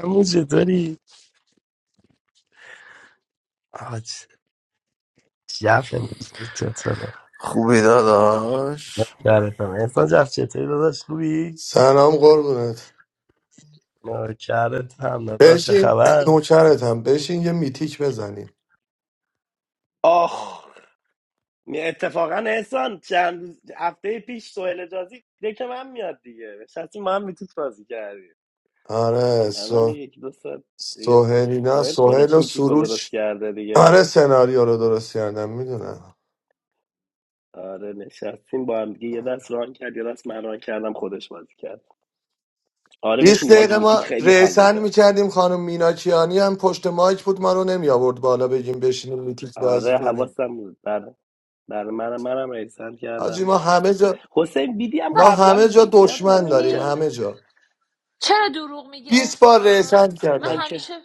همون چطوری؟ آج جف نمیتونی چطوره Jubilados. نوکرتم احسان جف چطوری داداش خوبی؟ سلام قربونت نوکرت هم دادا چه بشین خبر؟ نوکرتم بشین یه میتیک بزنیم آخ می- اتفاقا احسان چند روز هفته پیش سوهل اجازی که من میاد دیگه نشستیم ما هم میتیک بازی کردیم آره الان سو... میگه یکی دو ساعت دیگه سوهلی نه سوهل سوهل خودش و میتیکو درست سروش کرده دیگه آره سناریو رو درست کردم میدونم آره نشستیم با هم دیگه یه دست ران کرد یه دست من ران کردم خودش بازی کرد آره 20 بشین ماج دقیقه میتیک ما خیلی حال ریسن میده میکردیم خانم میناکیانی هم پشت مایک بود ما رو نمی آورد بالا بگیم بشینیم میتیک بازی آره کنیم حواسم بود بله بله منم منم احسان آجی کردم ما همه جا حسین بیدی هم ما قبلا همه جا میتیک زیاد دشمن بازی داریم می‌گی؟ میکرد همه جا چرا دروغ میگی 20 بار ریسن احسان من من کردم که همیشه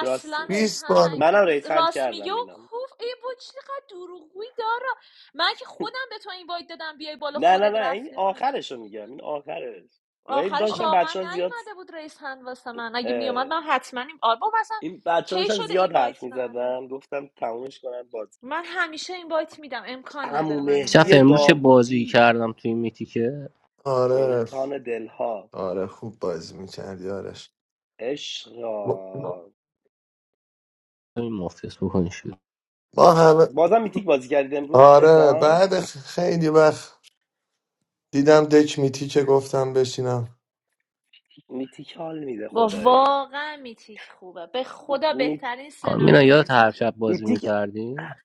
راست میگم رئیس 20 هن بار منم نگ- ریسند راست میگه کردم و اینم کوف ای با چقدر دروغگویی داره من که خودم به تو این باید دادم بیای بالا نه نه خودت نه این رفتی پایین آخرشو میگم این آخرش و این آخرش داشتم واقعا بچه ها زیاد نیومده بود رئیس هند واسه من اگه میومد اه، من حتما این آلبوم اصلا این بچه ها کی داشتم شده زیاد این حرف بایت ندم میزدم گفتم تمومش کنن باز من همیشه این بایت میدم امکان نداره عمو من این شف مهدی بایت امروز چه ندم بازی داوودی کردم توی میتی که آره سلطان دلها آره خوب بازی میکردی آرش عشقا این مافیاس بکنی شد ما همه بازم میتیک بازی کردید امروز آره احسان بعد خیلی وقت دیدم دک میتی که گفتم بشینم میتیک حال میده با خدایی واقعا میتیک خوبه به خدا می- بهترین مینا سناریو یادت هر میتیک شب بازی میتیک میکردیم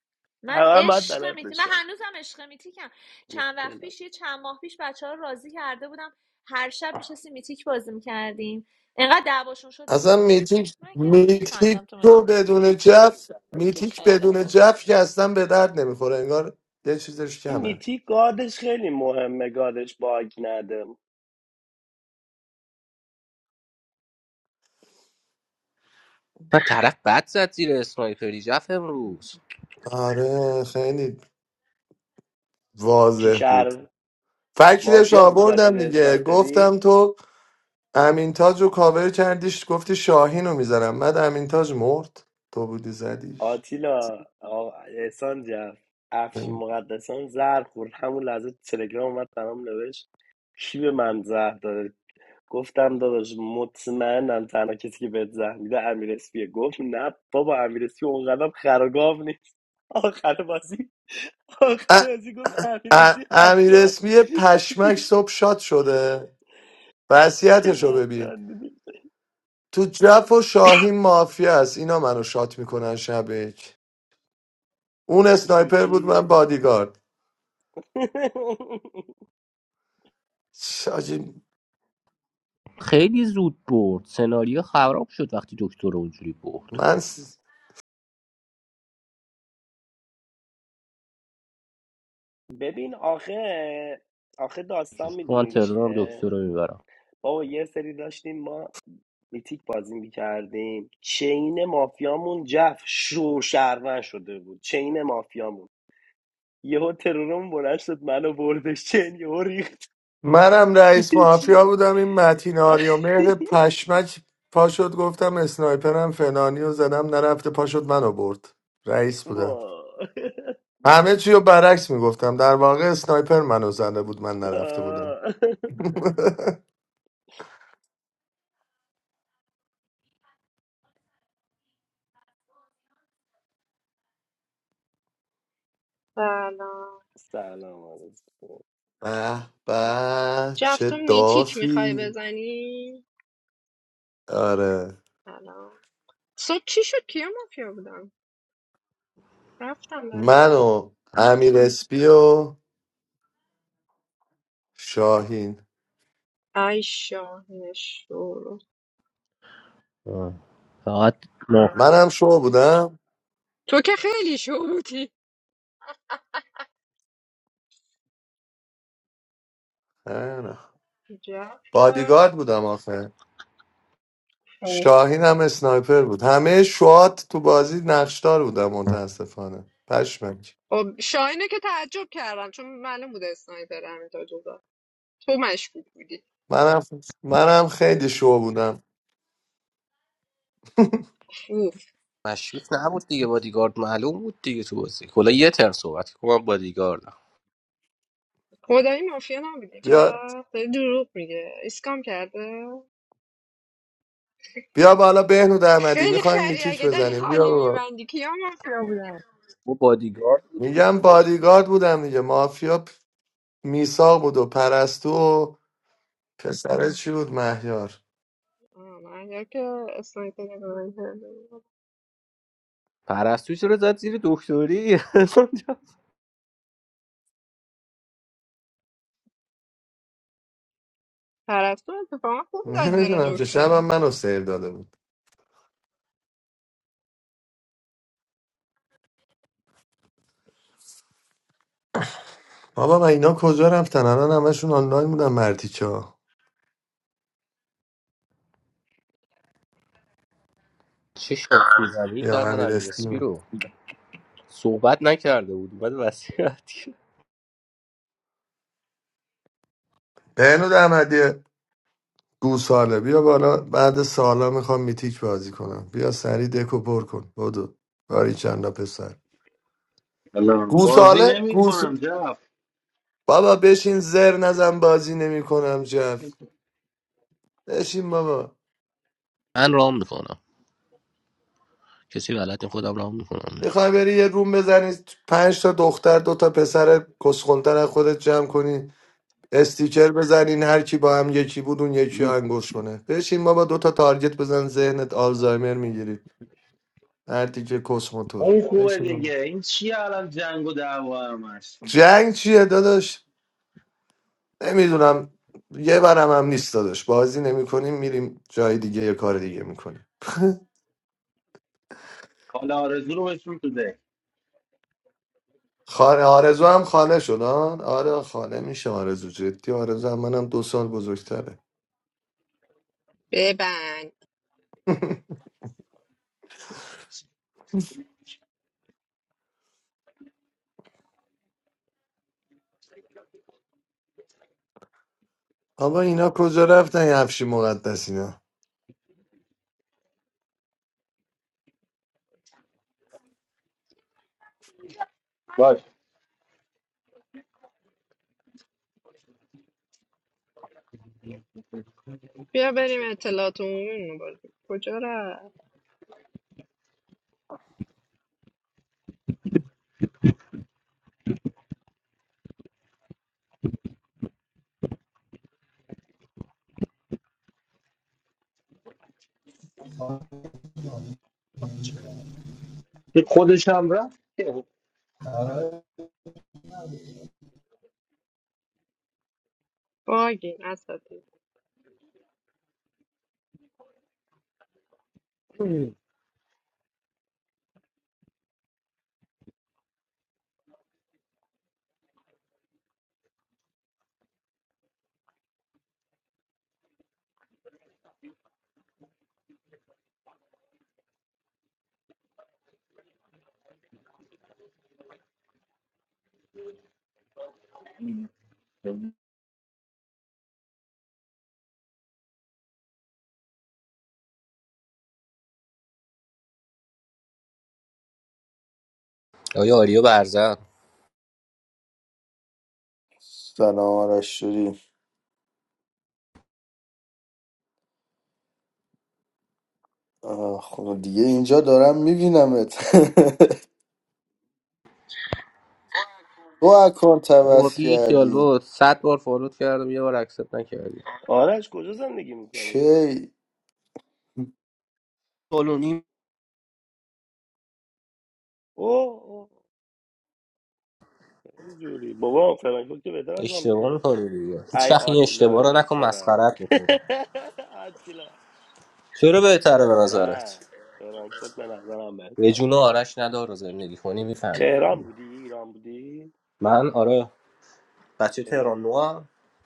من همه هم باید عشق بلد میتی من بشم هنوزم عشق میتیکم چند میتیک خیلی وقت بلد. پیش یه چند ماه پیش بچه‌ها ها راضی کرده بودم هر شب میشستیم میتیک بازی میکردیم انقدر دعواشون شد دیگه اصلا ول کرد میتیک من که میتیک میخندم تو رو میتیک بدون جف میتیک میتیک خیلی بدون خوبه جف که اصلا به درد نمیخوره انگار یه چیزش این کمه میتیک گادش خیلی مهمه گادش باگ نده من طرف بد زد زیر اسنایپری جف امروز آره خیلی کی واضح بود شهر فکرش مافیا بود زد آوردم زیر دیگه اسنایپری گفتم تو امین تاج رو کاور کردیش گفتی شاهین رو میزنم بعد امین تاج مرد تو بودی زدیش آتیلا آ- احسان جف افشین مقدسان زهر خورد همون لحظه تلگرام اومد برام نوشت کی به من زهر داره گفتم داداش مطمئنم تنها کسی که بهت زهر میده امیر اسپیه گفت نه بابا امیر اسپیه اونقدرم خرگاو نیست آخر بازی آخر ازی گفت همین ا- ازی حتی امیر اسمی پشمک صبح شاد شده وصیتش رو اینقدر ببین خندیدیم. تو جف و شاهین مافیا است اینا منو شات میکنن شبک اون تو اسنایپر بود من چی؟ بادیگارد شاجی خیلی زود برد سناریو خراب شد وقتی دکتر رو اونجوری برد من س- ببین آخه آخه داستان من میدونی تهران دکتر چیه رو میبرم بابا یه سری داشتیم ما میتیک بازی میکردیم چین مافیامون جف شو شرمن شده بود چین مافیامون یهو ترورمون بلند شد منو بردش چین یهو ریختیم منم رئیس چی مافیا بودم این متین آریا مهر پشمک پاشد گفتم اسنایپرم فلانی و زدم نرفته پاشد منو برد رئیس بودم وای. همه چی رو برعکس میگفتم در واقع اسنایپر منو زنده بود من نرفته بودم آه. سلام سلام علیکم به به چه جفت میتیک میخوای دافی بزنی آره سلام صبح چی شد کیا مافیا بودم رفتم من بزن و امیر اسپی و شاهین ای شاهین شروع فقط ما منم شو بودم تو که خیلی شروعی نه. جفت که بادیگارد بودم آخه خیلی. شاهین هم اسنایپر بود همه شوات تو بازی نقشدار بودم متاسفانه پشمک خب شاهینه که تعجب کردم چون معلوم بود اسنایپر همینطور جدا تو مشکوک بودی منم منم خیلی شو بودم اوف مشروف نبود دیگه بادیگارد معلوم بود دیگه تو بازی کلا یه تر صحبت کنم من بادیگاردم خدایی مافیا نبودی بیا جفت داری دروغ میگه اسکام کرده بیا بالا بهنود احمدی خیلی میخوایم خری میتیک اگه داری بزنیم بیا خالی بابا. میبندی کیا مافیا بودن با بادیگارد میگم بادیگارد بودم دیگه مافیا پ- میساق بود و پرستو و پسرت چی بود مهیار مریا که اسنایپر من پرستو چرا زد زیر دکتری پرستو اتفاقا خوب زد زیر نمیدونم که شبم دکتری منو سیر داده بود بابا من اینا کجا رفتن الان همشون آنلاین بودن مرتیچا چه شاکی زمینی یا کردن امیر امیر اسپی استیم رو صحبت نکرده بود اومد وسیعت کرد. بهنود احمدی گوساله بیا بالا بعد سالا میخوام میتیک بازی کنم بیا سری دکو پر کن بدو باری چندا پسر الان بازی گوساله نمی گوس کنم جف بابا بشین زر نزن بازی نمیکنم جف بشین بابا من رام میکنم کسی غلط خودم رام میکنم میخوای بری یه روم بزنی پنج تا دختر دو تا پسر کسخونتر از خودت جمع کنی استیکر بزنین هر کی با هم یکی بود اون یکی رو انگوش کنه بشین بابا دو تا تارگت بزن ذهنت آلزایمر میگیری مردی که کس موتور اون خوبه بشین بابا. دیگه این چیه الان جنگ و دعوا همش جنگ چیه داداش نمیدونم یه برم هم نیست داداش بازی نمیکنیم میریم جای دیگه یه کار دیگه میکنیم کالا آرزو رو بشون تو ده خانه آرزو هم خانه شد آن آره خانه میشه آرزو جدی آرزو هم منم دو سال بزرگتره ببند آبا اینا کجا رفتن یه هفشی مقدس اینا باش بیا بریم اطلاعات عمومی رو بازی کجا رفت که خودش هم رفت که. باگین اسد آیا آریا برزن سلام آرش شوری آه، خب دیگه اینجا دارم میبینمت تو اکانت بابا عوض بی خیال کردی بود صد بار فالوت کردم یه بار اکسپت نکردی آرش کجا زندگی میکنی؟ کی فالونی اوه اوه خیلی جوری بابا فرانکفورت که بهتر از اشتباه آنفره میکنی دیگه هیچ ای وقت این اشتباه آتیلا رو جوت نکن فرن مسخرت میکنی آتیلا چرا بهتره به نه نظرت فرانکفورت به نظرم به بهتره جون آرش ندار رو زندگی کنی میفهمی تهران بودی؟ ایران بودی؟ من آره بچه تهران تهران نوع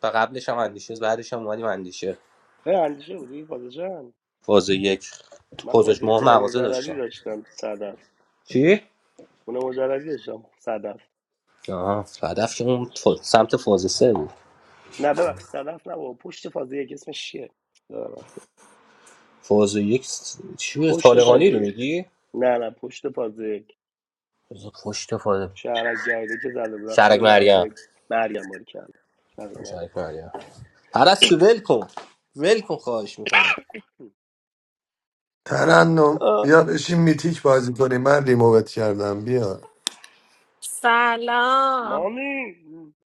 و قبلش هم اندیشه بعدش هم اومدیم اندیشه اه، اندیشه بودی؟ فازشان فاز یک تو من پوزش فازه ماه خونه مغازه مجردی داشتم داشتم صدف چی؟ خونه مجردی داشتم صدف آها هدف که اون خوش. ف- سمت فاز سه بود نه ببخش صدف نه بابا پشت فازه یک اسمش چیه؟ یادم رفته. فاز یک س- چی بود پشت طالقانی فازه رو یک. میگی نه نه پشت فازه یک. بذار پشت فاز شهرک جدیده که زده بودم سال شرک مریم 91 مرگم باری کرد شهرک مرگم شرک مریم پرستو ول کن ول کن خواهش میکنم ترنم آه. بیا بشین میتیک بازی کنیم من ریمووت کردم بیا سلام مامی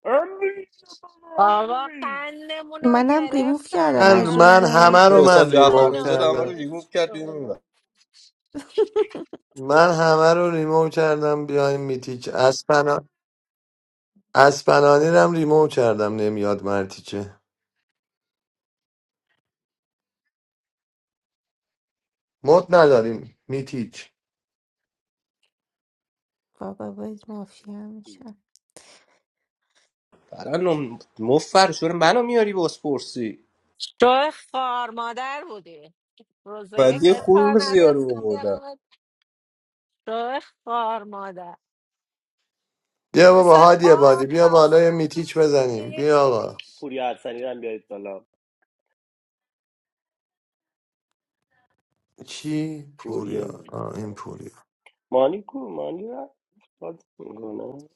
امبری بابا امبری قندمون رو منم ریموف گرفتن کردن من از من جف این همه اونور رو احسان من جعفر ریموو نژاد همه رو کردم اسپنانی ریموو کرد بیرون اون شورو ور. من همه رو ریموو کردم بیایم میتیک اسپنا اسپنانی رو هم ریموو کردم نمیاد مرتیکه مد نداریم میتیک بابا باید مافیا میشم ترنم مفر شور منو میاری باسپورسی شو خار مادر بودی روز من یک یه بهت کار خوب زیارو نداشتم آوردم بیارم شو خار مادر بیا بابا مثل هادی بادی آب بیا بالا یه رفتی میتیک بزنیم دیدی؟ بیا آقا پوری ارسنی رو هم بیارید بالا کی پوری پوریا آه این پوریا مانی کو مانی را بازی میکنه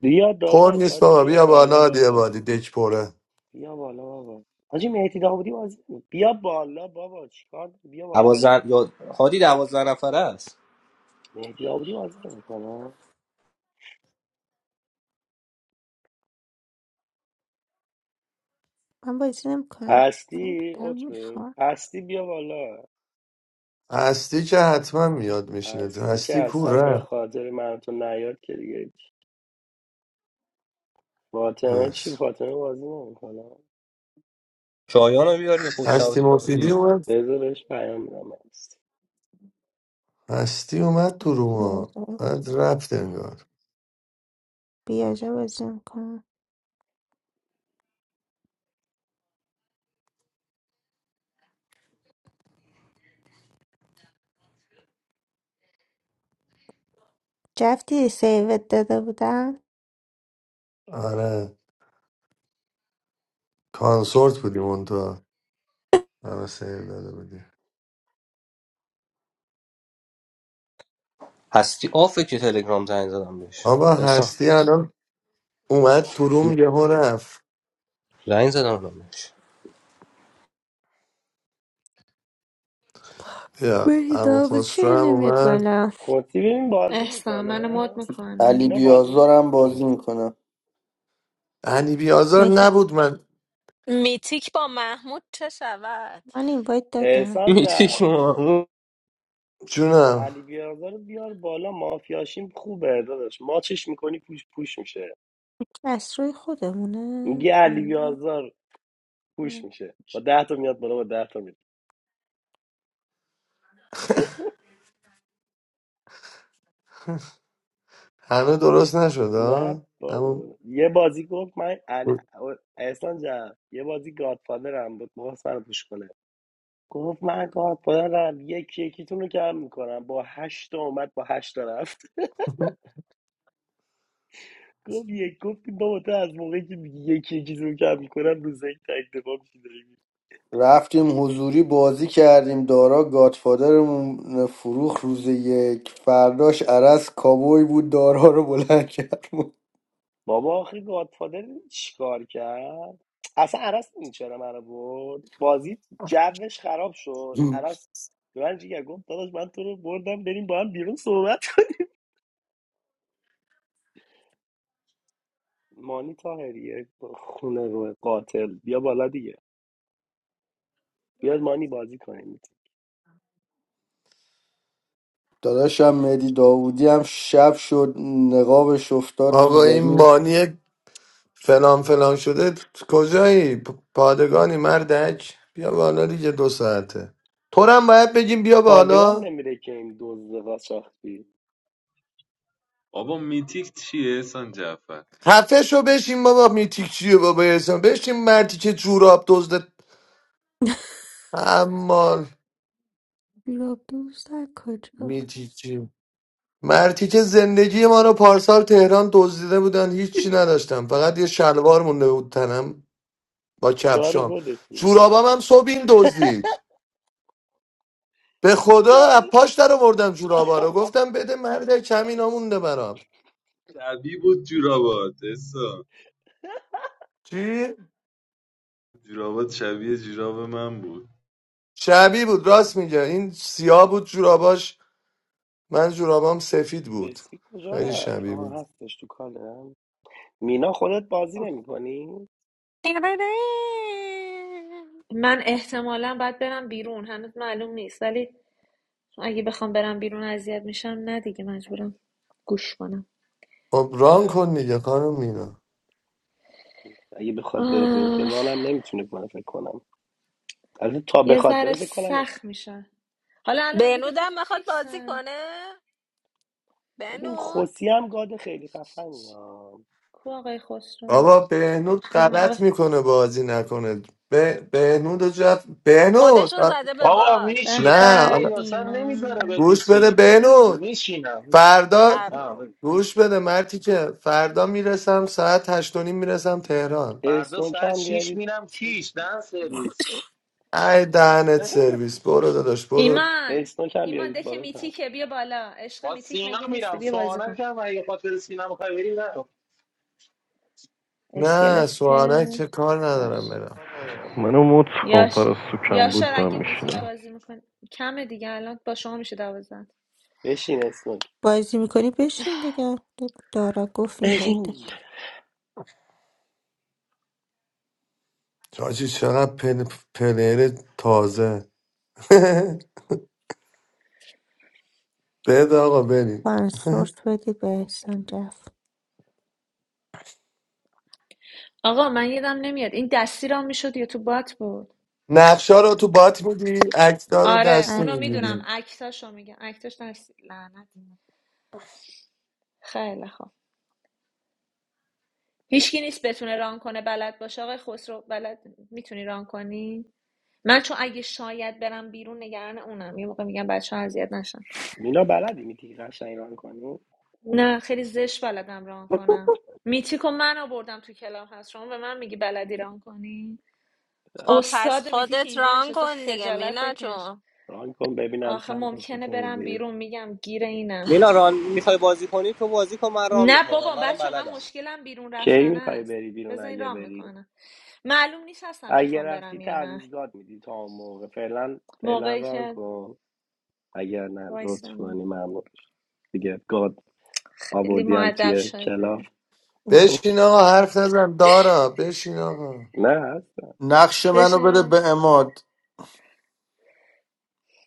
بیا پر داداش نیست هادی بابا بیا بیا بالا بالا هادی بابا بادی دک پره بیا بالا بابا حاجی مهدی داودی بازی نمی- بیا بالا بابا چیکار بیا بالا دوازن هادی یا هادی دوازن نفره است مهدی داودی بازی نمیکنه من بازی نمیکنم من هستی دارم عطبه میخوام هستی بیا بالا هستی که حتما میاد میشینه هستی که هستی کور اصلا به رفت خاطر من و تو نیاد که دیگه هیچ. فاطمه چی آش. فاطمه بازی نمیکنه شایان رو بیاری پشت هستی سوت مفیدی اومد بذار بهش پیام میدم هستی هستی اومد تو روما بعد رفت انگار بیاجا بازی میکنم جفتی سیوت داده بودم آره کانسورت بودیم اون تو همه سیر داده بودی هستی آفه که تلگرام زنگ زدم بهش آقا احسان هستی الان اومد تو روم یهو رفت زنگ زدم بهش بیا مهدی اما داوود خسرو چرا هم نمیاد اومد بالا خودتی ببین بازی احسان من میکنه مد علی اینا میکنم بازی بیازارم بازی نمیکنی میکنم هنی بیازار مهدی نبود من میتیک با محمود چه شود من این باید دادم احسان میتیک جان مامو جونم علی بیازار رو بیار بالا مافیاشیم خوبه داداش ماچش میکنی پوش پوش میشه از روی خودمونه میگه علی پایینه بیازار پوش میشه با ده تا میاد بالا با ده تا میاد همه درست نشد نه ها اما بابا یه بازی گفت من علی... احسان جان یه بازی گادفادر هم بود ما سر پوش کنه گفت من کار دارم یکی یکیتون رو کم میکنم با هشت تا اومد با هشت تا رفت گفت یک گفتیم بابا تو از موقعی که میگی یکی یکیتون رو کم میکنم روز یک تک دفاع می‌شی داری می‌ری. رفتیم حضوری بازی کردیم دارا گادفادرمون فروخ روز یک فرداش عرس کابوی بود دارا رو بلند کرد بابا آخه گادفادر دیدی چیکار کرد اصلا عرس این چرا من برد بازی جوش خراب شد عرس به من جیگر گفت داداش من تو رو بردم بریم با هم بیرون صحبت کنیم. مانی تاهریه خونه رو قاتل بیا بالا دیگه بیاد مانی بازی کنیم داداشم مهدی داودی هم شب شد نقابش افتاد رو آقا این زمین مانی فلان فلان شده کجایی پ- پادگانی مردک بیا بالا دیگه دو ساعته تو رو هم باید بگیم بیا بالا پادگان نمیره که این دزدقا ساختی بابا میتیک چیه احسان جعفر خفه شو بشین بابا میتیک چیه بابا احسان بشین مرتی که جوراب دزد امال بیراب دوست در کجا میتیک چی مرتی که زندگی ما رو پارسال تهران دزدیده بودن هیچی نداشتم فقط یه شلوار مونده بود تنم با کار کفشام خودت بوده جورابام هم صبح این دزدید به خدا کار از پاش در آوردم جورابا رو گفتم بده مرد کمی خاصی نمونده برام شبیه بود جورابات احسان چی جورابات شبیه جوراب من بود شبی بود راست میگه این سیاه بود جوراباش من جورابام سفید بود رسی کجا خیلی رفت شبیه بود آها هستش تو کالم مینا خودت بازی نمی کنی من احتمالا باید برم بیرون هنوز معلوم نیست ولی اگه بخوام برم بیرون اذیت میشم نه دیگه مجبورم گوش کنم خب ران کن دیگه خانم مینا اگه بخواد بره بیرون که آه، رانم نمیتونه کنه فکر کنم البته تا یه بخواد ذره بره فکر کنم سخت میشه حالا الان مگه بنودم دکتون میخواد بازی فیکسه کنه ببین بنود خوسی هم گاد خیلی خفنی ها کو آقای خسرو بابا بهنود آها خسرو. غلط آقا میکنه بازی نکنه به بهنود و جف... بهنود خودش رو زده به آقا باگ به میشینم نه به می حالا اصلا ایمان نمیذاره گوش بده بپیشین بهنود میشینم فردا هر آه، رو. گوش بده مرتی که فردا میرسم ساعت هشت و نیم میرسم تهران فردا اسنوک ساعت هم شیش بیارید میرم کیش دن سرویس ای دهنت سرویس برو داداش برو ایمان اسنوک هم ایمان بیارید دک بالا تا میتیکه بیا بالا عشق با میتیک سینا مگه نیسته میرم بیا بازی کن سوانک هم اگه خاطر سینا میخوای بری نرو نه اسکلت که سوانک چه کار ندارم باش برم منو مت کن یاش پرستو کم یاشار بود من اگه میتیک میشینم بازی میکن کمه دیگه الان با شما میشه دوازده بشین اسنوک بازی میکنی بشین دیگه دارا گفت این باید ببین داد چاچی چقدر پل... پلیر تازه بده آقا بریم سورس بدی به احسان جفت آقا من یادم نمیاد این دستی را میشد یا تو بات بود نقشا رو تو بات میدی اکتا رو آره دستی اونو اکتور میدونم میگیری اکتاشو میگم اکتاش دستی لعنت خیلی خوب هیچکی نیست بتونه ران کنه بلد باشه آقای خسرو بلد میتونی ران کنی من چون اگه شاید برم بیرون نگران اونم یه موقع میگم بچه ها اذیت نشن مینا بلدی میتونی قشنگ ران کنی نه خیلی زشت بلدم ران کنم میتیک و من آوردم تو کلاب هست شما به من میگی بلدی ران کنی خب پس استاد میتیک خودت اینجا ران نشسته کن دیگه خجالت مینا بکش جون ران کن ببینم آخه چند تا ممکنه سوتی برم میدی بیرون میگم گیر اینم مینا ران میخوای بازی کنی تو بازی کن من ران نه میکنم بابا منم بچه من بلدم مشکلم بیرون کی رفتن میخوای است بری بیرون بذارین اگه ران بری میکنم معلوم نیست هستم اگه بخوام رفتی برم یا نه تعویض گاد میدی تا اون موقع فعلا فعلا موقعی ران که کن اگر نه لطف وایسا کنی ممنون می‌شم. دیگه گاد خیلی آوردی هم معدب توی کلاف شده بشین آقا حرف نزن دارا بشین آقا نه هست نقش منو بده بشینم به اماد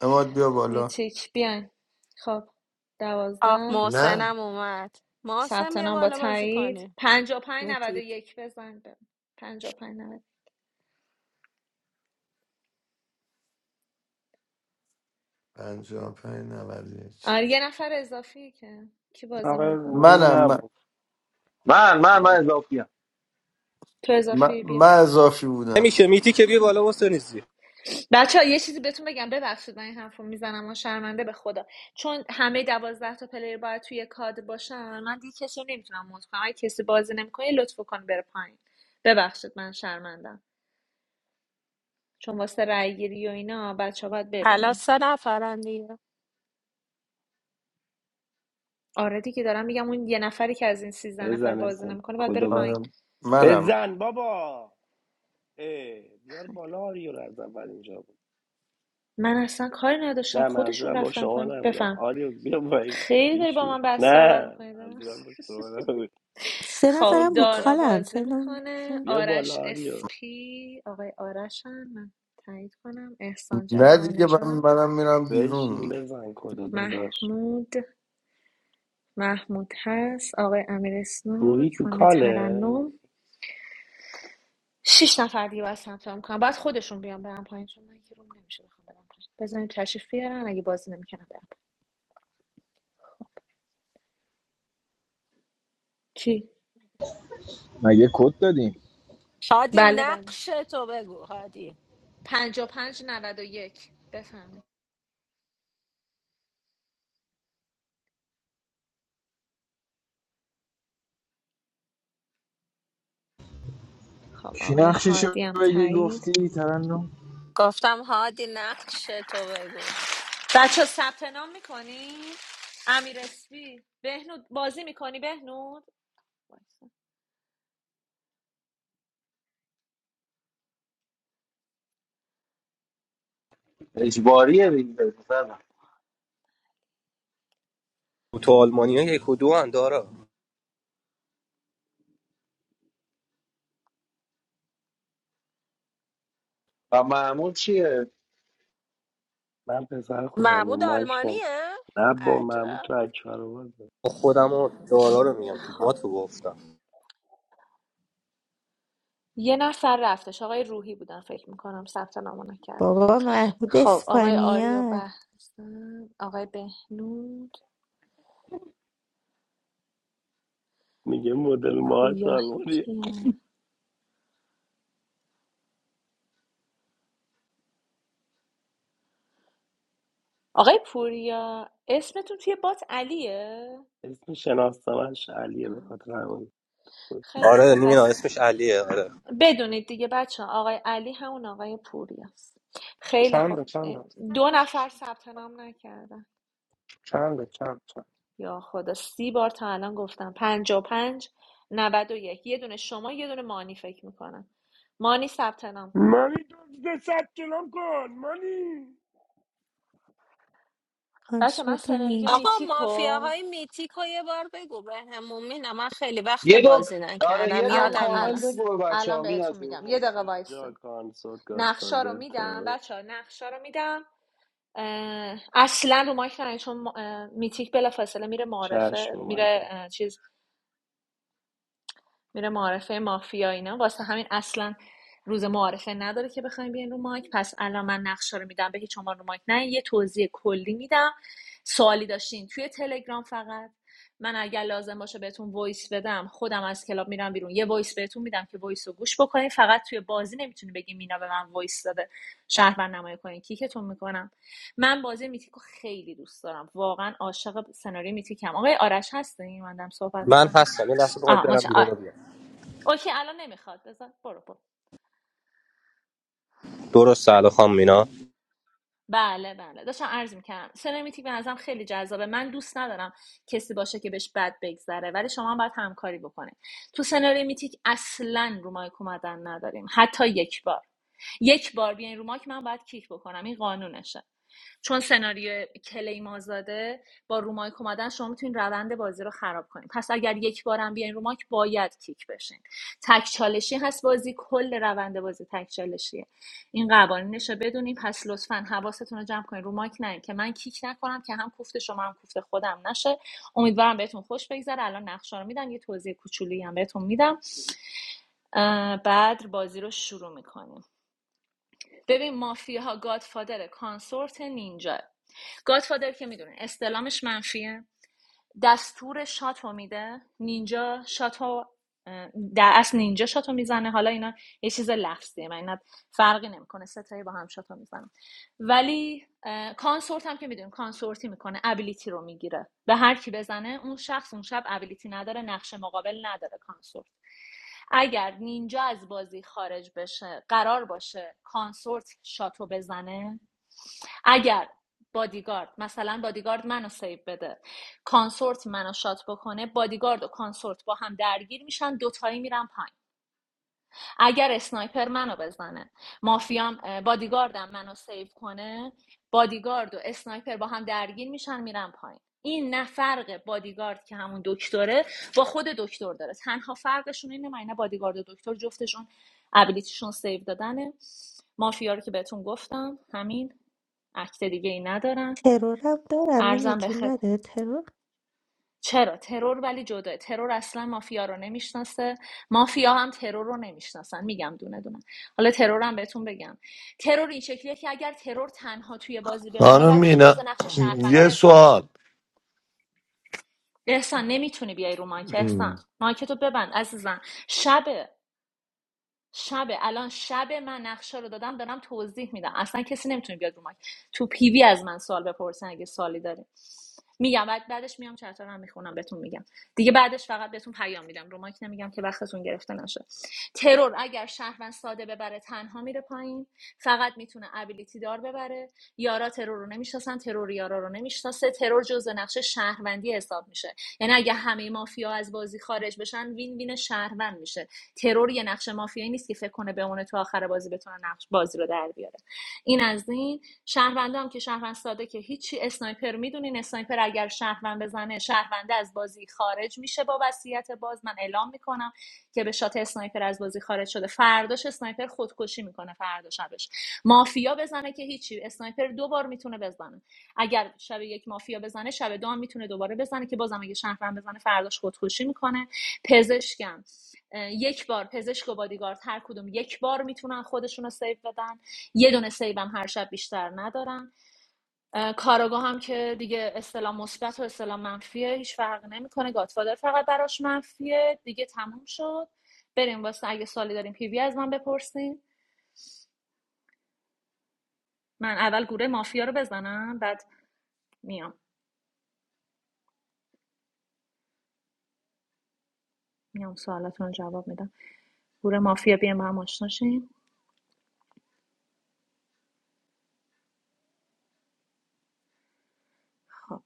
اماد بیا بالا میتیک بیاین خب آخ دوازده نه محسنم اومد محسن ثبت بیا نام با بالا بازی تایید کنیم پنجا پنج نود میتیک یک بزن به پنجا پنج نود پنجا پنج نود و یک آره یه نفر اضافی که کی بازی آقای نمیکنه روحی منم من, نبود من من من مگه اضافیم تو من, اضافی من بیا اضافی بودم نمیشه میتی که بیا خب بالا واسه نیزی بچه یه چیزی بهتون بگم ببخشید من این حرف رو میزنم و شرمنده به خدا چون همه دوازده تا پلیر باید توی کاد باشن من دیگه کسی رو نمیتونم مود کنم اگه کسی بازی نمیکنه لطف کن بره پایین ببخشید من شرمندم چون واسه رای گیری و اینا بچه باید حالا ببینن سه نفرن دیگه آره دیگه دارم میگم اون یه نفری که از این سیزده نفر بزن بازی اسم نمیکنه باید بره کدو پایین بزن آره منم بزن بابا اه، بیار بالا آریو رو از اول اینجا بود من اصلا کاری نداشتم نه خودشون منظورم با رفتن شما پایین نبود بفهم آریو بیا با این خیلی داری با ایشور من بس صحبت نه میکنید منظورم با شما نبود سه خب نفرم آرزو رو دارا خانم. کالن سه بازی نم، میکنه بیا بالا آرش آریو اسپی آقای آرش هم من تایید کنم احسان نه جعفر دیگه من نژاد منم میرم بشین بیرون بزن کدو داداش محمود محمود هست آقای امیر روحی اسنوک تو خانم کاله ترنم شش نفر دیگه باید ثبت نام کنم باید خودشون بیان برم پایین چون من که روم نمیشه بخوام برم پایین بزنین تشریف بیارن اگه بازی نمیکنم برم پایین. کی مگه کد دادیم هادی بله بله نقش تو بگو هادی پنجا پنج نود و یک بفهمید خب کی آقای نقششو هادی هم بگه تایید گفتی ترنم گفتم هادی نقش تو بگو بچه ثبت نام میکنی امیر اسپی بهنود بازی میکنی بهنود وایسا. اجباریه دیگه بزنم. تو آلمانی ها یک و دو هن دارا و معمول چیه من پسر خوبیم و محمود مایک نمی آلمانیه؟ نه با محمود تو عجب اکبر بازه خودم و دارا رو میگم تو خب بات رو گفتم یه نفر رفتش آقای روحی بودن فکر میکنم ثبت نامو نکردم بابا محمود خب آقای آریا اسپانیا بهزن آقای بهنود میگه یه مدل ماهاش پویاهی آلمانی که آقای پوریا اسمتون توی بات علیه اسم شناستانش علیه به آم، خاطر همون بود. خیلی آره خب مینا پس اسمش علیه آره بدونید دیگه بچه ها آقای علی همون آقای پوریاست خیلی خب چند چند دو نفر ثبت نام نکردن چند چند چند یا خدا سی بار تا الان گفتم پنج و پنج نود و یک یه دونه شما یه دونه مانی فکر میکنم مانی ثبت نام کن مانی دزده ثبت نام کن مانی بچه من کنسورت و سناریو نیج آقا میتیکو مافیاهای میتیک رو یه بار بگو به همون مینا من خیلی وقت یه دو بازی آره نکردم یه دو الان یادم کامل الان نیست بگو به بچه الان ها مین بهتون از میگم اون یه دقیقه اینجا وایسین کانسورت نقشا رو گادفادر میدم ترور بچه ها نقشا رو میدم اه، اصلا رو مایک نیاین چون ما- اه، میتیک بلافاصله میره معرفه چشم میره اومده اه، چیز میره معارفه مافیا اینا واسه همین اصلا روز معارفه نداره که بخوایم بیاین رو مایک پس الان من نقشه رو میدم به هیچ عنوان رو مایک نه یه توضیح کلی میدم سوالی داشتین توی تلگرام فقط من اگر لازم باشه بهتون وایس بدم خودم از کلاب میرم بیرون یه وایس بهتون میدم که وایس رو گوش بکنین فقط توی بازی نمیتونی بگی مینا به من وایس داده شهر نمایی کنین کیکتون میکنم من بازی میتیکو خیلی دوست دارم واقعا عاشق سناریو میتیکم آقای آرش هستین من دارم صحبت من میکنم هستم یه لحظه بخواید آها برم بیرون ماشاءالله. رو بیام اوکی الان نمیخواد بذار برو برو درست سلام خانم مینا بله بله داشتم عرض میکنم سرمیتی به نظرم خیلی جذابه من دوست ندارم کسی باشه که بهش بد بگذره ولی شما هم باید همکاری بکنید تو سناریو میتیک اصلا رو مایک اومدن نداریم حتی یک بار یک بار بیاین رو مایک من باید کیک بکنم این قانونشه چون سناریو کلیم آزاده با رومایک اومدن شما میتونید روند بازی رو خراب کنید پس اگر یک بارم بیاین رومایک باید کیک بشین تک چالشی هست بازی کل روند بازی تک چالشیه این قوانینش رو بدونی پس لطفا حواستون رو جمع کنید رو مایک نه که من کیک نکنم که هم کوفت شما هم کوفت خودم نشه امیدوارم بهتون خوش بگذره الان نقشه رو میدم یه توضیح کوچولی هم بهتون میدم اه، بعد بازی رو شروع میکنیم ببین مافیا ها گادفادر کانسورت نینجا گادفادر که میدونه استلامش منفیه دستور شاتو میده نینجا شاتو اه، در اصل نینجا شاتو میزنه حالا اینا یه چیز لفظیه من اینا فرقی نمیکنه ستایی با هم شاتو میزنن ولی کانسورت هم که میدونیم کانسورتی میکنه ابیلیتی رو میگیره به هر کی بزنه اون شخص اون شب ابیلیتی نداره نقش مقابل نداره کانسورت اگر نینجا از بازی خارج بشه قرار باشه کانسورت شاتو بزنه اگر بادیگارد مثلا بادیگارد منو سیو بده کانسورت منو شات بکنه بادیگارد و کانسورت با هم درگیر میشن دوتایی میرن پایین اگر اسنایپر منو بزنه مافیام بادیگاردم منو سیو کنه بادیگارد و اسنایپر با هم درگیر میشن میرن پایین این نه فرق بادیگارد که همون دکتره با خود دکتر داره تنها فرقشون اینه من بادیگارد و دکتر جفتشون ابیلیتیشون سیو دادنه مافیا رو که بهتون گفتم همین اکت دیگه ای ندارم ترورم دارم مینا ارزم به جون خد... نداره چرا ترور ولی جدا ترور اصلا مافیا رو نمیشناسه مافیا هم ترور رو نمیشناسن میگم دونه دونه حالا ترور هم بهتون بگم ترور این شکلیه که اگر ترور تنها توی بازی بمونه خانم بچا جز مینا نقش شهروندی یه حساب میشه سوال احسان نمیتونی بیای رو مایک احسان مایکتو ببند عزیزم شبه شبه الان شبه من نقشه رو دادم دارم توضیح میدم اصلا کسی نمیتونه بیاد رو مایک تو پیوی از من سوال بپرسن اگه سوالی داری میگم بعد بعدش میام چرت هم میخونم بهتون میگم دیگه بعدش فقط بهتون پیام میدم رو مایک نمیگم که وقتتون گرفته نشه ترور اگر شهروند ساده ببره تنها میره پایین فقط میتونه ابیلیتی دار ببره یارا ترور رو نمیشناسن ترور یارا رو نمیشناسه ترور جزء نقشه شهروندی حساب میشه یعنی اگه همه مافیا از بازی خارج بشن وین وین شهروند میشه ترور یه نقش مافیایی نیست که فکر کنه بمونه تو آخر بازی بتونه نقش بازی رو در بیاره این از این شهرونده هم که شهروند ساده که هیچی اسنایپر میدونین اسنایپر اگر شهروند بزنه شهرونده از بازی خارج میشه با وصیت باز من اعلام میکنم که به شات اسنایپر از بازی خارج شده فرداش اسنایپر خودکشی میکنه فردا شبش مافیا بزنه که هیچی اسنایپر دو بار میتونه بزنه اگر شب یک مافیا بزنه شب دو هم میتونه دوباره بزنه که بازم اگه شهروند بزنه فرداش خودکشی میکنه پزشکم اه، یک بار پزشک و بادیگارد هر کدوم یک بار میتونن خودشون رو سیو بدن یه دونه سیوم هر شب بیشتر ندارم اه، کاراگاه هم که دیگه اصطلاح مثبت و اصطلاح منفیه هیچ فرقی نمیکنه گاتفادر فقط براش منفیه دیگه تموم شد بریم واسه اگه سوالی داریم پی پیوی از من بپرسین من اول گروه مافیا رو بزنم بعد میام میام سوالاتون رو جواب میدم گروه مافیا بیم با هم آشنا شیم. خب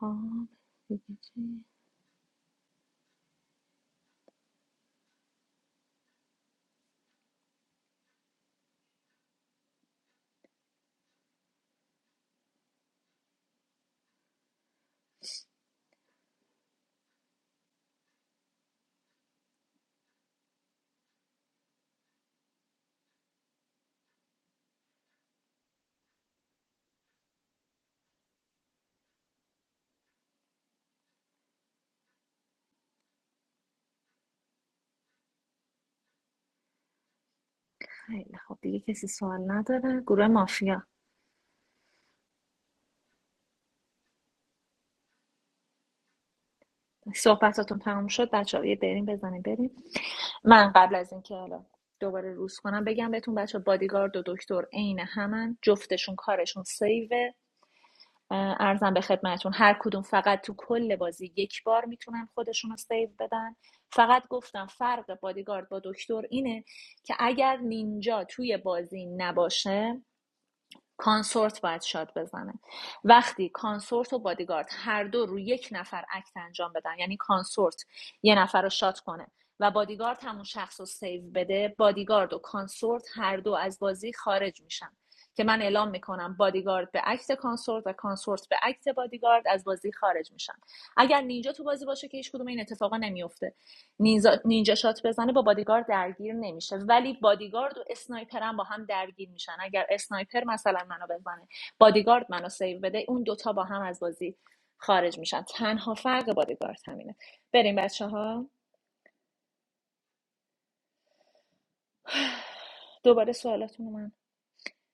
خب دیگه چی؟ خیلی خب دیگه کسی سوال نداره گروه مافیا صحبتاتون تموم شد بچه‌ها یه بریم بزنیم بریم من قبل از اینکه حالا دوباره روز کنم بگم بهتون بچه بادیگارد و دکتر عین همن جفتشون کارشون سیوه اه، ارزم به خدمتون هر کدوم فقط تو کل بازی یک بار میتونن خودشون رو سیو بدن فقط گفتم فرق بادیگارد با دکتر اینه که اگر نینجا توی بازی نباشه کانسورت باید شاد بزنه وقتی کانسورت و بادیگارد هر دو رو یک نفر اکت انجام بدن یعنی کانسورت یه نفر رو شاد کنه و بادیگارد همون شخص رو سیو بده بادیگارد و کانسورت هر دو از بازی خارج میشن که من اعلام میکنم بادیگارد به اکت کانسورت و کانسورت به اکت بادیگارد از بازی خارج میشن اگر نینجا تو بازی باشه که هیچ کدوم این اتفاقا نمیفته نینجا, نینجا شات بزنه با بادیگارد درگیر نمیشه ولی بادیگارد و اسنایپر هم با هم درگیر میشن اگر اسنایپر مثلا منو بزنه بادیگارد منو سیو بده اون دوتا با هم از بازی خارج میشن تنها فرق بادیگارد همینه بریم بچه ها دوباره سوالاتون رو من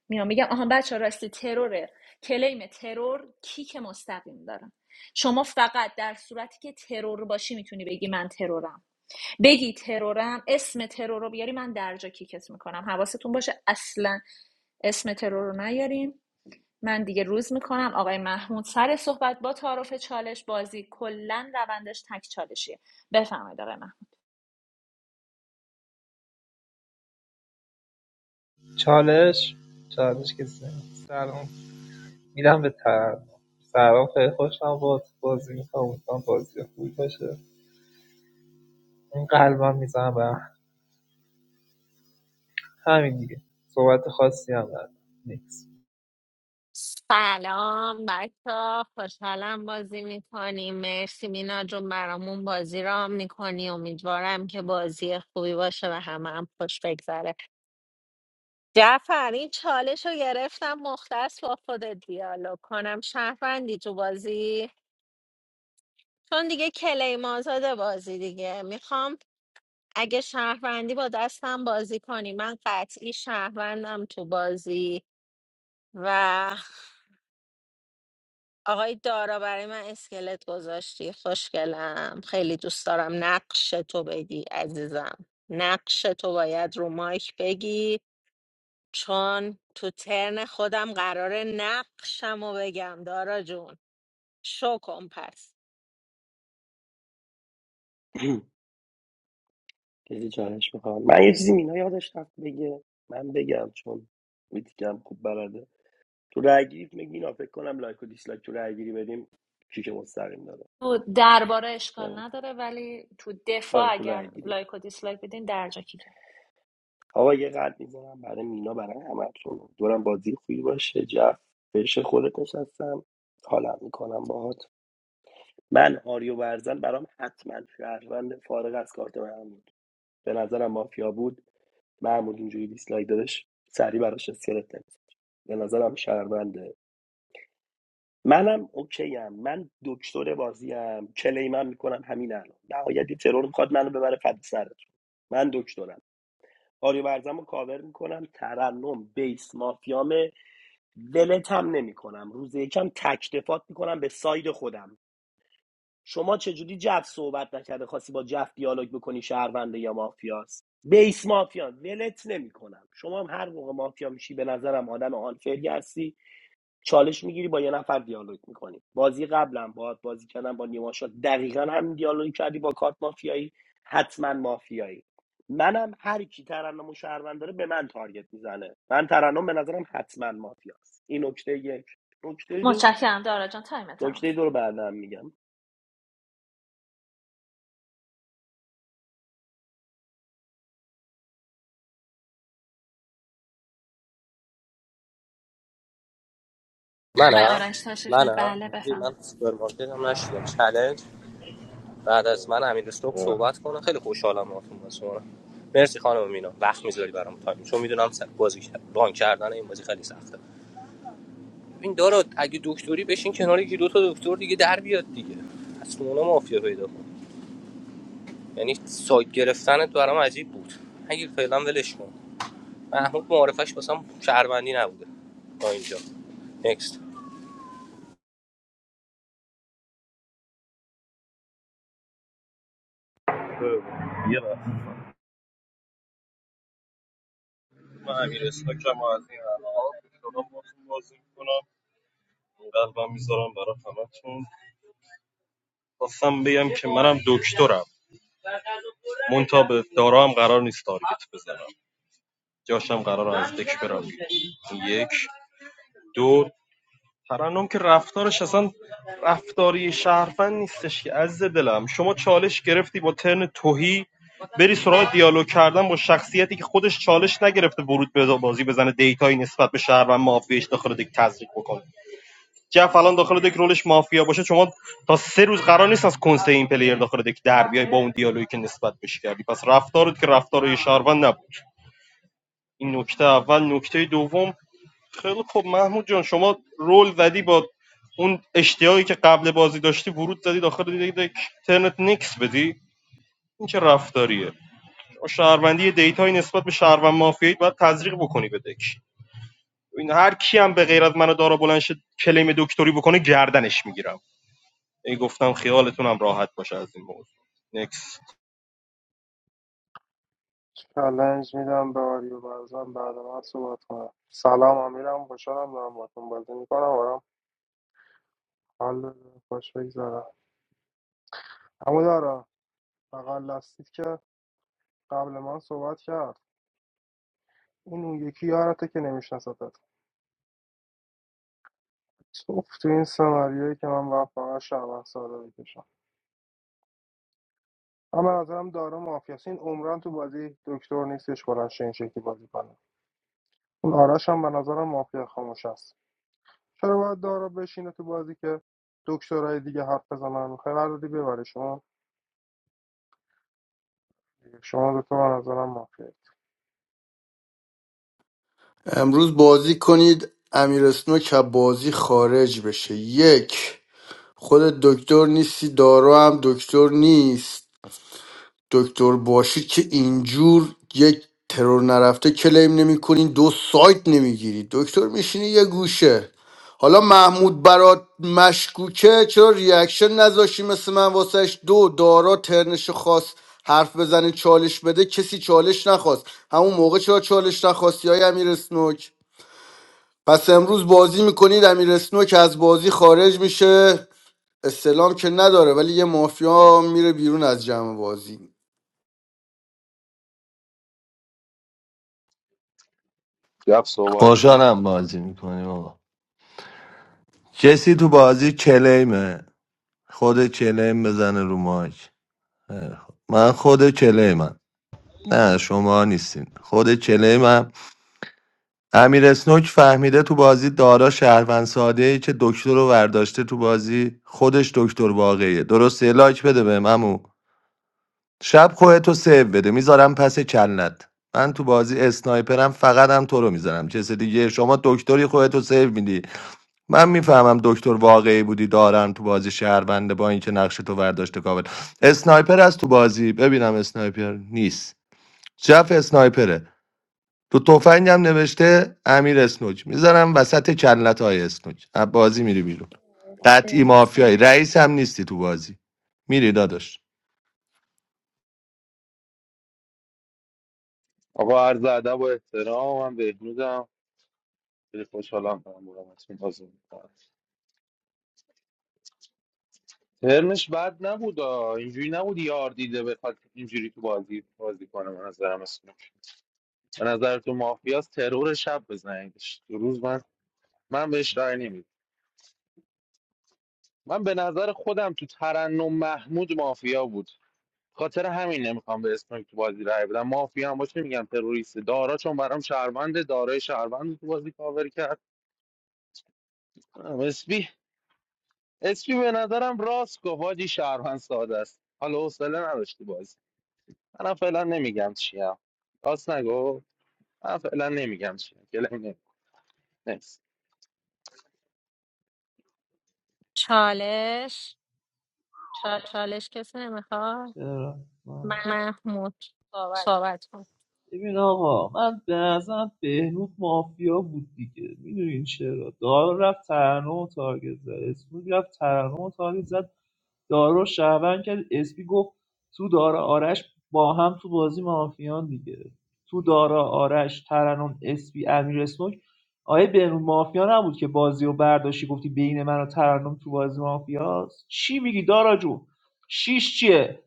میام میگم آها بچه ها راستی تروره کلیم ترور کیک مستقیم دارم شما فقط در صورتی که ترور باشی میتونی بگی من ترورم بگی ترورم اسم ترور رو بیاری من درجا کیکت میکنم حواستون باشه اصلا اسم ترور رو نیاریم من دیگه روز میکنم آقای محمود سر صحبت با تعارف چالش بازی کلا روندش تک چالشیه بفرمایید آقای محمود چالش چالش که سلام سلام. میدم به ترن سلام خیلی خوشم با بازی میکنم امیدوارم بازی خوبی باشه این قلبم میزنم به همین دیگه صحبت خاصی هم ندارم نیکس سلام بچه خوشحالم بازی میکنیم مرسی مینا جون برامون بازی رام میکنی امیدوارم که بازی خوبی باشه و همه هم خوش بگذره جعفر این چالش رو گرفتم مختص با خودت دیالوگ کنم شهروندی تو بازی چون دیگه کلیم آزاده بازی دیگه میخوام اگه شهروندی با دستم بازی کنی من قطعی شهروندم تو بازی و آقای دارا برای من اسکلت گذاشتی خوشگلم خیلی دوست دارم نقش تو بگی عزیزم نقش تو باید رو مایک بگی چون تو ترن خودم قرار نقشم رو بگم دارا جون شو کن پس کسی چالش میخوام من یه چیزی مینا یادش رفت بگه من بگم چون میتیکم خوب تو رای گیری میگینا فکر کنم لایک و دیسلایک تو رای گیری بدیم کیک مستقیم داره تو درباره اشکال یعنی- نداره ولی تو آره دفاع تو اگر رای گیری لایک و دیسلایک بدین درجا کیکت آقا یه قد میزنم برای مینا برای همتون دورم بازی خوبی باشه جف بهش خودت نشستم حالا میکنم باهات من آریو برزن برام حتما شهروند فارغ از کارت محمود به نظرم مافیا بود محمود اینجوری دیسلایک دادش سری براش اسکلت نمی‌زد. به نظرم شهروند منم اوکی ام من دکتر بازی ام کلیمم میکنم همین الان نهایت یه ترور میخواد منو ببره فد سرتون من دکترم آریو برزم کاور میکنم ترنم بیس مافیامه ولتم نمیکنم روز یکم تکتفات میکنم به ساید خودم شما چجوری جف صحبت نکرده خواستی با جف دیالوگ بکنی شهرونده یا مافیاست بیس مافیا ولت نمیکنم شما هم هر موقع مافیا میشی به نظرم آدم آنفری هستی چالش میگیری با یه نفر دیالوگ میکنی بازی قبلم با بازی کردم با نیما شاد دقیقا همین دیالوگ کردی با کارت مافیایی حتما مافیایی منم هر کی ترنم و شهروند داره به من تارگت میزنه من ترنم به نظرم حتما مافیاست این نکته یک نکته دو متشکرم دارا جان تایم تمام نکته دو رو بعدم میگم منم آقای آرش تشریف نه منم بله بفرمایید من سوپرمارکت هم نشیدم چلنج بعد از من امیر استوک صحبت کنه خیلی خوشحالم باهاتون بازی مرسی خانم مینا وقت میذاری برام تایم چون میدونم س- بازی ران کردن این بازی خیلی سخته این دارو اگه دکتری بشین کنار یکی دو تا دکتر دیگه در بیاد دیگه از تو مافیا پیدا کن یعنی سایت گرفتنت برام عجیب بود اگه فعلا ولش کن محمود معارفش واسم شهروندی نبوده تا اینجا نکست یه لحظه. من امیر استاکم و از این الان باتون بازی میکنم قلبم میذارم برای همتون خواستم بگم که منم دکترم مونتا به دارا هم قرار نیست تارگت بزنم جاشم قرار از دک برم یک دو ترنم که رفتارش اصلا رفتاری شهروند نیستش که عزیز دلم شما چالش گرفتی با ترن توهی بری سراغ دیالوگ کردن با شخصیتی که خودش چالش نگرفته ورود به بازی بزنه دیتایی نسبت به شهروند مافیاش داخل دک تزریق بکنه جف الان داخل دک رولش مافیا باشه شما تا سه روز قرار نیست از کنسه این پلیر داخل دک در بیای با اون دیالوگی که نسبت بهش کردی پس رفتارت که رفتار یه شهروند نبود این نکته اول نکته دوم خیلی خب محمود جان شما رول زدی با اون اشتیاقی که قبل بازی داشتی ورود زدی داخل دیگه دیگه ترنت نیکس بدی این چه رفتاریه شما شهروندی دیتای نسبت به شهروند مافیایی باید تزریق بکنی به دک این هر کی هم به غیر از من و دارا بلند شه کلیم دکتری بکنه گردنش میگیرم این گفتم خیالتون هم راحت باشه از این موضوع نیکس. چالنج میدم به آریو برزن بعد من صحبت کنم سلام امیرم خوشحالم دارم باتون بازی میکنم آرام حال بده، خوش بگذارم همو دارم بغل لاستیک که قبل من صحبت کرد این اون یکی یارته که نمیشناستت توف تو این سناریویی که من باید فقط شهروند ساده بکشم اما از نظرم داره مافیاست این عمران تو بازی دکتر نیستش بلنشه این شکلی بازی کنه اون آرش هم به نظرم مافیا خاموش است چرا باید دارا بشینه تو بازی که دکترای دیگه حرف بزنن میخوای قراردادی ببره شما دیگه. شما دو تا به نظرم مافیه امروز بازی کنید امیر اسنوک از بازی خارج بشه یک خود دکتر نیستی دارا هم دکتر نیست دکتر باشید که اینجور یک ترور نرفته کلیم نمیکنین دو سایت نمیگیرید دکتر میشینی یه گوشه حالا محمود برات مشکوکه چرا ریاکشن نذاشی مثل من واسهش دو دارا ترنش خاص حرف بزنه چالش بده کسی چالش نخواست همون موقع چرا چالش نخواستی های امیر اسنوک پس امروز بازی میکنید امیر اسنوک از بازی خارج میشه استلام که نداره ولی یه مافیا میره بیرون از جمع بازی گفت صحبت کن خوشحالم بازی میکنیم آقا کسی تو بازی کلیمه خود کلیم بزنه رو مایک خیلی خوب. من خود کلیمم نه شما نیستین خود کلیم هم امیر اسنوک فهمیده تو بازی دارا شهروند ساده ای که دکتر رو ورداشته تو بازی خودش دکتر واقعیه درسته لایک بده به امو شب خودتو سیو بده میذارم پس کلت من تو بازی اسنایپرم فقط هم تو رو میذارم چه دیگه شما دکتری خودتو سیو میدی من میفهمم دکتر واقعی بودی دارم تو بازی شهرونده با اینکه نقش تو ورداشته کابل اسنایپر از تو بازی ببینم اسنایپر نیست جف اسنایپره تو تفنگم نوشته امیر اسنوج میذارم وسط کلت های اسنوج از بازی میری بیرون قطعی مافیایی بفرمایید. رئیس هم نیستی تو بازی میری داداش آقا عرض ادب و احترام من بهنودم خیلی خوشحالم دارم بودمتون بازی میکنم ترنش بد نبود آه. اینجوری نبود یار دیده بخواد اینجوری تو بازی بازی کنه من نظرم اسمش به نظر تو مافیاس ترور شب بزنیدش دو روز من من بهش رأی نمیدم من به نظر خودم تو ترنم محمود مافیا بود خاطر همین نمیخوام به اسم تو بازی رای بدم مافیا هم باشه میگم تروریست دارا چون برام شهروند دارای شهروند رو تو بازی کاور کرد ام، اسپی اسپی به نظرم راست گفت واجی شهروند ساده است حالا حوصله نداشت تو بازی منم فعلا نمیگم چیم راست نگو من فعلا نمیگم چیم گلم نمی‌کنم. نکس. چالش چالش کسی نمیخواد چرا من- محمود صحبت کن ببین آقا من به نظرم بهنود مافیا بود دیگه میدونین چرا دارا رفت ترنم و تارگت زد اسمود رفت ترنم و تارگت زد دارو شهروند کرد اسپی گفت تو دارا آرش با هم تو بازی مافیان دیگه تو دارا آرش ترنم اسپی امیر اسموک آیه بنون مافیا نبود که بازی رو برداشتی گفتی بین من و ترنم تو بازی مافیاست چی میگی دارا جون شیش چیه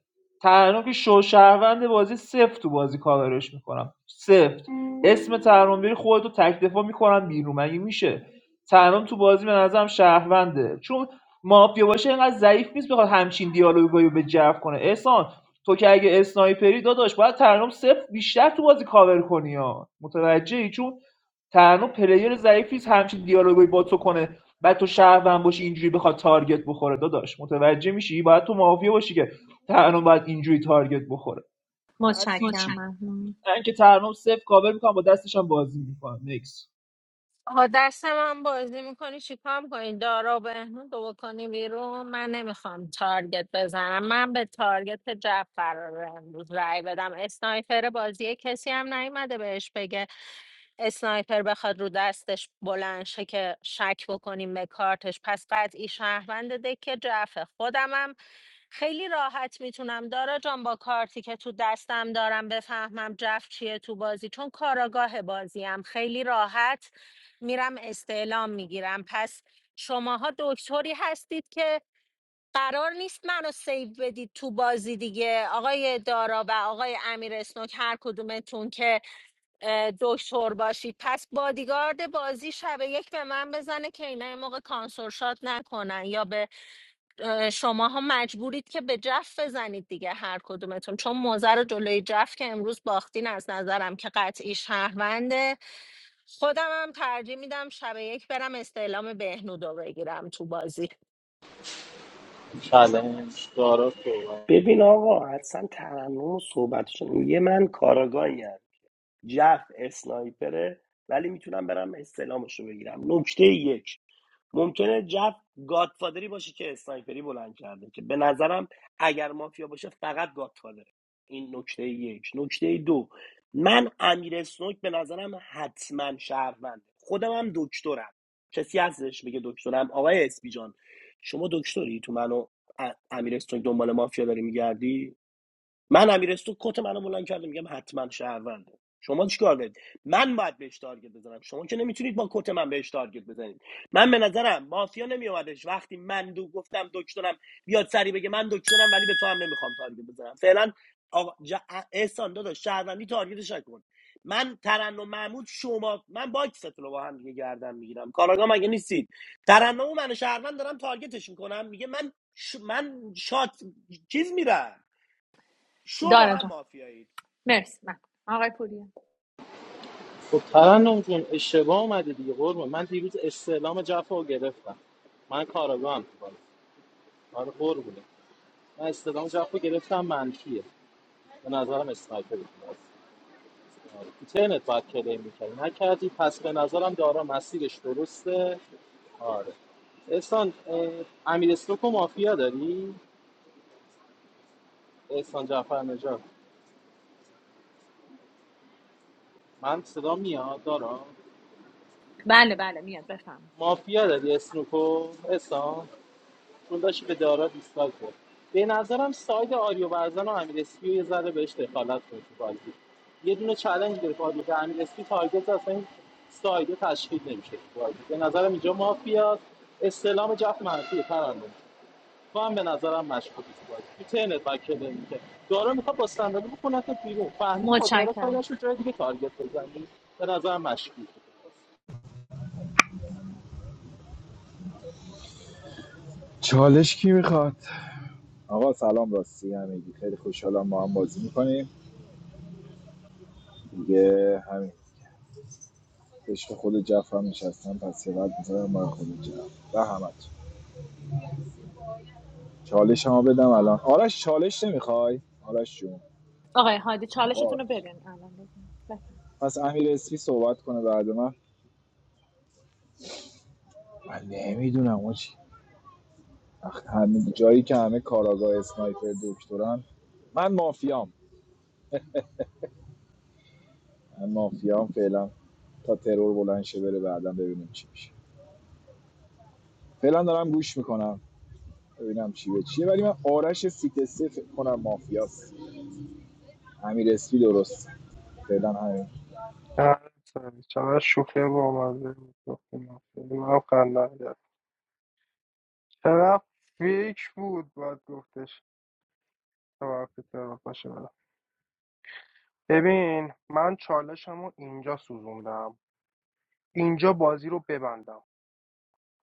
ترنم که شو شهروند بازی سفت تو بازی کاورش میکنم سفت اسم ترنم بری خودتو تک دفاع میکنم بیرون مگه میشه ترنم تو بازی به نظرم شهرونده چون مافیا باشه اینقدر ضعیف نیست بخواد همچین دیالوگایی رو به جو کنه احسان تو که اگه اسنایپری داداش باید ترنم صفر بیشتر تو بازی کاور کنی ها متوجهی چون ترنم پلیر ضعیفی نیست همچین دیالوگایی با تو کنه بعد تو شهروند باشی اینجوری بخواد تارگت بخوره داداش متوجه میشی باید تو مافیا باشی که ترنم باید اینجوری تارگت بخوره پس متشکرم محمود من که ترنم صفر کاور میکنم با دستش هم بازی میکنم نکس آها دست من بازی میکنی چیکار میکنی دارا و بهنود رو بکنی بیرون من نمیخوام تارگت بزنم من به تارگت جعفر رو امروز رای بدم اسنایپر بازی کسی هم نیومده بهش اسنایپر بخواد رو دستش بلند شه که شک بکنیم به کارتش پس قطعی شهروند دکه جفه خودمم خیلی راحت میتونم دارا جان با کارتی که تو دستم دارم بفهمم جف چیه تو بازی چون کاراگاه بازیم خیلی راحت میرم استعلام میگیرم پس شماها دکتری هستید که قرار نیست منو سیو بدید تو بازی دیگه آقای دارا و آقای امیر اسنوک هر کدومتون که اه، دکتر باشی پس بادیگارد بازی شب یک به من بزنه که اینا یه موقع کانسورشات نکنن یا به شما ها مجبورید که به جف بزنید دیگه هر کدومتون چون موزه رو جلوی جف که امروز باختین از نظرم که قطعی شهرونده خودم هم ترجیح میدم شب یک برم استعلام بهنودو بگیرم تو بازی چلنج دارا صحبت ببین آقا اصلا ترنم و صحبتشون میگه من کاراگاهی ام، جف اسنایپره ولی میتونم برم استلامش رو بگیرم نکته یک ممکنه جف گادفادری باشه که اسنایپری بلند کرده که به نظرم اگر مافیا باشه فقط گادفادره این نکته یک نکته دو من امیر اسنوک به نظرم حتما شهرونده خودم هم دکترم کسی هستش بگه دکترم آقای اسپی جان شما دکتری تو منو امیر اسنوک دنبال مافیا داری میگردی من امیرستو کت منو بلند کرده میگم حتما شهرونده شما چیکار دارید من باید بهش تارگت بزنم شما که نمیتونید با کت من بهش تارگت بزنید من به نظرم مافیا نمیومدش وقتی من دو گفتم دکترم بیاد سری بگه من دکترم ولی به تو هم نمیخوام تارگت بزنم فعلا آقا جا... احسان داداش شهروندی تارگتش نکن من ترنم محمود شما من باکستون رو با هم دیگه گردن میگیرم کاراگاه مگه نیستید ترنم و من شهروند دارم تارگتش میکنم میگه من ش... من شات چیز میرم شو با دارا هم جان مافیایی مرسی من آقای پوریا خب ترنم جون اشتباه اومده دیگه قربون من دیروز استعلام جفا رو گرفتم من کاراگاه هم تو بازی آره قربونه من استعلام جفا گرفتم منفیه به نظرم اسنایپر بود آره. تو ترنت باید کلیم میکردی نکردی پس به نظرم دارا مسیرش درسته آره احسان اه، امیر استوک مافیا داری؟ احسان جعفر نجات من صدا میاد دارا بله بله میاد بفهم مافیا داری اسنوکو احسان چون داشت به دارا دیستال بود. به نظرم ساید آریو و امیر اسپی یه ذره بهش دخالت کنه تو بازی یه دونه چالش گرفت آریو که امیر اسپی تارگت زد، اصلا این سایده تشکیل نمیشه تو بازی به نظرم اینجا مافیا استلام جفت منفیه پرنده تو هم به نظرم مشکوکی تو بازی تو تنت با کلمی که دارا میخواد با صندلی بکنه تا بیرون فهمیدی با دارا متشکرم کارش رو جای دیگه تارگت بزنی به نظرم مشکوکی چالش کی میخواد آقا سلام راستی همگی خیلی خوشحالم ما هم بازی میکنیم دیگه همین عشق خود جف هم نشستم پس یه بعد میذارم برای خود جف و همه تو. چالش هم بدم الان آرش چالش نمیخوای آرش جون آقای هادی آقا چالشتون رو آرش بدین الان بگین بفهم پس امیر اسفی صحبت کنه بعد من من نمیدونم آجی وقت همه جایی که همه کاراگاه اسنایپر دکترن من مافیام من مافیا هم فعلا تا ترور بلند شه بره بعدا ببینیم چی میشه فعلا دارم گوش میکنم ببینم چی به چیه ولی من آرش سیت سه فکر کنم مافیاست امیر اسپی درست فعلا همین نه، سری چقدر شوخی با مزه بود. گفتی مافیه. من خندم گرفت. چقدر فیک بود باید گفتش تا وقتی طرف باشه برم. ببین من چالشمو اینجا سوزوندم اینجا بازی رو ببندم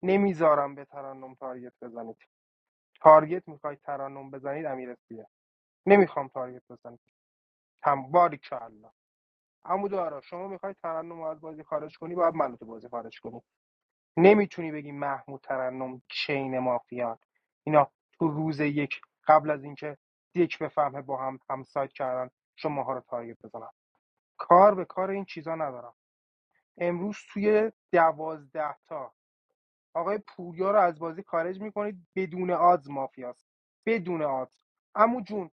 نمیذارم به ترنم تارگت بزنید تارگت میخوای ترنم بزنید امیر اسپیه نمیخوام تارگت بزنید هم باری عمودارا شما میخوای ترنم رو از بازی خارج کنی باید منو تو بازی خارج کنی نمیتونی بگی محمود ترنم چین مافیان اینا تو روز یک قبل از اینکه یک بفهمه با هم همسایت کردن شماها رو تارگت بزنن کار به کار این چیزا ندارم امروز توی دوازده تا آقای پوریا رو از بازی خارج میکنید بدون آدز مافیاست بدون آدز عمو جون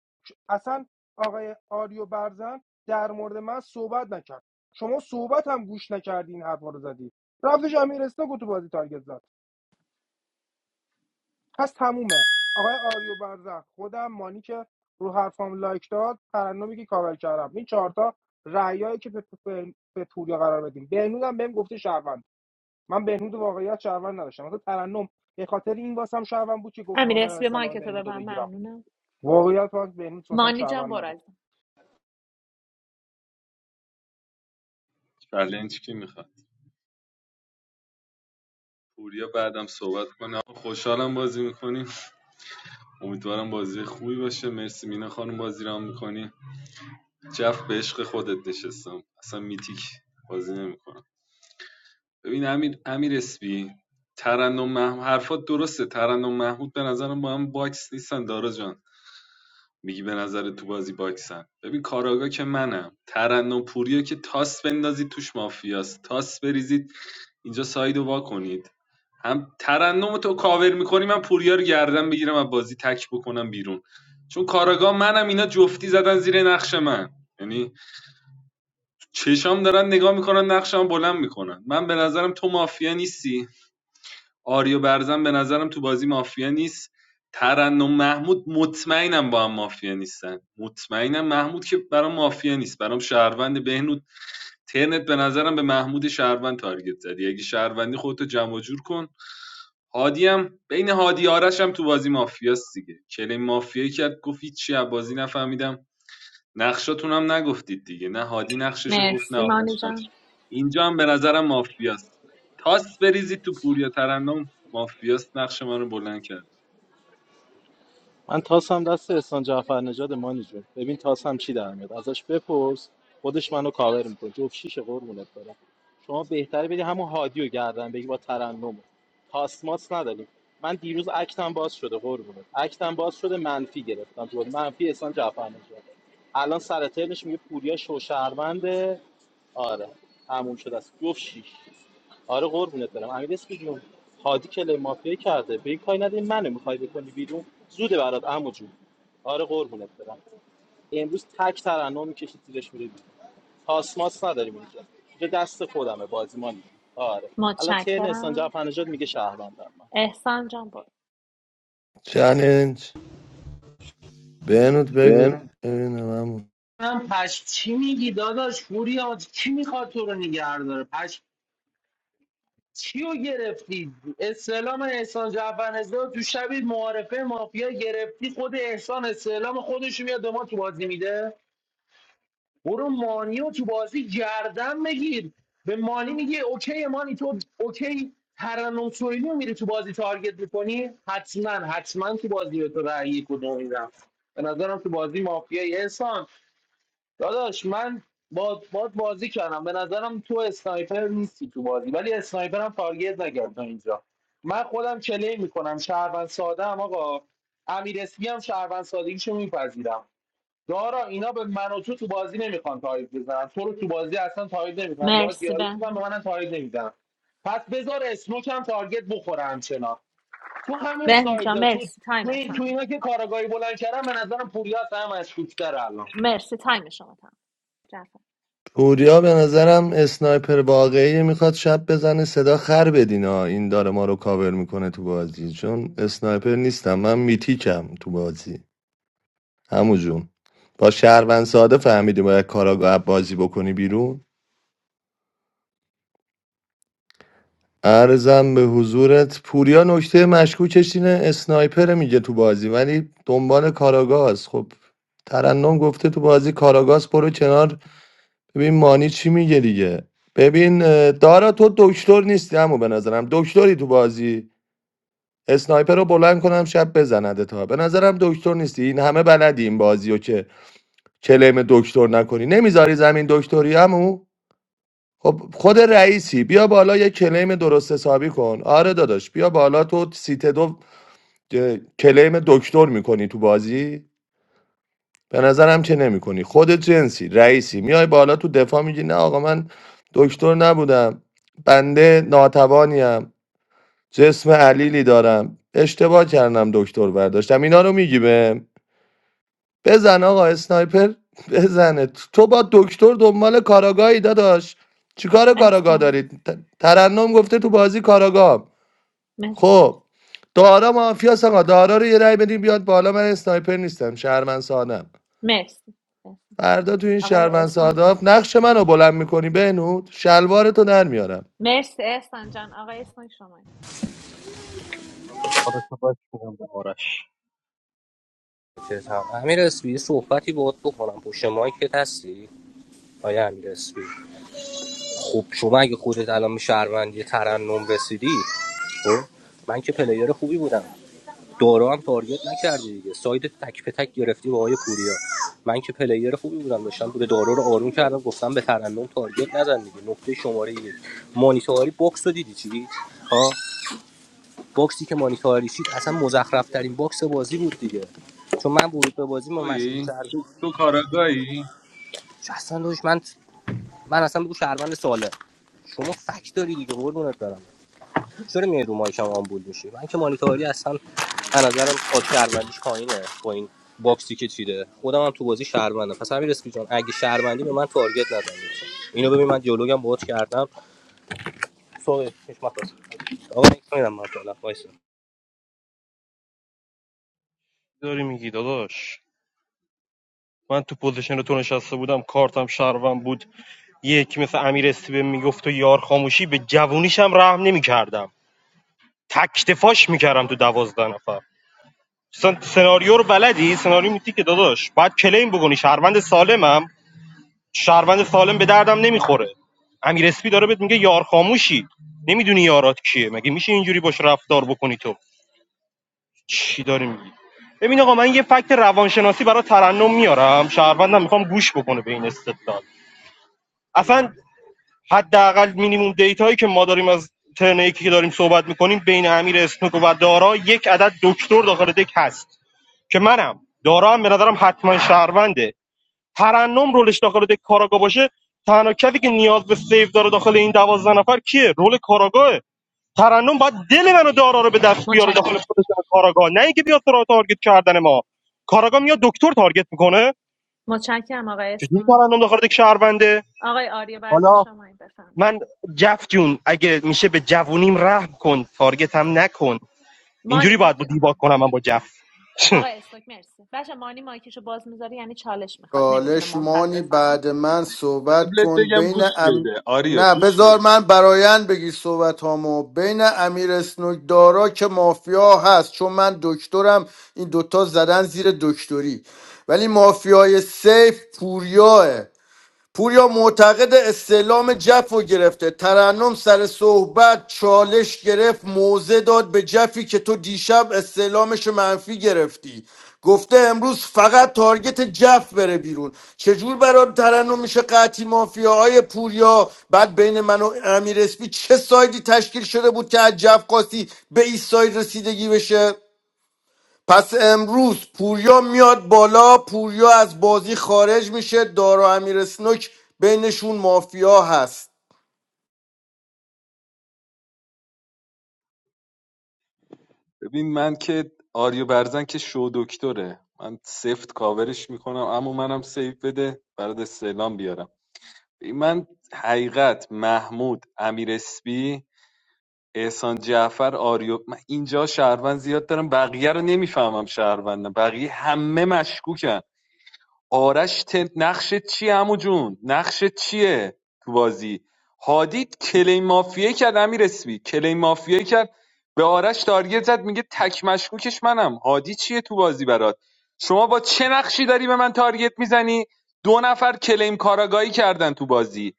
اصلا آقای آریو برزن در مورد من صحبت نکرد شما صحبت هم گوش نکردین این حرفا رو زدی رفتش امیر اسناک تو بازی تارگت زد پس تمومه آقای آریو برزن خودم مانی که رو حرفام لایک داد ترنمی که کاور کردم این چهارتا رأیایی که به, به, به پوریا قرار بدیم بهنود هم بهم گفته شهروند من بهنود رو واقعیت شهروند نداشتم مثلا ترنم به خاطر این واسم شهروند بود که گفت امیر میخوام برم اسبی اصطلاح مایکتو به بهنود من بگیرم ممنونم واقعیت من بهنود واسم مانی جان شهروند برو نبود چلنج کی میخواد پوریا بعدم صحبت کنه خوشحالم بازی میکنیم امیدوارم بازی خوبی باشه مرسی مینا خانم بازی رام میکنی جف به عشق خودت نشستم اصلا میتیک بازی نمیکنم ببین امیر امیر اسپی ترنم محمود حرفات درسته ترنم محمود به نظرم با هم باکس نیستن دارا جان میگی به نظر تو بازی باکسن ببین کاراگا که منم ترنم پوریو که تاس بندازید توش مافیاست تاس بریزید اینجا سایدو وا کنید هم ترنم تو کاور میکنی من پوریا رو گردن بگیرم و بازی تک بکنم بیرون چون کاراگا منم اینا جفتی زدن زیر نقش من یعنی چشام دارن نگاه میکنن نقشم بلند میکنن من به نظرم تو مافیا نیستی آریو برزن به نظرم تو بازی مافیا نیست ترنم محمود مطمئنم با هم مافیا نیستن مطمئنم محمود که برام مافیا نیست برام شهروند بهنود ترنت به نظرم به محمود شهروند تارگت زدی اگه شهروندی خودتو جمع جور کن هادی هم بین هادی آرش هم تو بازی مافیاست دیگه کلیم مافیایی کرد گفت چی بازی نفهمیدم نقشاتون هم نگفتید دیگه نه هادی نقششو گفت نه مرسی مانی آرش نقش جان اینجا هم به نظرم مافیاست تاس بریزید تو پوریا ترنم مافیاست نقش من رو بلند کرد من تاسم دست احسان جعفر نژاد مانی جون ببین تاسم چی در میاد ازش بپرس خودش منو کاور میکنه جفت شیش قربونت برم شما بهتره بدی همون هادی رو گردن بگی با ترنم تاسماس نداریم من دیروز اکتم باز شده قربونت اکتم باز شده منفی گرفتم تو منفی احسان جعفر نژاد الان سر ترنش میگه پوریا شوشهرونده آره تموم شده است جفت شیش آره قربونت برم امیر اسپی جون هادی کلی مافیا کرده به این کاری نده این منو میخوای بکنی بیرون زوده برات عمو جون آره قربونت برم امروز تک ترنم میکشی زیرش میره بیرون تاسماس نداریم اینجا اینجا دست خودمه بازی ما نیست. آره الان ترن احسان متشکرم جعفرنژاد میگه شهروندم من احسان جان برو چلنج بهنود بگو بن ببینم عمو. من پش چی میگی داداش فوریاد کی میخواد تو رو نگه داره چیو گرفتی استعلام احسان جعفرنژاد رو تو شبی معارفه مافیا گرفتی خود احسان استعلام خودش رو میاد به ما تو بازی میده برو مانی رو تو بازی گردن بگیر به مانی میگه اوکی مانی تو اوکی ترنم سویلی رو میری تو بازی تارگت میکنی حتما حتما تو بازی به تو رأی کدوم میدم به نظرم تو بازی مافیای احسان داداش من با باد بازی کردم به نظرم تو اسنایپر نیستی تو بازی ولی اسنایپر هم تارگت نکرد تا اینجا من خودم کلی میکنم شهروند ساده ام آقا امیر اسمی هم شهروند سادگیشو میپذیرم دارا اینا به من و تو تو بازی نمیخوان تایید بزنن تو رو تو بازی اصلا تایید نمیخوان با مرسی دیالوگ میکنم به بهنو منم تایید نمیزنن پس بذار اسموک هم تارگت بخوره همچنان تو همین بهنو جان سایدا تو مرسی تو, تایم این- تو تمام اینا که کاراگاهی بلند کردن به نظرم پوریا از همه مشکوک‌تره الان مرسی تایم شما تمام جعفر پوریا به نظرم اسنایپر واقعی میخواد شب بزنه صدا خر بدینا این داره ما رو کاور میکنه تو بازی چون اسنایپر نیستم من میتیکم تو بازی همو جون با شهروند ساده فهمیدی باید کاراگاه بازی بکنی بیرون ارزم به حضورت پوریا نکته مشکوکش اینه اسنایپر میگه تو بازی ولی دنبال کاراگاز خب ترنم گفته تو بازی کاراگاز برو کنار ببین مانی چی میگه دیگه ببین اه، دارا تو دکتر نیستی اما به نظرم دکتری تو بازی اسنایپر رو بلند کنم شب بزنده تا به نظرم دکتر نیستی این همه بلدی این بازی رو که کلیم دکتر نکنی نمیذاری زمین دکتری عمو خب خود رئیسی بیا بالا یه کلیم درست حسابی کن آره داداش بیا بالا تو سیت دو اه، کلیم دکتر میکنی تو بازی به نظرم که نمیکنی خود جنسی رئیسی میای بالا تو دفاع میگی نه آقا من دکتر نبودم بنده ناتوانیم جسم علیلی دارم اشتباه کردم دکتر برداشتم اینا رو میگی بهم بزن آقا اسنایپر بزنه تو با دکتر دنبال کاراگاهی داداش چیکار کاراگاه احسان دارید ت- ترنم گفته تو بازی کاراگاه مرسی خب دارا مافیاس آقا دارا رو یه رای بدیم بیاد بالا من اسنایپر نیستم شهرمن سادم مرسی احسان، مرسی. فردا تو این آقای شهرمن اسناک ساداف نقش منو بلند میکنی بهنود شلوارتو در میارم مرسی احسان جان آقای اسناک شما نکس داداش امیر اسپی صحبتی باهات بکنم پشت مایکت هستی آیا امیر اسپی؟ خب شما اگه خودت الان به شهروندی ترنم رسیدی خب من که پلیر خوبی بودم دورا هم تارگت نکردی دیگه ساید تک به تک گرفتی با آقای پوریا من که پلیر خوبی بودم داشتم به دارا رو آروم کردم گفتم به ترنم تارگت نزن دیگه نقطه شماره یک مانیتاری باکس رو دیدی چی ها باکسی که مانیتاری چید اصلا مزخرف ترین باکس بازی بود دیگه چون من ورود به بازی ما مشکوک تویی تر تو, تو کاراگاهی اصلا داشت من من اصلا بگو شهروند ساله شما فک داری دیگه قربونت برم چرا میای رو مایکم آمبول میشی من که مانیتاری اصلا به نظرم خود شهروندیش پایینه با این باکسی که چیده خودم هم تو بازی شهروندم پس همین رسکی جان اگه شهروندی به من تارگت نزن اینو ببین من دیالوگم باهات کردم سوال چشمت باز. آقا نمیدونم من فعلا وایسا داری میگی داداش من تو پوزیشن تو نشسته بودم کارتم شهروند بود یک مثل امیر استیبه میگفت و یار خاموشی به جوونیشم رحم نمیکردم تکتفاش میکردم تو دوازده نفر مثلا سناریو رو بلدی سناریو میتی که داداش باید کلیم بگونی شهروند سالمم شهروند سالم به دردم نمیخوره امیر اسپی داره بهت میگه یار خاموشی نمیدونی یارات کیه مگه میشه اینجوری باش رفتار بکنی تو چی داری میگی ببین آقا من یه فکت روانشناسی برای ترنم میارم شهروندم میخوام گوش بکنه به این استدلال اصلا حداقل مینیموم دیتایی که ما داریم از ترن یکی که داریم صحبت میکنیم بین امیر اسنوک و دارا یک عدد دکتر داخل دک هست که منم دارا هم به نظرم حتما شهرونده ترنم رولش داخل دک کاراگا باشه تنها کسی که نیاز به سیف داره داخل این دوازده نفر کیه رول کاراگاه ترنم باید دل منو دارا رو به دست بیاره داخل متشکرم پوزیشن کاراگاه نه اینکه بیاد سراغ تارگت کردن ما کاراگاه میاد دکتر تارگت میکنه متشکرم آقای چجوری اسناک ترنم داخل دک شهرونده آقای آریا برزن حالا شما بفهم من جف جون اگه میشه به جوونیم رحم کن تارگت هم نکن مانی اینجوری باید با مایک دیباک آها کنم من با جف آقای استوک مرسی بچه مانی مایکشو باز میذاره یعنی چالش میخواد نمیتونه چالش ممتد مانی بزنه بعد من صحبت قبلت کن بگم بین گوش ام... بده آریو نه گوش بذار بده من برایند بگی صحبت هامو بین امیر اسنوک دارا که مافیا هست چون من دکترم این دوتا زدن زیر دکتری ولی مافیای سیف پوریاه پوریا معتقد استعلام جف گرفته ترنم سر صحبت چالش گرفت موزه داد به جفی که تو دیشب استعلامش منفی گرفتی گفته امروز فقط تارگت جف بره بیرون چجور برای ترنم میشه قطعی مافیاهای پوریا بعد بین من و امیر اسپی چه سایدی تشکیل شده بود که از جف قاسی به این ساید رسیدگی بشه پس امروز پوریا میاد بالا پوریا از بازی خارج میشه دارا امیر سنوک بینشون مافیا هست ببین من که آریو برزن که شو دکتره من سفت کاورش میکنم اما منم سیف بده برات سلام بیارم من حقیقت محمود امیر اسپی احسان جعفر آریو من اینجا شهروند زیاد دارم بقیه رو نمیفهمم شهروندم بقیه همه مشکوکن آرش تل نقشت چیه عمو جون نقشت چیه تو بازی هادی کلیم مافیه کرد امیر اسمی کلیم مافیه کرد به آرش تارگت زد میگه تک مشکوکش منم هادی چیه تو بازی برات شما با چه نقشی داری به من تارگت میزنی دو نفر کلیم کاراگاهی کردن تو بازی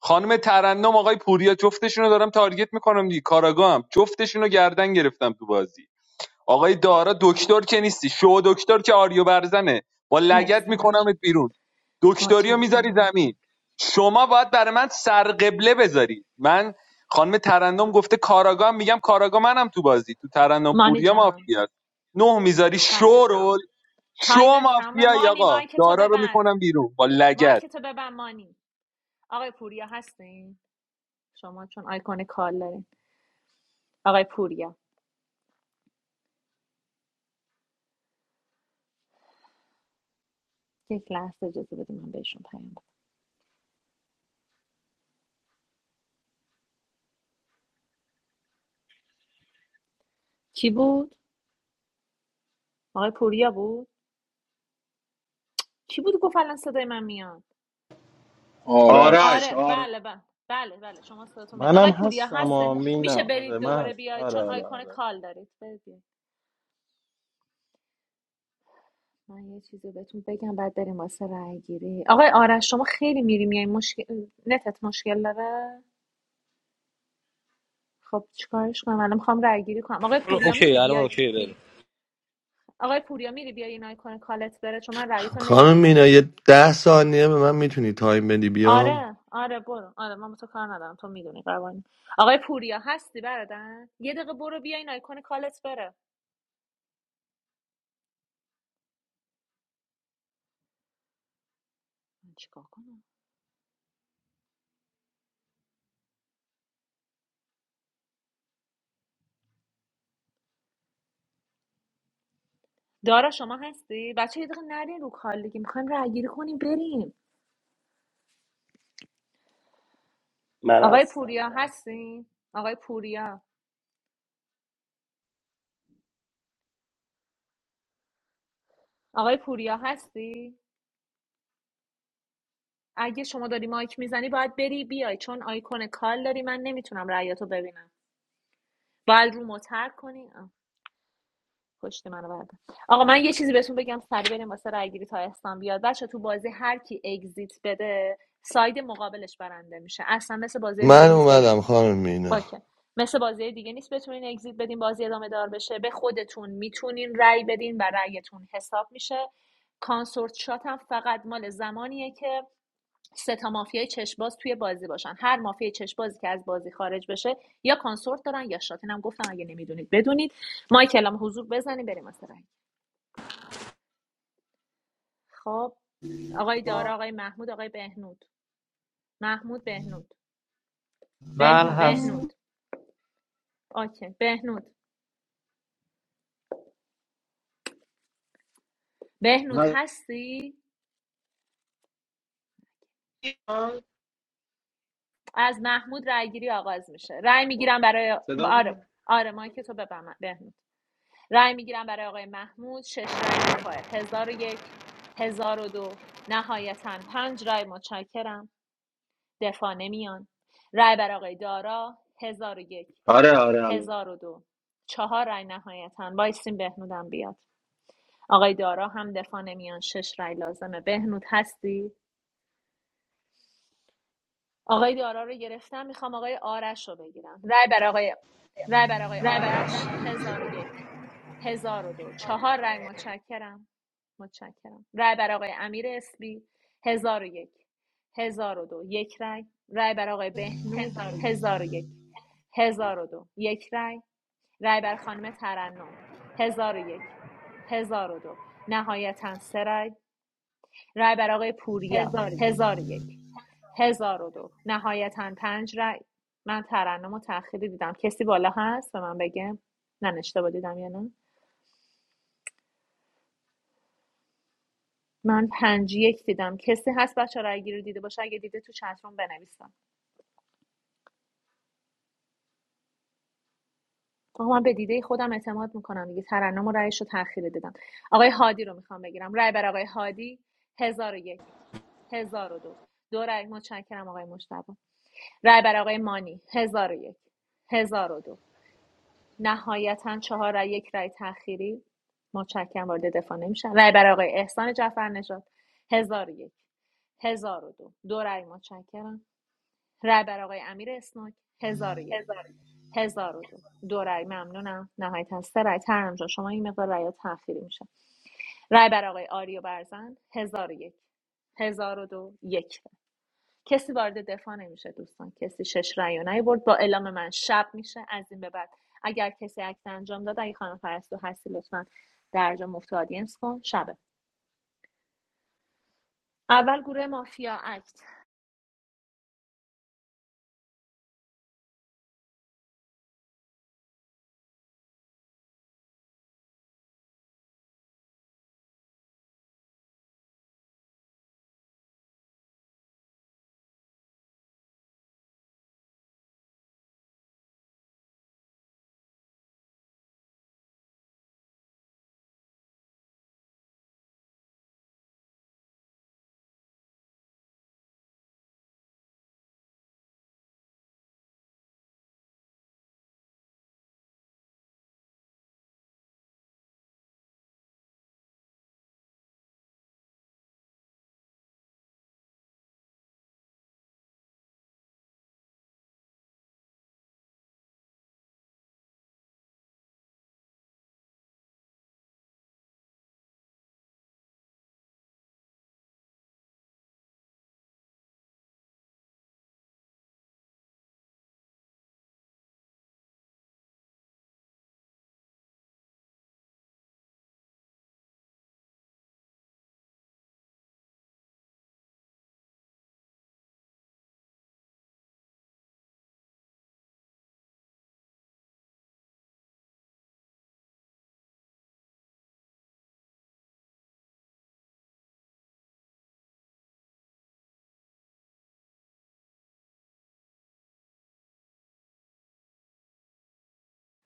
خانم ترنم آقای پوریا جفتشون رو دارم تارگت میکنم دیگه کاراگاه هم جفتشون رو گردن گرفتم تو بازی آقای دارا دکتر که نیستی شو دکتر که آریو برزنه با لگت مرسی مانی جان میکنمت بیرون دکتری میذاری متشکرم زمین شما باید برای من سرقبله بذاری من خانم ترندم گفته کاراگاه هم میگم کاراگاه منم تو بازی تو ترندم مانی پوریا جان مافیا نه میذاری تایم شورول تمام شو تایم تمام مافیا مانی آقا مایک تو دارا رو ببند میکنم بیرون با لگت مایک تو ببند مانی آقای پوریا هستین شما چون آیکون کال دارین آقای پوریا یک لحظه اجازه بدید من بهشون پیام بدم. کی بود آقای پوریا بود کی بود گفت الان صدای من میاد آرش آرش آره آرش بله بله بله بله شما صداتون میاد منم آقای پوریا هستم هستن و مینا میشه آره برید من دوباره هست. بیاید آره چون آره آیکون آره کال دارید برید من یه چیزی بهتون بگم بعد بریم واسه رای گیری آقای آرش شما خیلی میری میای مشکل نتت مشکل داره خب چیکارش کنم الان میخوام رای گیری کنم آقای پوریا اوکی میری الان بیاید اوکی بریم این آقای پوریا میری بیای این آیکون کالت بره چون من رأیتو خانم نمیبینم مینا یه ده ثانیه به من میتونی تایم بدی بیام آره آره برو آره من با تو کار ندارم تو میدونی قوانین آقای پوریا هستی برادر یه دقیقه برو بیا این آیکون کالت بره من چیکار کنم دارا شما هستی؟ بچه یه دقیقه نرین رو کال دیگه میخوایم رای گیری کنیم بریم من آقای هستم پوریا من هستم هستی؟ آقای پوریا آقای پوریا هستی؟ اگه شما داری مایک میزنی باید بری بیای چون آیکون کال داری من نمیتونم رأیاتو ببینم باید رو متر کنی آه، پشت منو برده آقا من یه چیزی بهتون بگم سری بریم واسه رای گیری تا احسان بیاد بچه تو بازی هر کی اگزییت بده ساید مقابلش برنده میشه اصلا مثل بازی من دیگه نیست با اومدم خانم مینا اوکی مثل بازی دیگه نیست بتونین اگزییت بدین بازی ادامه دار بشه به خودتون میتونین رأی بدین و رأیتون حساب میشه کانسورت شات هم فقط مال زمانیه که سه تا مافیای چشباز توی بازی باشن هر مافیای چشبازی که از بازی خارج بشه یا کانسورت دارن یا شات اینم گفتم اگه نمیدونید بدونید مایکل هم حضور بزنین بریم واسه رأی خب آقای دارا آقای محمود آقای بهنود محمود بهنود بهنود اوکی بهنود بهنود هستی از محمود رأیگیری آغاز میشه رای میگیرم برای صدا آره میاد؟ آره ما که تو ببم بهنود رای میگیرم برای آقای محمود شش رای دفاع هزار و یک هزار و دو نهایتا پنج رأی متشکرم دفاع نمیان رای برای آقای دارا هزار و یک آره آره آره هزار و دو چهار رأی نهایتا وایسیم بهنودم بیاد آقای دارا هم دفاع نمیان شش رای لازمه بهنود هستی آقای دارا رو گرفتم میخوام آقای آرش رو بگیرم رای بر آقای رای بر آقای آرش هزار و یک هزار و دو چهار رای متشکرم متشکرم رای بر آقای امیر اسبی هزار و یک هزار و دو یک رای رای بر آقای بهنود هزار و یک هزار و دو یک رای رای بر خانم ترنم هزار و یک هزار و دو نهایتا سه رای. رای بر آقای پوریا هزار و یک هزار و دو نهایتاً پنج رای من ترنم و تأخیری دیدم کسی بالا هست به من بگم من اشتباه دیدم یا نه من پنج یک دیدم کسی هست بچه رای گیری رو دیده باشه اگه دیده تو چتروم بنویسم آقا من به دیده خودم اعتماد میکنم دیگه ترنم و رایش رو تأخیری دیدم آقای هادی رو میخوام بگیرم رای بر آقای هادی هزار و یک هزار و دو دو رای متشکرم آقای مشتبه رای بر آقای مانی هزار و یک هزار و دو نهایتا چهار رای یک رای تأخیری متشکرم وارد دفاع نمیشن رای برای آقای احسان جعفر نژاد هزار و یک هزار و دو دو رای متشکرم رای برای آقای امیر اسناک هزار و یک هزار و دو دو رای ممنونم نهایتا سه رای ترم جان شما این مقدار رای تأخیری میشه رای برای آقای آریو برزن هزار و یک هزار و دو یک کسی وارد دفاع نمیشه دوستان کسی شش رأی رو نیاورد با اعلام من شب میشه از این به بعد اگر کسی عکس انجام داد اگه خانم پرستو هستی لطفا درجا مفت آدینس کن شبه اول گروه مافیا اکت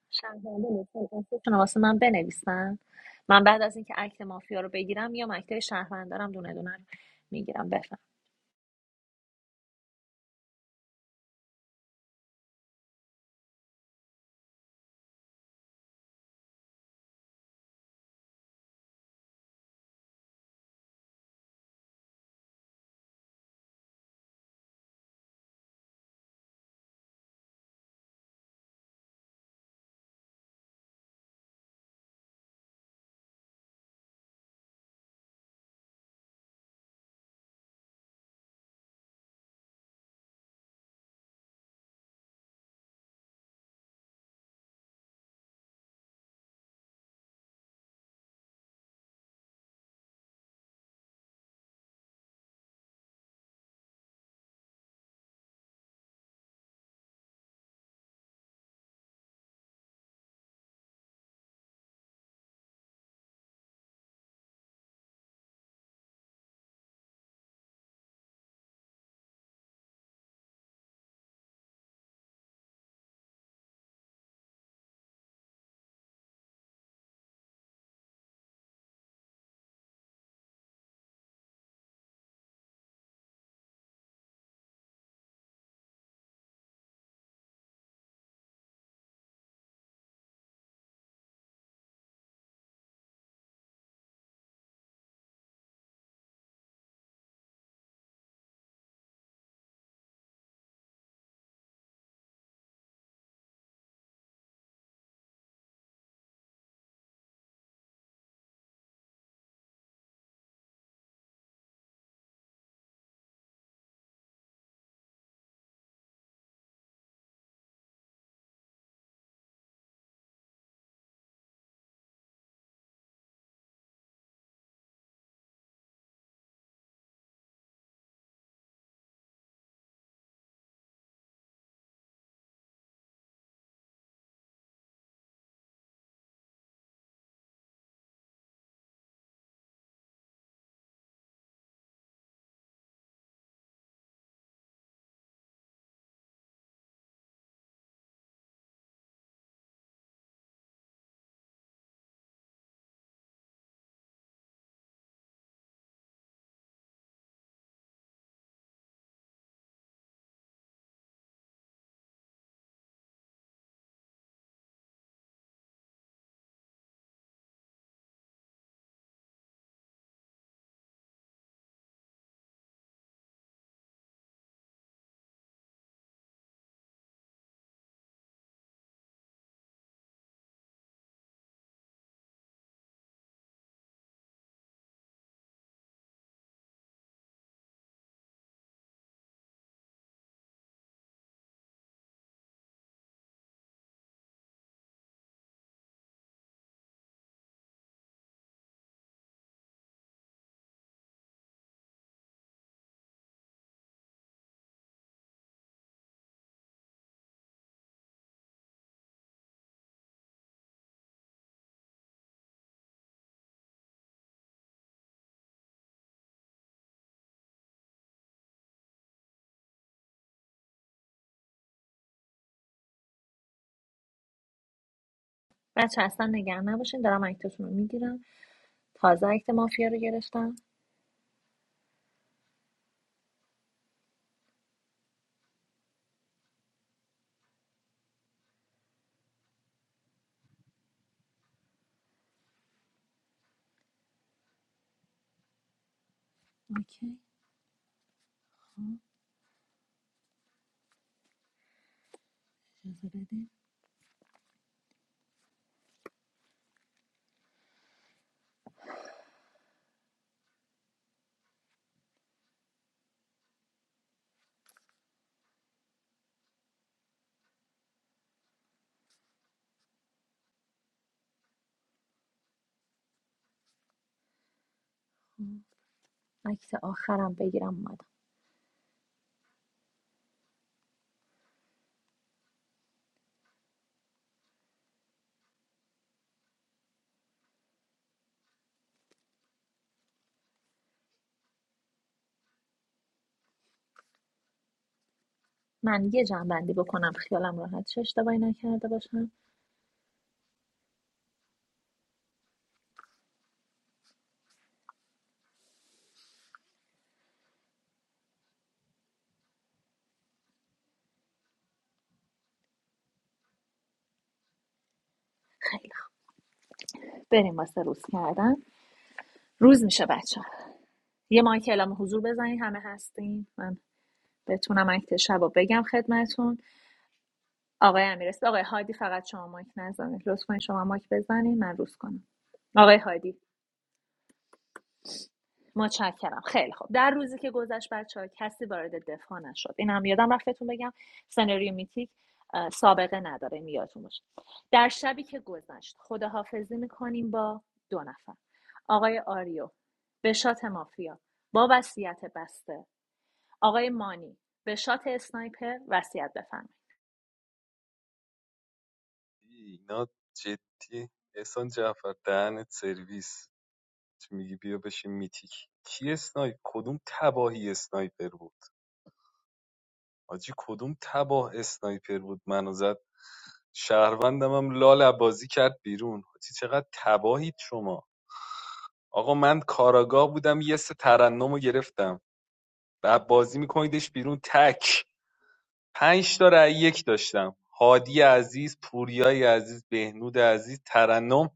شهرنده لطفا اکتتون رو واسه من بنویسن من بعد از اینکه اکت مافیا رو بگیرم یا اکت شهروندارم دونه دونه رو میگیرم بفهم بچه اصلا نگران نباشین دارم اکتتون رو میگیرم تازه اکت مافیا رو گرفتم اوکی خب، خب، اکت آخرم بگیرم اومدم من یه جنبندی بکنم خیالم راحت شه اشتباهی نکرده باشم خیلی خوب بریم واسه روز کردن روز میشه بچه ها یه مایک اعلام حضور بزنید همه هستین من بتونم اکت شب رو بگم خدمتون آقای امیرست آقای هادی فقط شما مایک نزنید لطفا شما مایک بزنید من روز کنم آقای هادی متشکرم خیلی خوب در روزی که گذشت بچه کسی وارد دفاع نشد این هم یادم رفت بهتون بگم سناریو میتیک اه، سابقه نداره این یادتون باشه در شبی که گذشت خداحافظی میکنیم با دو نفر آقای آریو به شات مافیا با وصیت بسته آقای مانی به شات اسنایپر وصیت بفرمایید اینا جدی احسان جعفر دهنت سرویس میگی بیا بشین میتیک کی اسنایپ کدوم تباهی اسنایپر بود حاجی کدوم تباه اسنایپر بود منو زد شهروندم هم لال بازی کرد بیرون حاجی چقدر تباهید شما آقا من کاراگاه بودم یه سه ترنم گرفتم و بازی میکنیدش بیرون تک پنج تا رأی یک داشتم هادی عزیز پوریای عزیز بهنود عزیز ترنم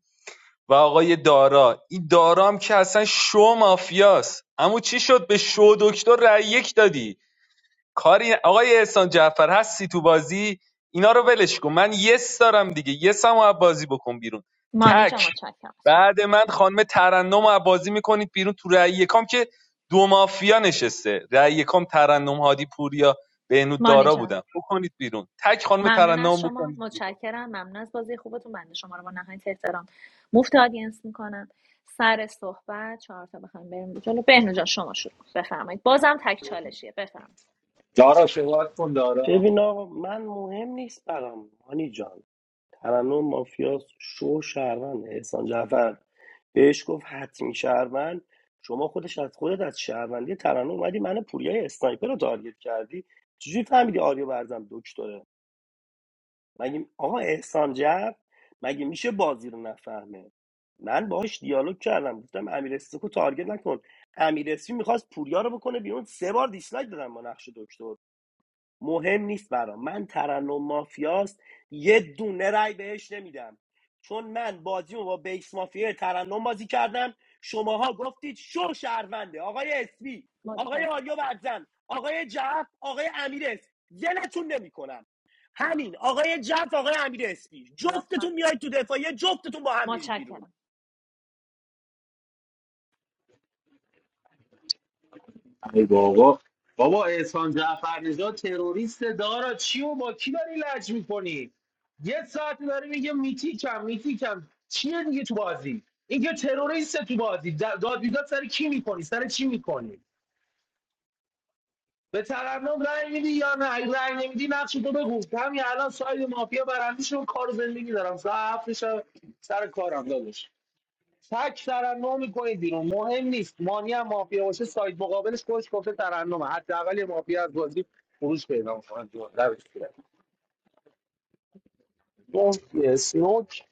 و آقای دارا این دارا هم که اصلا شو مافیاست اما چی شد به شو دکتر رأی یک دادی کاری آقای احسان جعفر هستی تو بازی اینا رو ولش کن من یس دارم دیگه یس هم از بازی بکن بیرون مانی جان تک متشکرم از شما بعد من خانم ترنم از بازی میکنید بیرون تو رأی یکام که دو مافیا نشسته رأی یکام ترنم هادی پوریا بهنود مانی دارا جان بودم بکنید بیرون تک خانم ممنون ترنم از شما بکنید بیرون متشکرم ممنون از بازی خوبتون بنده شما رو با نهایت احترام مفت آدینس میکنم سر صحبت چهار تا بخوایم بریم جلو بهنو جان شما شروع بفرمایید بازم تک چالشیه بفرمایید دارا شوات کن دارا ببین آقا من مهم نیست برام هانی جان ترنم مافیاس شو شهروند احسان جعفر بهش گفت حتمی شهروند شما خودش از خودت از شهروندی ترنم اومدی من پوریای اسنایپر رو تارگت کردی چجوری فهمیدی آریا برزم دکتره مگه آقا احسان جعفر مگه میشه بازی رو نفهمه من باهاش دیالوگ کردم گفتم امیر استکو تارگت نکن امیر اسمی میخواست پوریا رو بکنه بیرون سه بار دیسلایک دادم با نقش دکتر مهم نیست برام من ترنم مافیاست یه دونه رای بهش نمیدم چون من بازیمو با بیس مافیا ترنم بازی کردم شماها گفتید شو شهرونده آقای اسپی آقای متشکرم آریو برزن آقای جعف آقای امیر اسپی زلتون نمیکنم همین آقای جعف آقای امیر اسپی لطفا جفتتون میاید تو دفاعیه جفتتون با هم میرید بیرون متشکرم ای بابا بابا احسان جعفر نژاد تروریست دارا چی و با کی داری لج میکنی یه ساعت داره میگه میتیکم میتیکم چیه دیگه تو بازی این که تروریست تو بازی د- داد بیداد سر کی میکنی سر چی میکنی به ترنم رأی میدی یا نه اگه رأی نمیدی نقش تو بگو همین الان ساید مافیا برندیش رو کار و زندگی دارم ساعت هفتش سر کارم دادش تک ترنم میکنید بیرون مهم نیست مانی هم مافیا باشه ساید مقابلش خودش گفته ترنمه حداقل یه مافیا از بازی خروج پیدا میکنه دون سنوک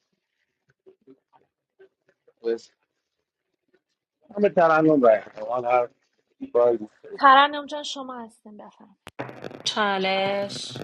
همه ترنم رای می‌دم. من هر کاری دوست دارید. ترنم جان شما هستین بفرمایید چالش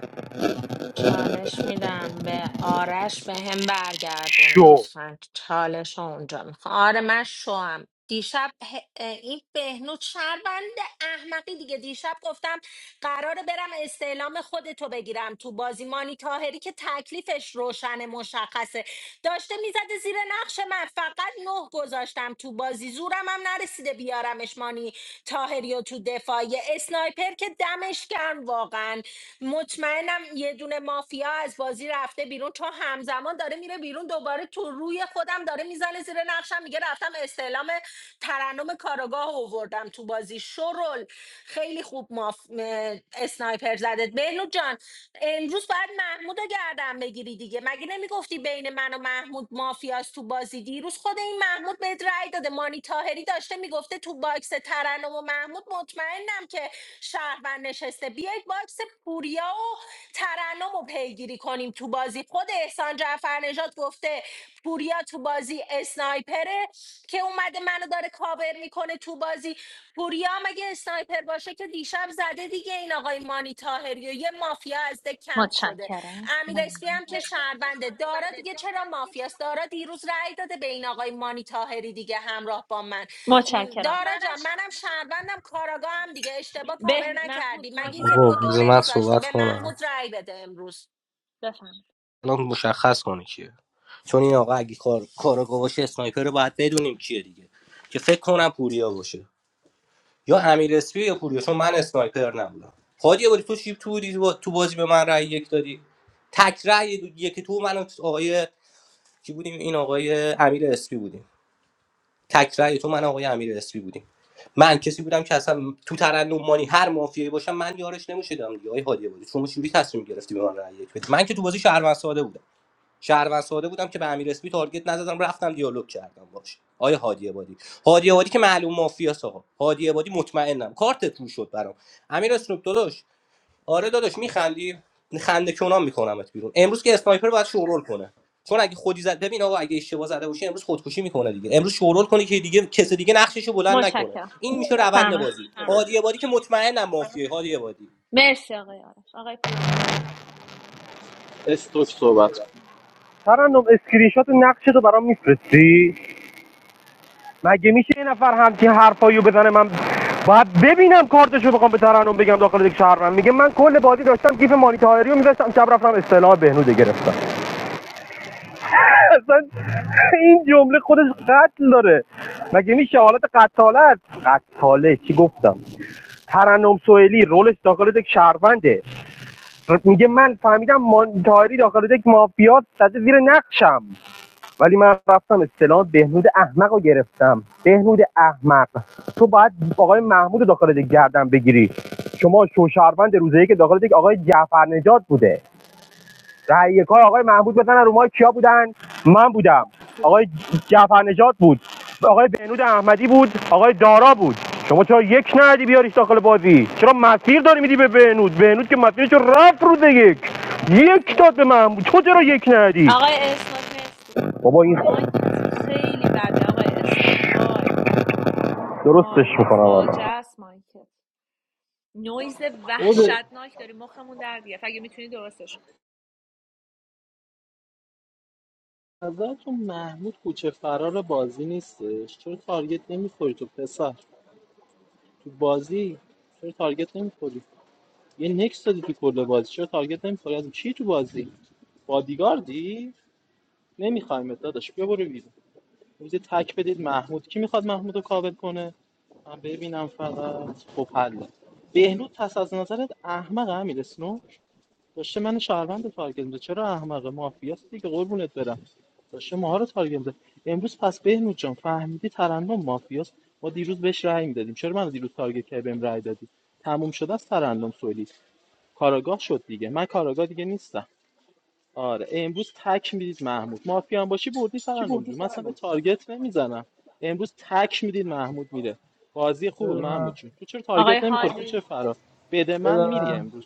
چالش میدم به آرش به هم برگردون شو لطفا چالش رو اونجا میخوام آره من شوم دیشب ه- این بهنود شربند احمقی دیگه دیشب گفتم قراره برم استعلام خودتو بگیرم تو بازی مانی تاهری که تکلیفش روشن مشخصه داشته میزده زیر نقش من فقط نه گذاشتم تو بازی زورم هم نرسیده بیارمش مانی تاهری و تو دفاعی اسنایپر که دمش گرم واقعا مطمئنم یه دونه مافیا از بازی رفته بیرون چون همزمان داره میره بیرون دوباره تو روی خودم داره میزنه زیر نقشم میگه رفتم استعلام ترنم کاراگاه رو آوردم تو بازی شرل خیلی خوب ماف... م- اسنایپر زدت بهنو جان امروز باید محمود رو گردن بگیری دیگه مگه نمیگفتی بین من و محمود مافیاس تو بازی دیروز خود این محمود بهت رأی داده مانی تاهری داشته میگفته تو باکس ترنم و محمود مطمئنم که شهروند نشسته بیایید باکس پوریا و ترنم رو پیگیری کنیم تو بازی خود احسان جعفر نژاد گفته پوریا تو بازی اسنایپره که اومده منو داره کاور میکنه تو بازی پوریا هم اگه اسنایپر باشه که دیشب زده دیگه این آقای مانی تاهری و یه مافیا از ده کمپ شده متشکرم امیر اسپی ممنون هم که شهرونده دارا دیگه چرا مافیاست دارا دیروز رأی داده به این آقای مانی تاهری دیگه همراه با من م، متشکرم دارا جان منم شهروندم کاراگاه هم دیگه اشتباه کاور به محمود نکردی مگه مایک تو یک آقا و دو ببند بذار من نمیذاشتی صحبت به کنم محمود رأی بده امروز بفرمایید الان مشخص کنه کیه چون این آقا اگه کار کارا باشه اسنایپر رو باید بدونیم کیه دیگه که فکر کنم پوریا باشه یا امیر اسپی یا پوریا چون من اسنایپر نبودم هادی باری تو چی تو بودی تو بازی به من رأی یک دادی تک رأی دو- یکی تو من و آقای کی بودیم این آقای امیر اسپی بودیم تک رأی تو من و آقای امیر اسپی بودیم من کسی بودم که اصلا تو ترنم مانی هر مافیایی باشم من یارش نمیشدم دیگه آقای هادی بادی شما چجوری تصمیم گرفتی به من رأی یک بدی من که تو بازی شهروند ساده بودم شهروند ساده بودم که به امیر اسپی تارگت نزدم رفتم دیالوگ کردم باش آیا هادی عبادی هادی عبادی که معلوم مافیاس آقا هادی عبادی مطمئنم کارتت رو شد برام امیر اسنوک داداش آره داداش میخندی خنده کنام میکنمت بیرون امروز که اسنایپر باید شورول کنه چون اگه خودی زد ببین آقا اگه اشتباه زده باشه امروز خودکشی میکنه دیگه امروز شورول کنه که دیگه کس دیگه نقششو بلند نکنه متشکرم این میشه روند فرمایید بازی هادی عبادی که مطمئنم مافیه هادی عبادی مرسی آقای آرش آقای پوری استوک صحبت کن. ترنم اسکرین شات نقشه تو برام میفرستی مگه میشه یه نفر همچین حرفاییو بزنه من باید ببینم کارتشو بخوام به ترنم بگم داخل یک شهر من میگه من کل بازی داشتم گیف مانیتاری رو میذاشتم شب رفتم اصطلاح بهنوده گرفتم اصلا این جمله خودش قتل داره مگه میشه حالت قتالت قتاله چی گفتم ترنم سوئیلی رولش داخل دک شهرونده میگه من فهمیدم مانتاری داخل دک مافیات زده زیر نقشم ولی من رفتم اصطلاح بهنود احمق رو گرفتم بهنود احمق تو باید آقای محمود رو داخل دک گردن بگیری شما شوشهروند روزه ای که داخل دک آقای جعفر نجات بوده رأی کار آقای محمود بزنن رو ما کیا بودن من بودم آقای جعفر بود آقای بهنود احمدی بود آقای دارا بود شما چرا یک ندی بیاریش داخل بازی چرا مسیر داری میدی به بهنود بهنود که مسیرش رو رفت روز یک یک داد به محمود تو چرا یک ندی آقای اسناک مرسی بابا این مایکت خیلی بده آقای اسناک وای درستش وای وای میکنم فاجعه الان است مایکت نویز خود وحشتناک داری مخمون در دیگه اگه میتونی درستش کن نظرتون محمود کوچه فرار بازی نیستش چرا تارگت نمیخوری تو پسر تو بازی چرا تارگت نمیخوری یه نکس دادی تو کل بازی چرا تارگت نمیخوری از چی تو بازی بادیگاردی نمیخوایم داداش بیا برو بیرون روزی تک بدید محمود کی میخواد محمود رو کابل کنه من ببینم فقط خب حله بهنود پس از نظرت احمق امیر اسنو؟ داشته من شهروند رو تارگت میده چرا احمقه مافیاست دیگه قربونت برم داشته ماها رو تارگت میده امروز پس بهنود جان فهمیدی ترندم مافیاست ما دیروز بهش رأی میدادیم چرا من دیروز تارگت کردی بهم رأی دادی تموم شده از ترنم سوئیلی کاراگاه شد دیگه من کاراگاه دیگه نیستم آره امروز تک میدید محمود مافیا هم باشی بردی ترنم جون من اصلا به تارگت نمیزنم امروز تک میدید محمود میره بازی خوب محمود بدونم جون تو چرا آقای تارگت نمیخوری کوچه هادی فرار بده من میری بدونم امروز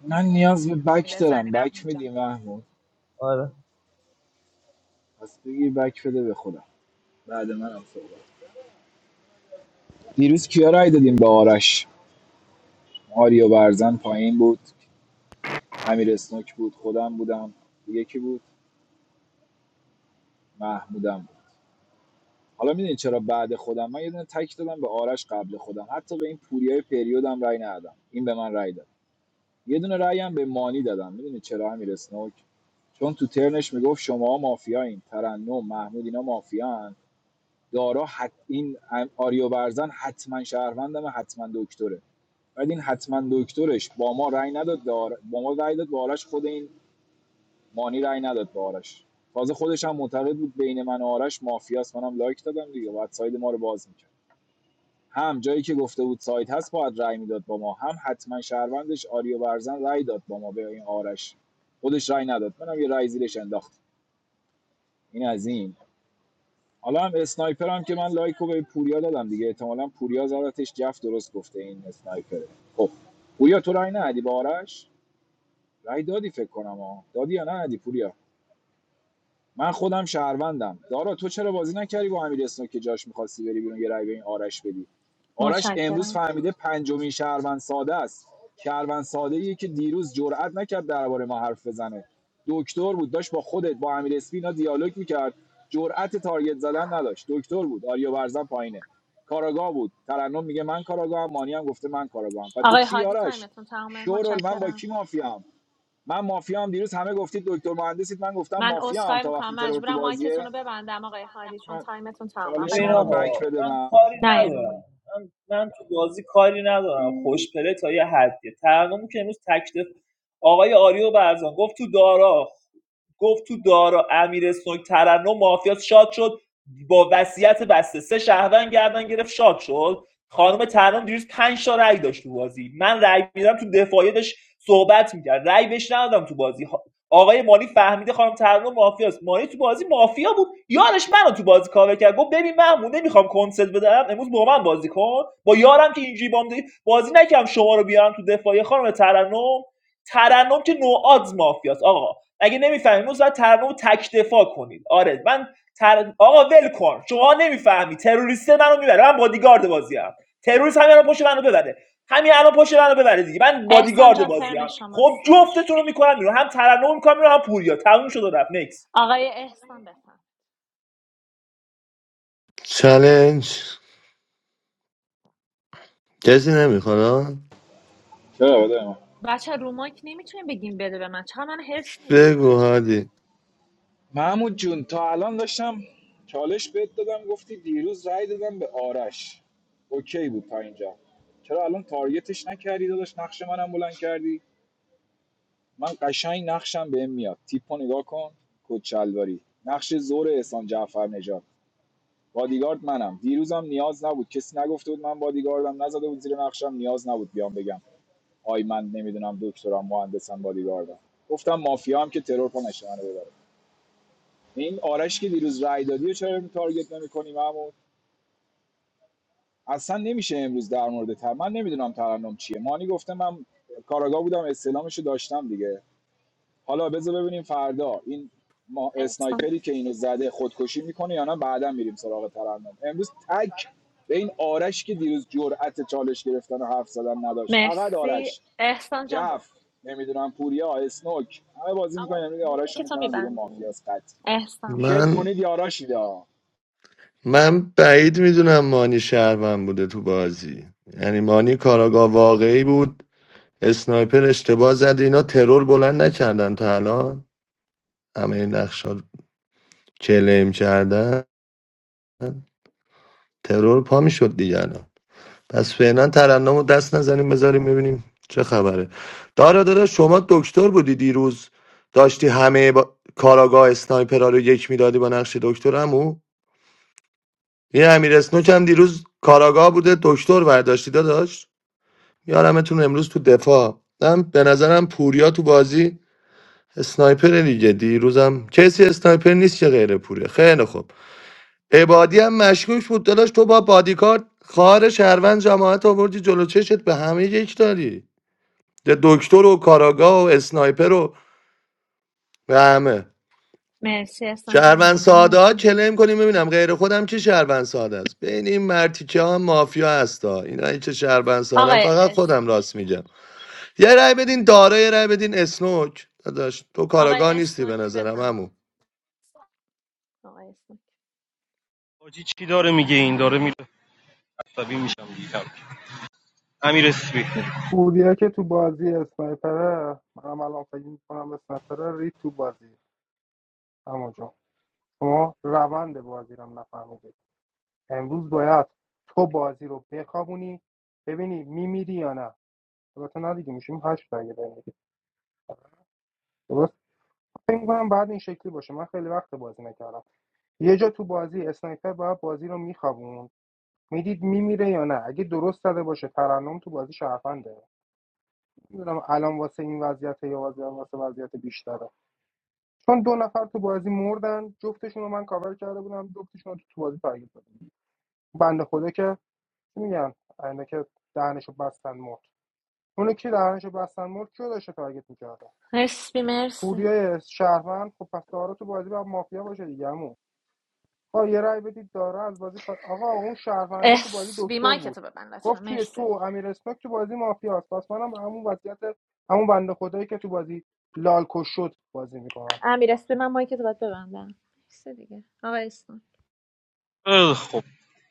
من نیاز به بک بزنی دارم بک محمود میدی جان محمود پس بگی بک بده به خودم بعد منم صحبت دیروز کیا رای دادیم به آرش آریو برزن پایین بود امیر اسنوک بود خودم بودم دیگه کی بود محمودم حالا میدونی چرا بعد خودم من یه دونه تک دادم به آرش قبل خودم حتی به این پوریای پریودم رأی ندادم این به من رأی داد یه دونه رأی هم به مانی دادم میدونی چرا امیر اسنوک چون تو ترنش میگفت شما مافیایین ترنم محمود اینا مافیان دارا حت این آریو برزن حتما شهروندم حتما دکتره بعد این حتما دکترش با ما رأی نداد دار با ما رأی داد به آرش خود این مانی رأی نداد به آرش تازه خودش هم معتقد بود بین من و آرش مافیاست منم لایک دادم دیگه بعد ساید ما رو باز می‌کرد. هم جایی که گفته بود سایت هست باید رأی میداد با ما هم حتما شهروندش آریو برزن رای داد با ما به این آرش خودش رای نداد منم یه رای زیرش انداخت این از این حالا هم اسنایپر هم که من لایکو به پوریا دادم دیگه احتمالا پوریا زدتش جف درست گفته این اسنایپره خب پوریا تو رای ندادی با آرش رای دادی فکر کنم ها دادی یا ندی پوریا من خودم شهروندم دارا تو چرا بازی نکردی با امیر اسنو که جاش میخواستی بری بیرون یه رای به این آرش بدی آرش امروز متشکرم فهمیده پنجمین شهروند ساده است شهروند ساده ای که دیروز جرئت نکرد درباره ما حرف بزنه دکتر بود داشت با خودت با امیر اسپی اینا دیالوگ میکرد جرأت تارگت زدن نداشت دکتر بود آریا برزن پایینه کاراگاه بود ترنم میگه من کاراگاهم مانی هم گفته من کاراگاهم و تو آقای چی هادی آرش تایمتون تمامه شورل من با متشکرم کی مافیام من مافیام دیروز همه گفتید دکتر مهندسید من گفتم من مافیام عذرخواهی تا میکنم وقتی ترور تو مجبورم مایکتون بازیه رو ببندم آقای هادی چون تایمتون تمامه چالش آقای ببین منو محمود آقا بک بفهم بده من من کاری نه این رو مایک. ندارم من, من تو بازی کاری ندارم خوشپله تا یه حدیه تقنیمو که امروز تکلیف آقای آریو برزان گفت تو دارا گفت تو دارا امیر اسنوک ترنم مافیاس شاد شد با وصیت بسته سه شهروند گردن گرفت شاد شد خانم ترنم دیروز 5 تا رأی داشت تو بازی من رأی میدم تو دفاعیه داشت صحبت میکرد رأی بهش ندادم تو بازی آقای مالی فهمیده خانم ترنم مافیاست مالی تو بازی مافیا بود یارش منو تو بازی کاور کرد گفت ببین محمود نمیخوام کنسل بدم امروز با من بازی کن با یارم که اینجوری بام بازی نکردم شما رو بیارم تو دفاعیه خانم ترنم ترنم که نوآدز مافیاست آقا اگه نمیفهمی امروز باید ترنم رو تک دفاع کنید آره من تر... آقا ول کن شما نمیفهمی تروریست منو میبره من بادیگارد بازیم تروریست همین الان پشت منو ببره همین الان پشت منو ببره دیگه من احسان بادیگارد جان بازیم ترن خب شماست جفتتون رو میکنم بیرون هم ترنم میکنم بیرون هم پوریا تموم شد و رفت نکس آقای احسان بفهم چلنج کسی نمیخواد چرا بده من بچه رو مایک نمیتونیم بگیم بده به من چرا من هرس میدیم بگو هادی محمود جون تا الان داشتم چالش بهت دادم گفتی دیروز رای دادم به آرش اوکی بود تا اینجا چرا الان تارگتش نکردی داداش نقش منم بلند کردی من قشنگ نقشم بهم میاد تیپو نگاه کن کچلواری نقش زور احسان جعفر نژاد. بادیگارد منم دیروزم نیاز نبود کسی نگفته بود من بادیگاردم نزده بود زیر نقشم نیاز نبود بیام بگم آی من نمیدونم دکترم مهندسم بادیگاردم گفتم مافیا هم که ترور کنه منو ببره این آرش که دیروز رای دادی و چرا تارگت نمی‌کنی محمود اصلا نمیشه امروز در مورد تر من نمیدونم ترنم چیه مانی گفته من کاراگاه بودم استلامشو داشتم دیگه حالا بذار ببینیم فردا این ما احسان اسنایپری که اینو زده خودکشی میکنه یا نه بعدا میریم سراغ ترندم امروز تک به این آرش که دیروز جرأت چالش گرفتن و حرف زدن نداشت فقط مرسی آرش احسان جان برو جف نمیدونم پوریا اسنوک همه بازی میکنن اما امروز آرش رو که تو میکنن بیرون میبندیم مافیاس قطعی احسان برو شیک من کنید یا آراشیدا من بعید میدونم مانی شهروند بوده تو بازی یعنی مانی کاراگاه واقعی بود اسنایپر اشتباه زد اینا ترور بلند نکردن تا الان همه این نقشا رو کلیم کردن ترور پا میشد دیگه الان پس فعلا ترنم رو دست نزنیم بذاریم ببینیم چه خبره دارا دارا شما دکتر بودی دیروز داشتی همه با... کاراگاه اسنایپرها رو یک میدادی با نقش دکترمو این امیر اسنوک هم دیروز کاراگاه بوده دکتر برداشتی داشت یارمتون امروز تو دفاع من به نظرم پوریا تو بازی اسنایپر دیگه دیروزم کسی اسنایپر نیست که غیر پوره خیلی خوب عبادی هم مشکوک بود داداش تو با بادیکارد خار شهروند جماعت آوردی جلو چشت به همه یک داری ده دکتر و کاراگاه و اسنایپر و به همه مرسی احسان جان شهروند ممنونم ساده از ها شما کلم کنیم ببینم غیر خودم که شهروند ساده است بین این مرتیکه ها مافیا هستا اینا که شهروند ساده هم آقای فقط اس خودم راست میگم یه رای بدین داره یه رای بدین اسنوک داداش تو کاراگاه آقای نیستی به اسنوک نظرم عمو بفهمید آقای اسنوک حاجی چی داره میگه این داره میره عصبی میشم دیگه کم کم. امیر اسپی پوریا که تو بازی اسنایپره منم الان فکر میکنم اسنایپره ری تو بازی اما جان شما روند بازی رو هم نفهمیدی امروز باید تو بازی رو بخوابونی ببینی میمیری یا نه البته نه دیگه میشیم هشت تا اگه بمیری درست فکر میکنم بعد این شکلی باشه من خیلی وقت بازی نکردم یه جا تو بازی اسنایپر باید بازی رو میخوابون میدید میمیره یا نه اگه درست زده باشه ترنم تو بازی شرفنده میدونم الان واسه این وضعیت یا واسه واسه وضعیت بیشتره چون دو نفر تو بازی مردن جفتشون رو من کاور کرده بودم جفتشون رو تو, بازی تارگت دادم بنده خدا که میگن اینا که دهنشو بستن مرد اونو کی دهنشو بستن مرد کیو داشته تارگت میکرده اسبی مرسی پوریای شهروند خب پس دارا تو بازی با مافیا باشه دیگه عمو. آقا یه رأی بدید داره از بازی کار آقا اون شهرونده تو بازی اسبی دکتر مایک بود تو ببند لطفا گفت توی تو مرسی و امیر اسنوک تو بازی مافیاست پس منم همون وضعیت همون بنده خدایی که تو بازی لالکش شد بازی میکنم امیر اسبی من مایک تو باید ببندم مرسی دیگه آقای اسنوک اه، خب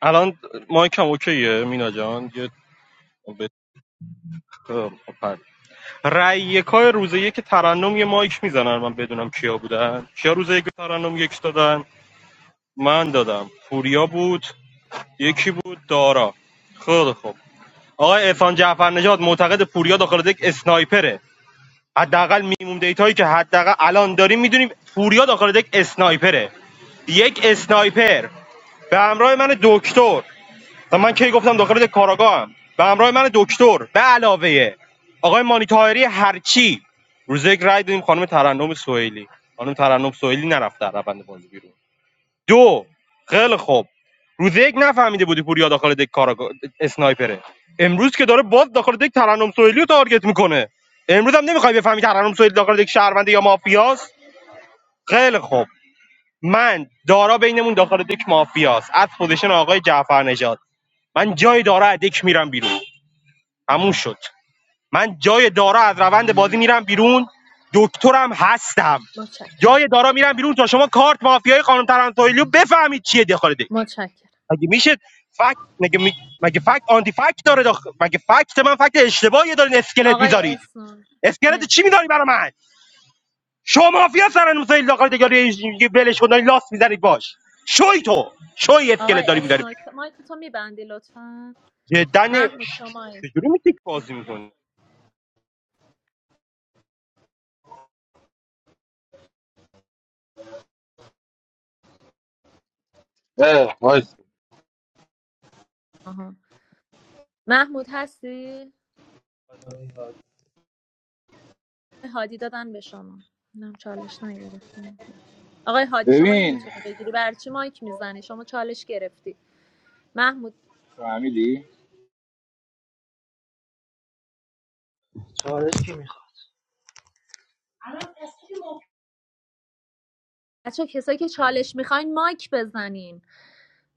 الان مایکم اوکیه مینا جان یه بهتر رأی یکای روز یک ترنم یه مایک میزنن من بدونم کیا بودن کیا روز یک ترنم یک دادن من دادم پوریا بود یکی بود دارا خیلی خوب آقای احسان جعفر نژاد معتقد پوریا داخل دک اسنایپره حداقل میموم دیتایی که حداقل الان داریم میدونیم پوریا داخل دک اسنایپره یک اسنایپر به همراه من دکتر و من کی گفتم داخل کاراگاه به همراه من دکتر به علاوه آقای مانی طاهری هرچی روز یک رای دادیم خانم ترنم سوئیلی خانم ترنم سوئیلی نرفت در روند بازی بیرون دو خیلی خوب روز یک نفهمیده بودی پوریا داخل دک کاراگاه اسنایپره امروز که داره باز داخل دک ترنم سوئیلی رو تارگت میکنه امروز هم نمیخوای بفهمی ترنم سوئیلی داخل دک شهرونده یا مافیاست خیلی خوب من دارا بینمون داخل دک مافیاست از پوزیشن آقای جعفر نژاد. من جای داره از دک میرم بیرون همون شد من جای داره از روند بازی میرم بیرون دکترم هستم متشکرم جای دارا میرم بیرون تا شما کارت مافیای خانم ترانتویلیو بفهمید چیه داخل دک متشکرم مگه میشه فکت مگه می- مگه فکت آنتی فکت داره داخل مگه فکت من فکت اشتباهی دارین اسکلت آقای میذارید اسنوک اسکلت چی مرسی میذاری برای من شما مافیا سرن مسایل داخل دک یاری یه لاس میذارید باش شوی تو شوی اسکلت آقای داری میذاری اسنوک مایک تو میبندی لطفا جدا نه- محمود شمایی چجوری میتیک بازی محمود میکنی اه وایس آها. محمود هستی هادی دادن به شما اینم چالش نگرفتیم آقای هادی شما ببین نمیتونی بگیری برای چی مایک میزنی شما چالش گرفتی محمود فهمیدی بچه کسایی که چالش میخواین مایک بزنین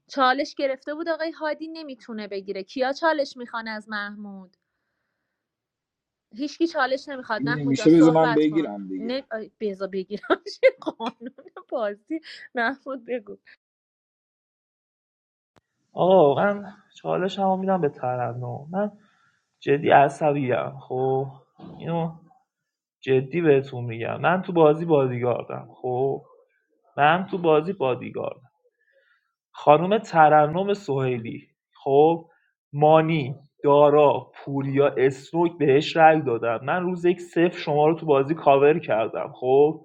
چالش گرفته بود آقای هادی نمیتونه بگیره کیا چالش میخوان از محمود هیچکی چالش نمیخواد این محمود جان میشه بذار من صحبت کن بگیرم دیگه نه آی، بذار بگیرم چه قانون بازی محمود بگو آقا من چالش هم میدم به ترنم من جدی عصبیم خب اینو جدی بهتون میگم من تو بازی بادیگاردم خب من تو بازی بادیگاردم خانم ترنم سویلی خب مانی دارا پوریا اسنوک بهش رأی دادم من روز یک صفر شما رو تو بازی کاور کردم خب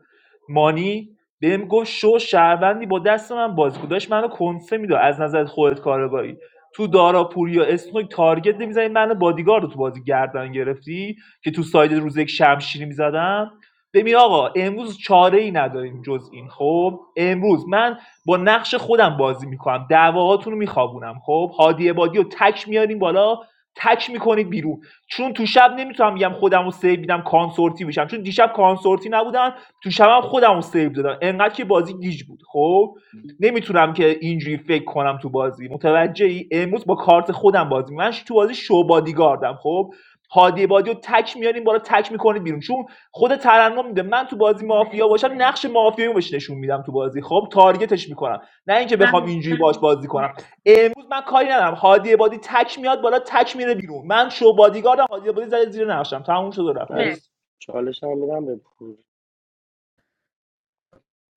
مانی بهم گفت شو شهروندی با دست من بازی کن داشت منو کنسه میده از نظر خودت کارگاهی تو دارا پوریا اسنوک تارگت نمیزنی منو بادیگارد رو تو بازی گردن گرفتی که تو ساید روز یک شمشیری میزدم ببین آقا امروز چاره ای نداریم جز این خب امروز من با نقش خودم بازی میکنم دعواهاتون رو میخوابونم خب هادی عبادی رو تک میارین بالا تک میکنید بیرون چون تو شب نمیتونم بگم خودم رو سیو میدم کانسورتی بشم چون دیشب کانسورتی نبودم تو شبم خودم رو سیو دادم انقدر که بازی گیج بود خب نمیتونم که اینجوری فکر کنم تو بازی متوجه ای امروز با کارت خودم بازی میکنم. من تو بازی شو بادیگاردم خب هادی بادی رو تک میاریم بالا تک میکنید بیرون چون خود ترنم میده من تو بازی مافیا مرسی باشم نقش مافیایی بهش نشون میدم تو بازی خب تارگتش میکنم نه اینکه بخوام محمود اینجوری باش بازی کنم مرسی امروز من کاری ندارم هادی بادی تک میاد بالا تک میره بیرون من شو بادیگاردم هادی بادی زده زیر نقشم تموم شد و رفت من چالش هم میدم به پور.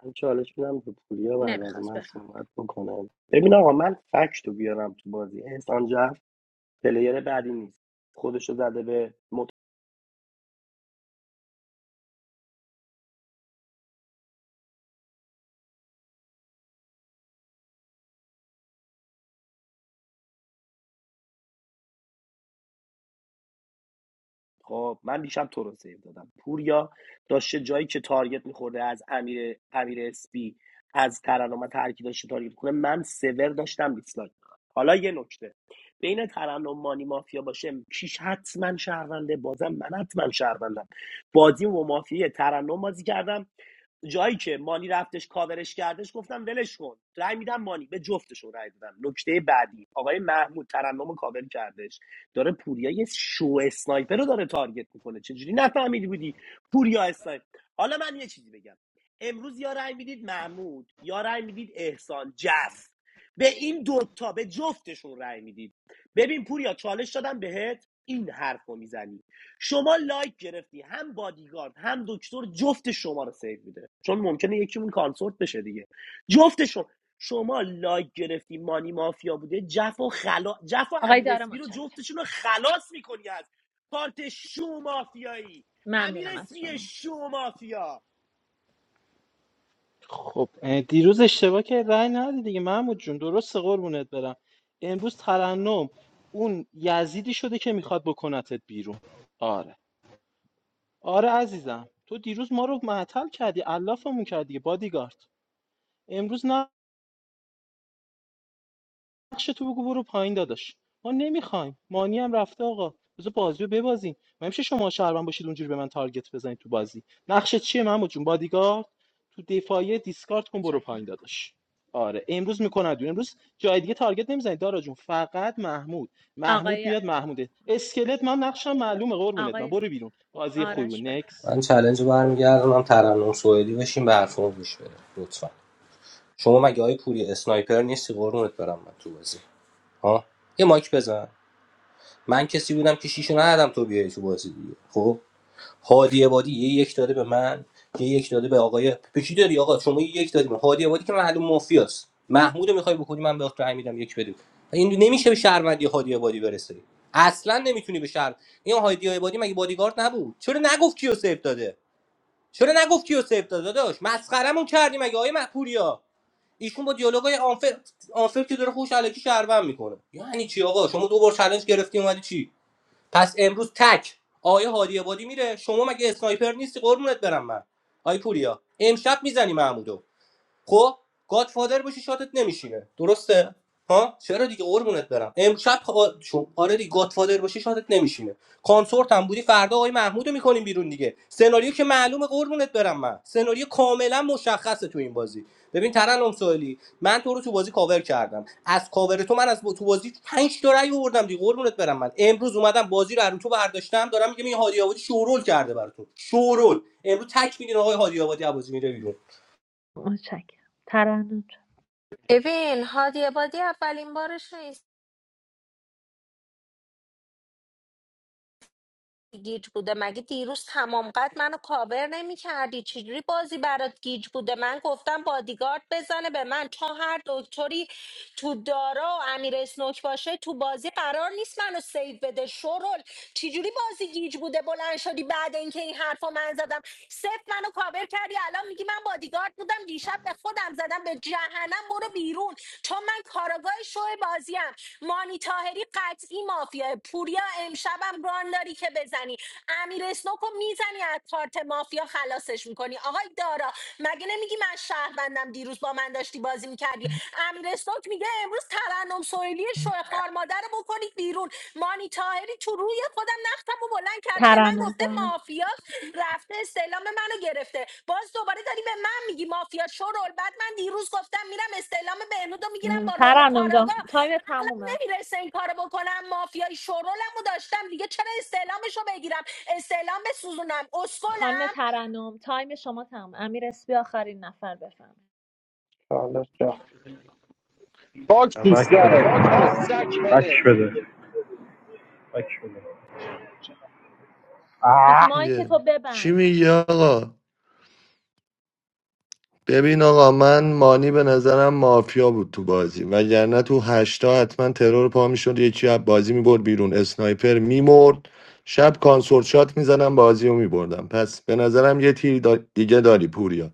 من چالش میدم به پوریا بعد از نمیخواست من بخوام صحبت بکنه ببین آقا من فکت رو بیارم تو بازی احسان جعفر پلیر بعدی نیست خودش رو زده به مت خب من دیشب تو رو سیو دادم پوریا داشته جایی که تارگت میخورده از امیر امیر اسپی از ترنم و ترکی داشته تارگت کنه من سور داشتم دیسلایک حالا یه نکته بین ترنم مانی مافیا باشه کیش حتما شهرونده بازم من حتما شهروندم بازی و مافیا ترنم بازی کردم جایی که مانی رفتش کاورش کردش گفتم ولش کن رای میدم مانی به جفتشون رای دادم نکته بعدی آقای محمود ترنم کاور کردش داره پوریا یه شو اسنایپر رو داره تارگت میکنه چجوری نفهمیدی بودی پوریا اسنایپر حالا من یه چیزی بگم امروز یا رأی میدید محمود یا رأی میدید احسان جف به این دوتا به جفتشون رای میدید ببین پوریا چالش دادم بهت این حرف رو میزنی شما لایک گرفتی هم بادیگارد هم دکتر جفت شما رو سیو میده چون ممکنه یکیمون کانسورت بشه دیگه جفت شما شما لایک گرفتی مانی مافیا بوده جف و خلا جف و آقای امیر دارا اسپی رو متشکرم جفتشون رو خلاص میکنی از کارت شو مافیایی امیر ممنونم از اسپی شما شو مافیا خب اه، دیروز اشتباه که رأی ندادی دیگه محمود جون درسته قربونت برم امروز ترنم اون یزیدی شده که میخواد بکنتت بیرون آره آره عزیزم تو دیروز ما رو معطل کردی علافمون کردی بادیگارد امروز نه نقش تو بگو برو پایین داداش ما نمیخوایم مانی هم رفته آقا بذار بازی رو ببازیم ما میشه شما شهروند باشید اونجوری به من تارگت بزنید تو بازی نقشه چیه محمود جون بادیگارد تو دفاعی دیسکارد کن برو متشکرم پایین داداش آره امروز میکند امروز جای دیگه تارگت نمیزنید دارا جون فقط محمود محمود آقای میاد محموده اسکلت من نقشم معلومه قربونت من آقای برو بیرون بازی خوبی بود. آرش بفهم نکس من چالنج برمیگردم ترنم سوئدی بشیم به حرفمو گوش بده لطفاً شما مگه های پوری اسنایپر نیستی قرونت برم من تو بازی ها یه مایک بزن من کسی بودم که شیشو ندادم تو بیای تو بازی دیگه خب هادی عبادی یه یک داده به من یه یک داده به آقای به داری آقا شما یه یک دادی به هادی عبادی که معلوم مافیاست محمود میخوای بکنی من بهت رحم میدم یک بدی این نمیشه به شهروندی هادی عبادی برسی اصلا نمیتونی به شهر این هادی عبادی مگه بادیگارد نبود چرا نگفت کیو سیف داده چرا نگفت کیو سیف داده داداش مسخرمون کردی مگه آقای محپوریا ایشون با دیالوگای آنفر آنفر که داره خوش علکی شهروند میکنه یعنی چی آقا شما دو بار چالش گرفتی اومدی چی پس امروز تک آیه هادی عبادی میره شما مگه اسنایپر نیستی قربونت برم من آی پوریا امشب میزنی محمودو خب گادفادر باشی شاتت نمیشینه درسته ها چرا دیگه قربونت برم امشب خوا- شو- آره دیگه گادفادر باشی شاتت نمیشینه کانسورت هم بودی فردا آقای محمودو میکنیم بیرون دیگه سناریو که معلومه قربونت برم من سناریو کاملا مشخصه تو این بازی ببین ترنم سوالی من تو رو تو بازی کاور کردم از کاور تو من از با- تو بازی 5 تا رأی آوردم دیگه قربونت برم من امروز اومدم بازی رو از رو تو برداشتم دارم میگم این هادی آبادی شورول کرده براتون شورول امروز تک میدین آقای هادی آبادی بازی میره بیرون متشکرم ترنم جان ببین هادی عبادی اولین بارش نیست گیج بوده مگه دیروز تمام قد منو کاور نمی کردی چجوری بازی برات گیج بوده من گفتم بادیگارد بزنه به من چون هر دکتری تو دارا و امیر اسنوک باشه تو بازی قرار نیست منو سیو بده شرول چجوری بازی گیج بوده بلند شدی بعد اینکه این حرفا من زدم صفر منو کاور کردی الان میگی من بادیگارد بودم دیشب دیشب به خودم زدم به جهنم برو بیرون چون من کارگاه شو بازیم مانی تاهری قطعی مافیا پوریا امشبم ران داری که بزنی امیر اسنوکو میزنی از کارت مافیا خلاصش میکنی آقای دارا مگه نمیگی من شهروندم دیروز با من داشتی بازی میکردی امیر اسنوک میگه امروز ترنم سویلی شوه خار مادر رو کنید بیرون مانی تاهری تو روی خودم نختم و بلند کرده به من ترنم گفته جان مافیا رفته استعلام منو گرفته باز دوباره داری به من میگی مافیا شورول بعد من دیروز گفتم میرم استعلام بهنودو میگیرم با رول ترنم کاراگا جان تایم عقلم تمومه نمیرسه این کارو بکنم مافیای شورولمو داشتم دیگه چرا استعلامشو بگیرم استعلام بسوزونم خانم اسکلم ترنم تایم شما تمام. امیر اسپی آخرین نفر بفهم حالا رفت خاک دوست داره خاک سک بک پله بده بک بده مایک که میگه تو چی ببند میگی آقا ببین آقا من مانی به نظرم مافیا بود تو بازی وگرنه تو هشتا حتما ترور پا میشد یکی از بازی میبرد بیرون اسنایپر میمرد شب کانسورت شات میزنم بازی رو میبردم پس به نظرم یه تیر دا- دیگه داری پوریا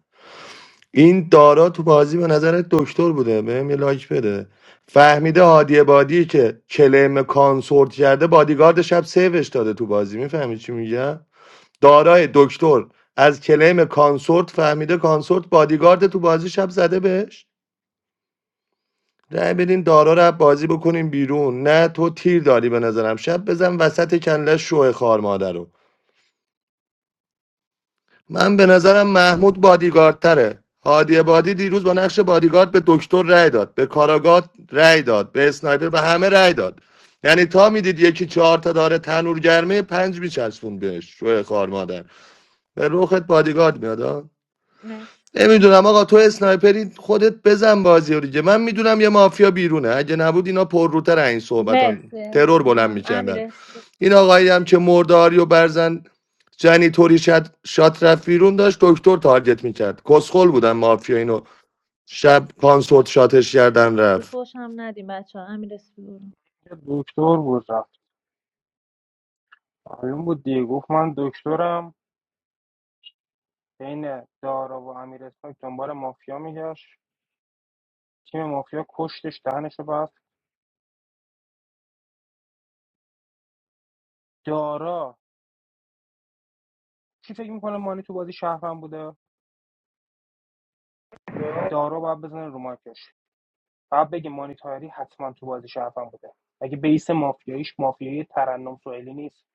این دارا تو بازی به نظرت دکتر بوده بهم یه لایک بده فهمیده هادی بادی که کلم کانسورت کرده بادیگارد شب سیوش داده تو بازی میفهمی چی میگم دارای دکتر از کلیم کانسورت فهمیده کانسورت بادیگارد تو بازی شب زده بهش رأی بدین دارا رو بازی بکنیم بیرون نه تو تیر داری به نظرم شب بزن وسط کنله شوه خار مادر رو من به نظرم محمود بادیگارد تره هادی بادی دیروز با نقش بادیگارد به دکتر رأی داد به کاراگات رأی داد به اسنایپر به همه رأی داد یعنی تا میدید یکی چهار تا داره تنور گرمه پنج میچسبون بهش شوه خار مادر به روخت بادیگارد میاد مرسی نمیدونم آقا تو امیر اسپی. اسنایپری خودت بزن بازی رو دیگه من میدونم یه مافیا بیرونه اگه نبود اینا پرروتر این صحبتان مرسی ترور بلند احسان امیر میکردن اسپی این آقایی هم که مرداری و برزن جنیتوری شد شات رفت بیرون داشت دکتر تارگت میکرد کسخل بودن مافیا اینو شب کانسورت شاتش کردن رفت فوش هم ندیم بچه ها امیر اسپی برو. دکتر بود رفت معلوم بود دیگه گفت من دکترم بین دارا و امیر اسنوک دنبال مافیا میگشت تیم مافیا کشتش دهنش رو بست دارا کی فکر میکنه مانی تو بازی شهروند بوده دارا باید بزنه رو مارکش فقط بگه مانیتاری حتما تو بازی شرفم بوده مگه بیس مافیاییش مافیایی ترنم سوئیلی نیست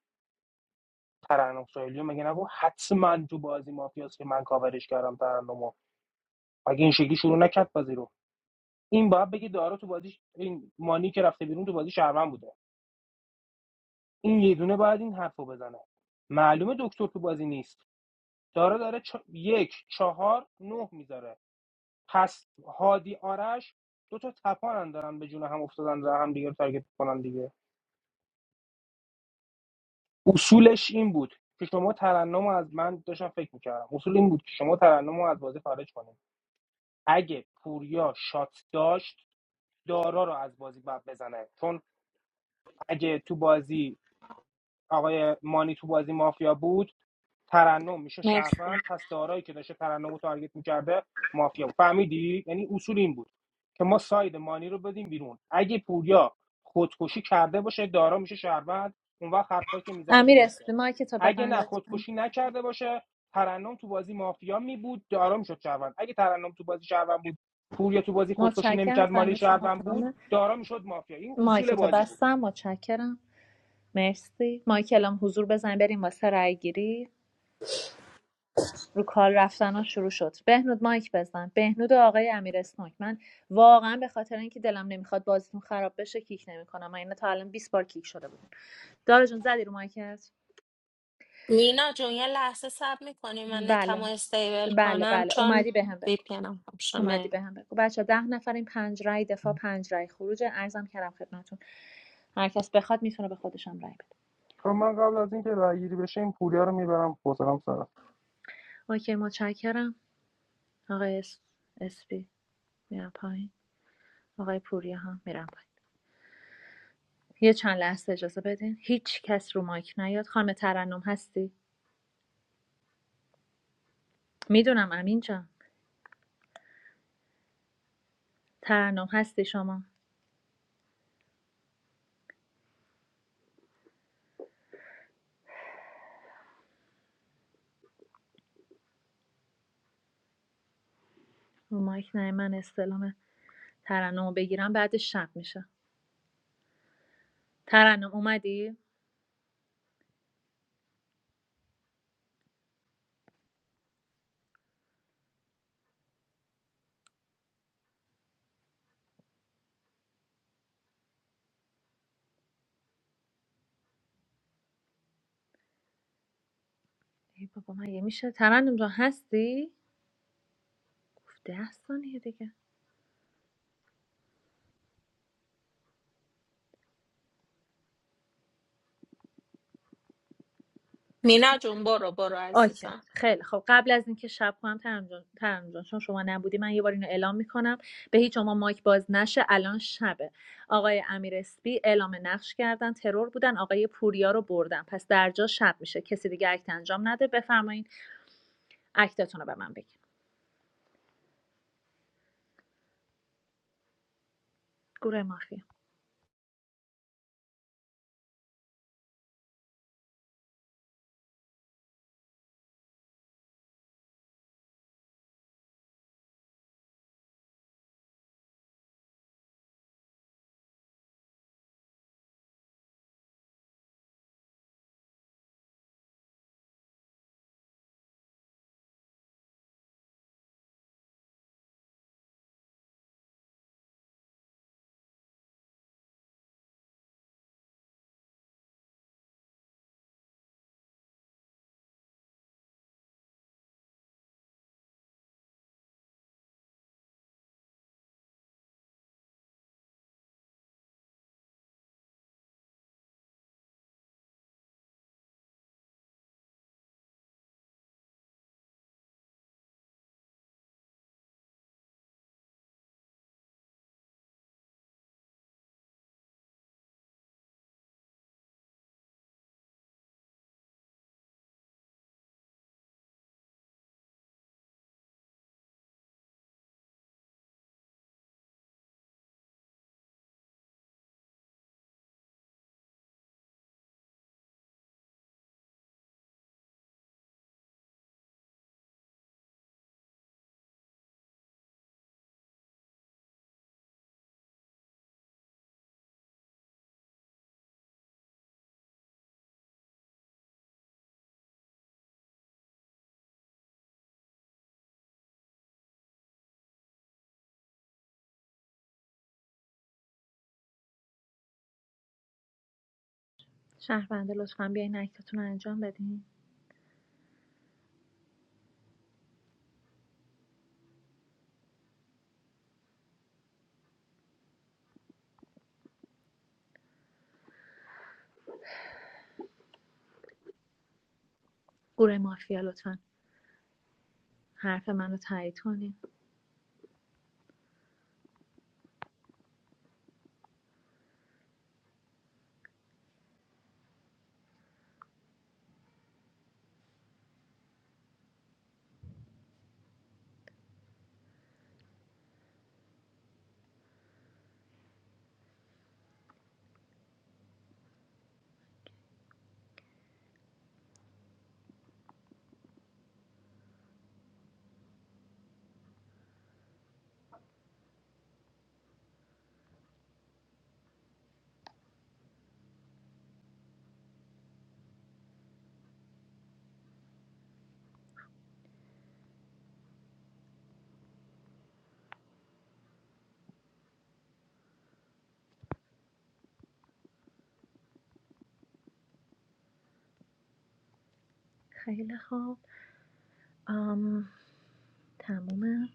ترنم سوئیلی رو مگه نگو حتما تو بازی مافیاست که من کاورش کردم ترنمو مگه این شکلی شروع نکرد بازی رو این باید بگه دارا تو بازی ش... این مانی که رفته بیرون تو بازی شهروند بوده این یه دونه باید این حرفو بزنه معلومه دکتر تو بازی نیست دارا داره چ... یک چهار نه میذاره پس هادی آرش دو تا تپانن دارن به جون هم افتادن و هم دیگه رو تارگت کنن دیگه اصولش این بود که شما ترنم از من داشتم فکر میکردم اصول این بود که شما ترنم از بازی خارج کنید اگه پوریا شات داشت دارا رو از بازی باید بزنه چون اگه تو بازی آقای مانی تو بازی مافیا بود ترنم میشه مرسی شهروند پس دارایی که داشته ترنم تارگت میکرده مافیا بود فهمیدی یعنی اصول این بود که ما ساید مانی رو بدیم بیرون اگه پوریا خودکشی کرده باشه دارا میشه شهروند اون وقت حرفایی که میزنه امیر درسته اسپی مایک تو اگه ببند نه لطفاً. خودکشی نکرده باشه ترنم تو بازی مافیا می بود دارا میشد شهروند اگه ترنم تو بازی شهروند بود پوریا تو بازی خودکشی متشکرم نمیکرد مالی تایم شما شهروند تمام. بود دارا میشد مافیا این اصول مایکتو بازی بود بستم متشکرم مرسی مایک الان حضور بزن بریم واسه رای گیری رو کال رفتن ها شروع شد بهنود مایک بزن بهنود و آقای امیر اسنوک من واقعا به خاطر اینکه دلم نمیخواد بازیتون خراب بشه کیک نمیکنم من اینا تا الان 20 بار کیک شده بودیم دارا جون زدی رو مایکت نینتان بله بله بله اومدی به هم بگو بیمه اومدی به هم بگو بچه ده نفریم پنج رای دفاع پنج رای خروج ارزم کردم خدمتتون هر کس بخواد میتونه به خودشم رای بده خب من قبل از اینکه رأیگیری بشه این پوریا رو میبرم خودم سر رفت. اوکی متشکرم آقای اس... اسپی میرم پایین آقای پوریا هم میرم پایین یه چند لحظه اجازه بدین هیچ کس رو مایک نیاد خانم ترنم هستی میدونم امین جان ترنم هستی شما رو مایک نه من استلام ترنم رو بگیرم بعدش شب میشه ترنم اومدی ای بابا من یه میشه ترنم جان هستی گفت ده ثانیه دیگه مینا جون برو برو اوکی عزیزم خیلی خب قبل از اینکه شب کنم ترم جان ترم جان، چون شما نبودی من یه بار اینو اعلام میکنم به هیچ شما مایک باز نشه الان شبه آقای امیر اسپی اعلام نقش کردن ترور بودن آقای پوریا رو بردن پس درجا شب میشه کسی دیگه اکت انجام نده بفرمایین اکتتون رو به من بگین گروه مافیا شهرونده لطفا بیاین اکتتون رو انجام بدین گروه مافیا لطفا حرف منو تایید کنین خیلی خوب آم... تمومه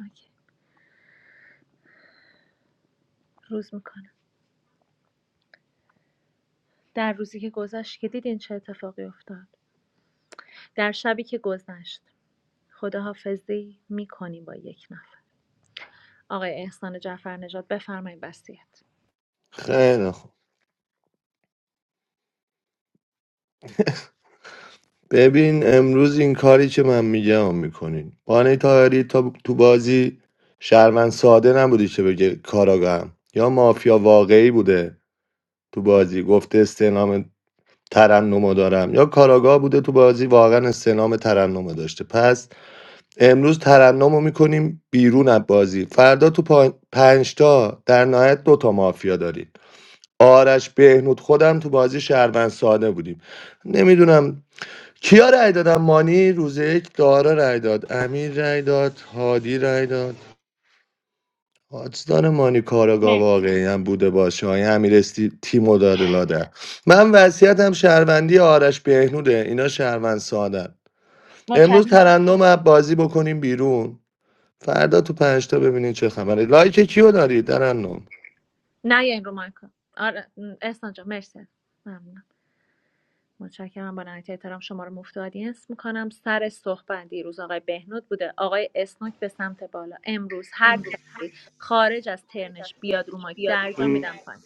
اوکی. روز میکنم در روزی که گذشت که دیدین چه اتفاقی افتاد در شبی که گذشت خداحافظی میکنیم با یک نفر آقای احسان جعفر نژاد بفرمایید وصیت خیلی خوب ببین امروز این کاری که من میگم میکنین بانه تاهری تا تو بازی شهروند ساده نبودی که بگه کاراگاهم یا مافیا واقعی بوده تو بازی گفته استعلام ترنمو دارم یا کاراگاه بوده تو بازی واقعا استعلام ترنمو داشته پس امروز ترنمو میکنیم بیرون از بازی فردا تو پا... پنجتا در نهایت دوتا مافیا داریم آرش بهنود خودم تو بازی شهروند ساده بودیم نمیدونم کیا رأی دادم مانی روز یک دارا رأی داد امیر رأی داد هادی رأی داد حاجدار مانی کاراگا مرسی واقعی هم بوده باشه های امیر استی تیمو داده لاده من وصیتم شهروندی آرش بهنوده اینا شهروند سادن امروز متشکرم ترنم از بازی بکنیم بیرون فردا تو پنج تا ببینین چه خبره لایک کیو داری ترنم نه این رو مایکا آره م، احسان جان مرسی ممنون متشکرم با نهایت احترام شما رو مفت آدینس میکنم سر صحبت دیروز آقای بهنود بوده آقای اسناک به سمت بالا امروز هر کسی خارج از ترنش بیاد رو مایک درجا ام، میدم پایین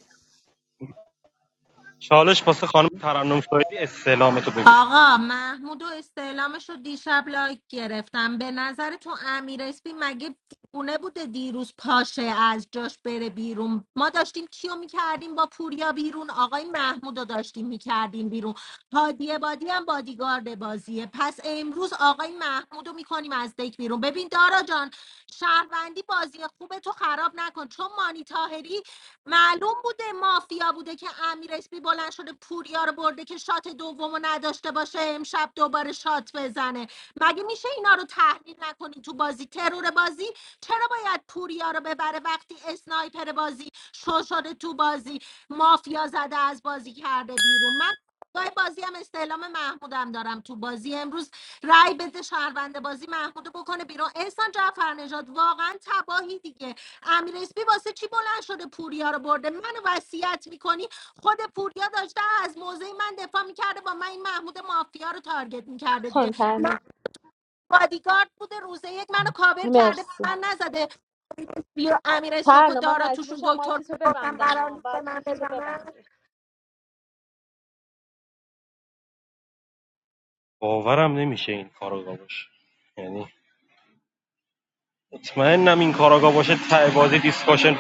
چالش واسه خانم ترنم سویدی استعلامتو بگو آقا محمود و استعلامش رو دیشب لایک گرفتم به نظر تو امیر اسپی مگه دیوونه بوده دیروز پاشه از جاش بره بیرون ما داشتیم کیو میکردیم با پوریا بیرون آقای محمود رو داشتیم میکردیم بیرون هادی بادی هم بادیگارد بازیه پس امروز آقای محمود رو میکنیم از دک بیرون ببین دارا جان شهروندی بازی خوبه تو خراب نکن چون مانی تاهری معلوم بوده مافیا بوده که امیر اسپی بلند شده پوریا رو برده که شات دومو نداشته باشه امشب دوباره شات بزنه مگه میشه اینا رو تحلیل نکنی تو بازی ترور بازی چرا باید پوریا رو ببره وقتی اسنایپر بازی شو شده تو بازی مافیا زده از بازی کرده بیرون من جای بازی هم استعلام محمودم دارم تو بازی امروز رای بده شهروند بازی محمود رو بکنه بیرون احسان جعفر نژاد واقعا تباهی دیگه امیر اسپی واسه چی بلند شده پوریا رو برده منو وصیت میکنی خود پوریا داشته از موضع من دفاع میکرده با من این محمود مافیا رو تارگت میکرده دیگه خانم من ترنم بادیگارد بوده روزه یک منو کاور کرده مرسی من نزده بیا امیر اسنوک و ترنم من دارا مجبور توشون شم دکتر مایکتو بوده. ببندم قرار ها نیست به بعد من مایکتو بزنن ببندی باورم نمیشه این کاراگا باشه یعنی مطمئنم این کاراگا باشه ته بازی دیسکاشن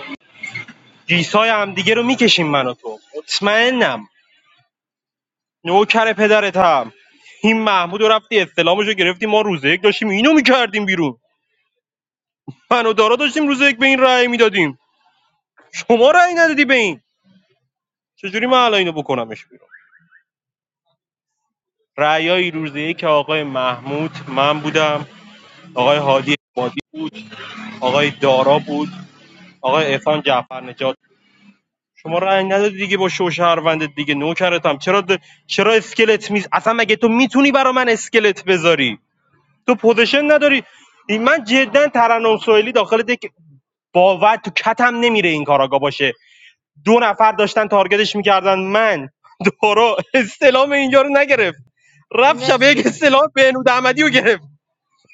دیسای هم دیگه رو میکشیم من و تو مطمئنم نوکر پدرتم این محمود رو رفتی استعلامشو گرفتی ما روز یک داشتیم اینو میکردیم بیرون من و دارا داشتیم روز یک به این رأی میدادیم شما رأی ندادی به این چجوری من الان اینو بکنمش بیرون رأیای روز یک آقای محمود من بودم آقای هادی عبادی بود آقای دارا بود آقای احسان جعفر نجات شما رأی ندادی دیگه با شو شهروندت دیگه نوکرتم چرا د... چرا اسکلت میز اصلا مگه تو میتونی برا من اسکلت بذاری تو پوزیشن نداری این- من جدا ترنم سوئیلی داخل دک باور تو کتم نمیره این کار آقا باشه دو نفر داشتن تارگتش میکردن من دارا استلام اینجا رو نگرفت رفت شب مرسی یک استلام بهنود احمدی رو گرفت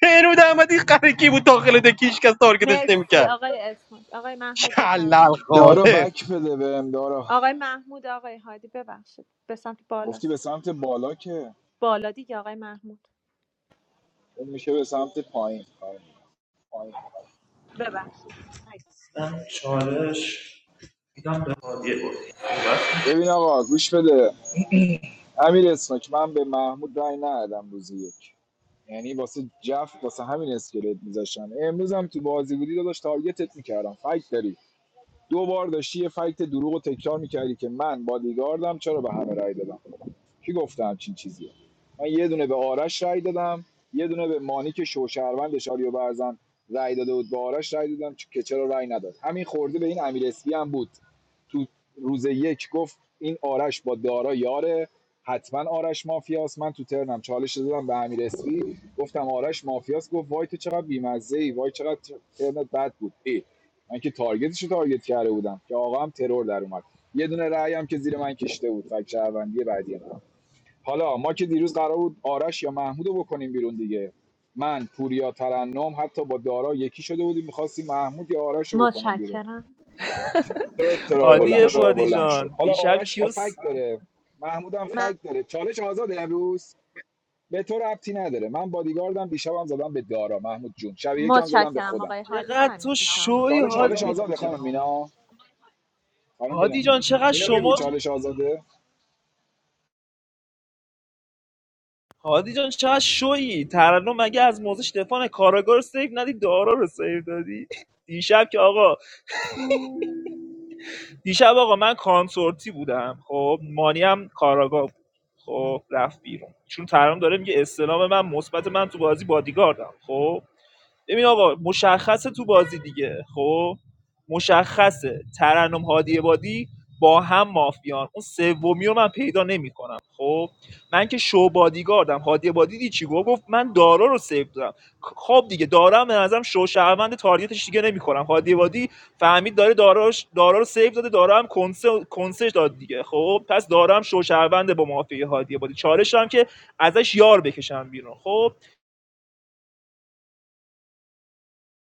بهنود احمدی قرکی بود داخل دکیش کس تارگتش مرسی نمیکرد آقای اسمک آقای محمود کلل بفرمایید دارا خاله بک بده بهم دارا آقای محمود آقای هادی ببخشید به سمت گفتی بالاست به سمت بالا که بالا دیگه آقای محمود اون میشه به سمت پایین آره. هادی بود ببین آقا گوش بده امیر اسمک من به محمود رای ندادم روز یک یعنی واسه جف واسه همین اسکلت میذاشتم امروز هم تو بازی بودی داداش تارگتت میکردم فکت داری دو بار داشتی یه فکت دروغ تکرار میکردی که من بادیگاردم چرا به همه رای دادم کی گفته همچین چیزیه من یه دونه به آرش رای دادم یه دونه به مانی که شوشهروند شاریو برزن رای داده بود به آرش رای دادم چ- که چرا رای نداد همین خورده به این امیر اسپی هم بود تو روز یک گفت این آرش با دارا یاره حتما آرش مافیاست من تو ترنم چالش دادم به امیر اسپی گفتم آرش مافیاست گفت وای تو چقدر بیمزه ای وای چقدر ترنت بد بود ای من که تارگتش تارگت کرده بودم که آقا هم ترور در اومد یه دونه رأی هم که زیر من کشته بود فک شهروندی بعدی من حالا ما که دیروز قرار بود آرش یا محمودو بکنیم بیرون دیگه من پوریا ترنم حتی با دارا یکی شده بودیم میخواستیم محمود یا آرشو بکنیم بیرون متشکرم ترور ترور هادی بلند چرا شد بلند حالا دیشب آرش که فک کیوس داره محمود هم فک داره چالش آزاده امروز به تو ربطی نداره من بادیگاردم دیشبم زدم به دارا محمود جون شب یکم زدم به متشکرم خودم آقای هادی چقدر تو تایمتون تمامه شوی چالش هادی آزاده ج... خانم مینا خانم بینه هادی جان چقدر اینو بگو شما چالش آزاده هادی جان چقدر شوی ترنم مگه از موزش دفاع نه؟ کاراگاه رو سیف ندی دارا رو سیف دادی دیشب که آقا دیشب آقا من کانسورتی بودم خب مانی هم کاراگاه بود خب رفت بیرون چون ترام داره میگه استلام من مثبت من تو بازی بادیگاردم خب ببین آقا مشخصه تو بازی دیگه خب مشخصه ترنم هادی بادی با هم مافیان اون سومی رو من پیدا نمیکنم خب من که شو بادیگاردم هادی بادی دی چی گفت من دارا رو سیو دارم خب دیگه دارم به نظرم شو شهروند تارگتش دیگه نمیکنم هادی بادی فهمید داره داراش دارا رو سیف داده دارا هم کنسه کنسش داد دیگه خب پس دارا هم شوشرونده با مافیا هادی بادی چالش هم که ازش یار بکشم بیرون خب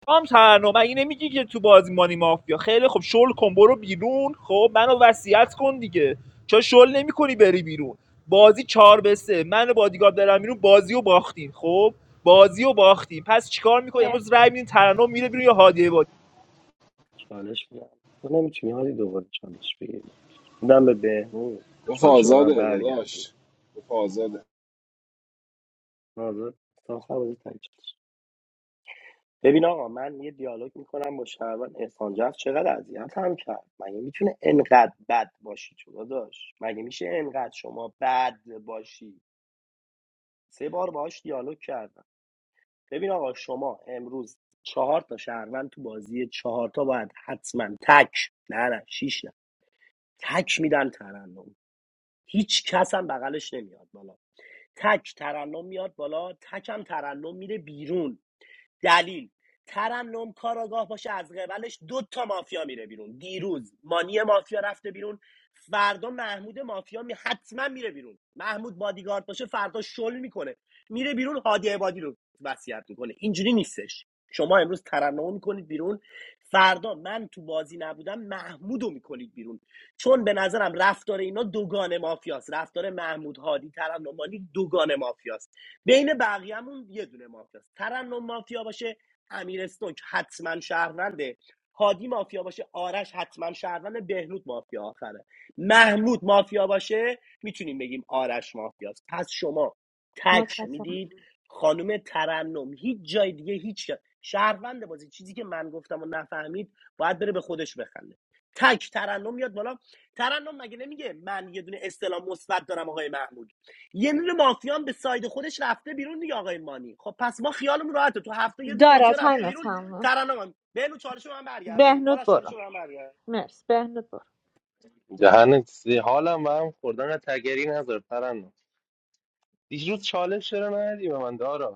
هم ترنم مگه نمیگی که تو بازی مانی مافیا خیلی خب شل کن برو بیرون خب منو وصیت کن دیگه چرا شل نمیکنی بری بیرون بازی چهار به سه من بادیگارد دارم بیرون بازی رو باختیم خب بازی رو باختیم پس چیکار میکنی رای میدین ترنم میره بیرون یا هادی چالش میدم تو نمیتونی حالی دوباره چالش بگیری میدم به بهمون گفت چالش رو به من آزاده برگردون داداش گفت آزاده حاضر صاحب از تک چالش ببین آقا من یه دیالوگ میکنم با شهروند احسان جعفر چقدر اذیت هم کرد مگه میتونه انقدر بد باشی تو داداش مگه میشه انقدر شما بد باشی سه بار باهاش دیالوگ کردم ببین آقا شما امروز چهار تا شهروند تو بازی چهار تا باید حتما تک نه نه شیش نه تک میدن ترنم هیچ کس هم بغلش نمیاد بالا تک ترنم میاد بالا تک هم ترنم میره بیرون دلیل ترنم کاراگاه باشه از قبلش دو تا مافیا میره بیرون دیروز مانی مافیا رفته بیرون فردا محمود مافیا می حتما میره بیرون محمود بادیگارد باشه فردا شل میکنه میره بیرون هادی عبادی رو وصیت میکنه اینجوری نیستش شما امروز ترنم میکنید بیرون فردا من تو بازی نبودم محمودو رو میکنید بیرون چون به نظرم رفتار اینا دوگان مافیاست رفتار محمود هادی ترنمانی دوگان مافیاست بین بقیه‌مون یه دونه مافیاست ترنم مافیا باشه امیر استوک حتما شهرونده هادی مافیا باشه آرش حتما شهرونده بهنود مافیا آخره محمود مافیا باشه میتونیم بگیم آرش مافیاست پس شما تک متشکرم میدید خانم ترنم هیچ جای دیگه هیچ جا- بازی چیزی که من گفتم و نفهمید باید بره به خودش بخنده تک ترنم میاد بالا ترنم مگه نمیگه من یه دونه استلام مثبت دارم آقای محمود یه دونه مافیا به ساید خودش رفته بیرون دیگه آقای مانی خب پس ما خیالمون راحته تو هفته یه دونه دارا مافیا رفته تایم بیرون تمامه ترنم بهلو چالش رو من برگردون بهنود آرش چالش برو رو من برگردون مرسی بهنود برو جهان سی حالم به هم خوردن تگری نذار ترنم دیروز چالش چرا ندی به من دارا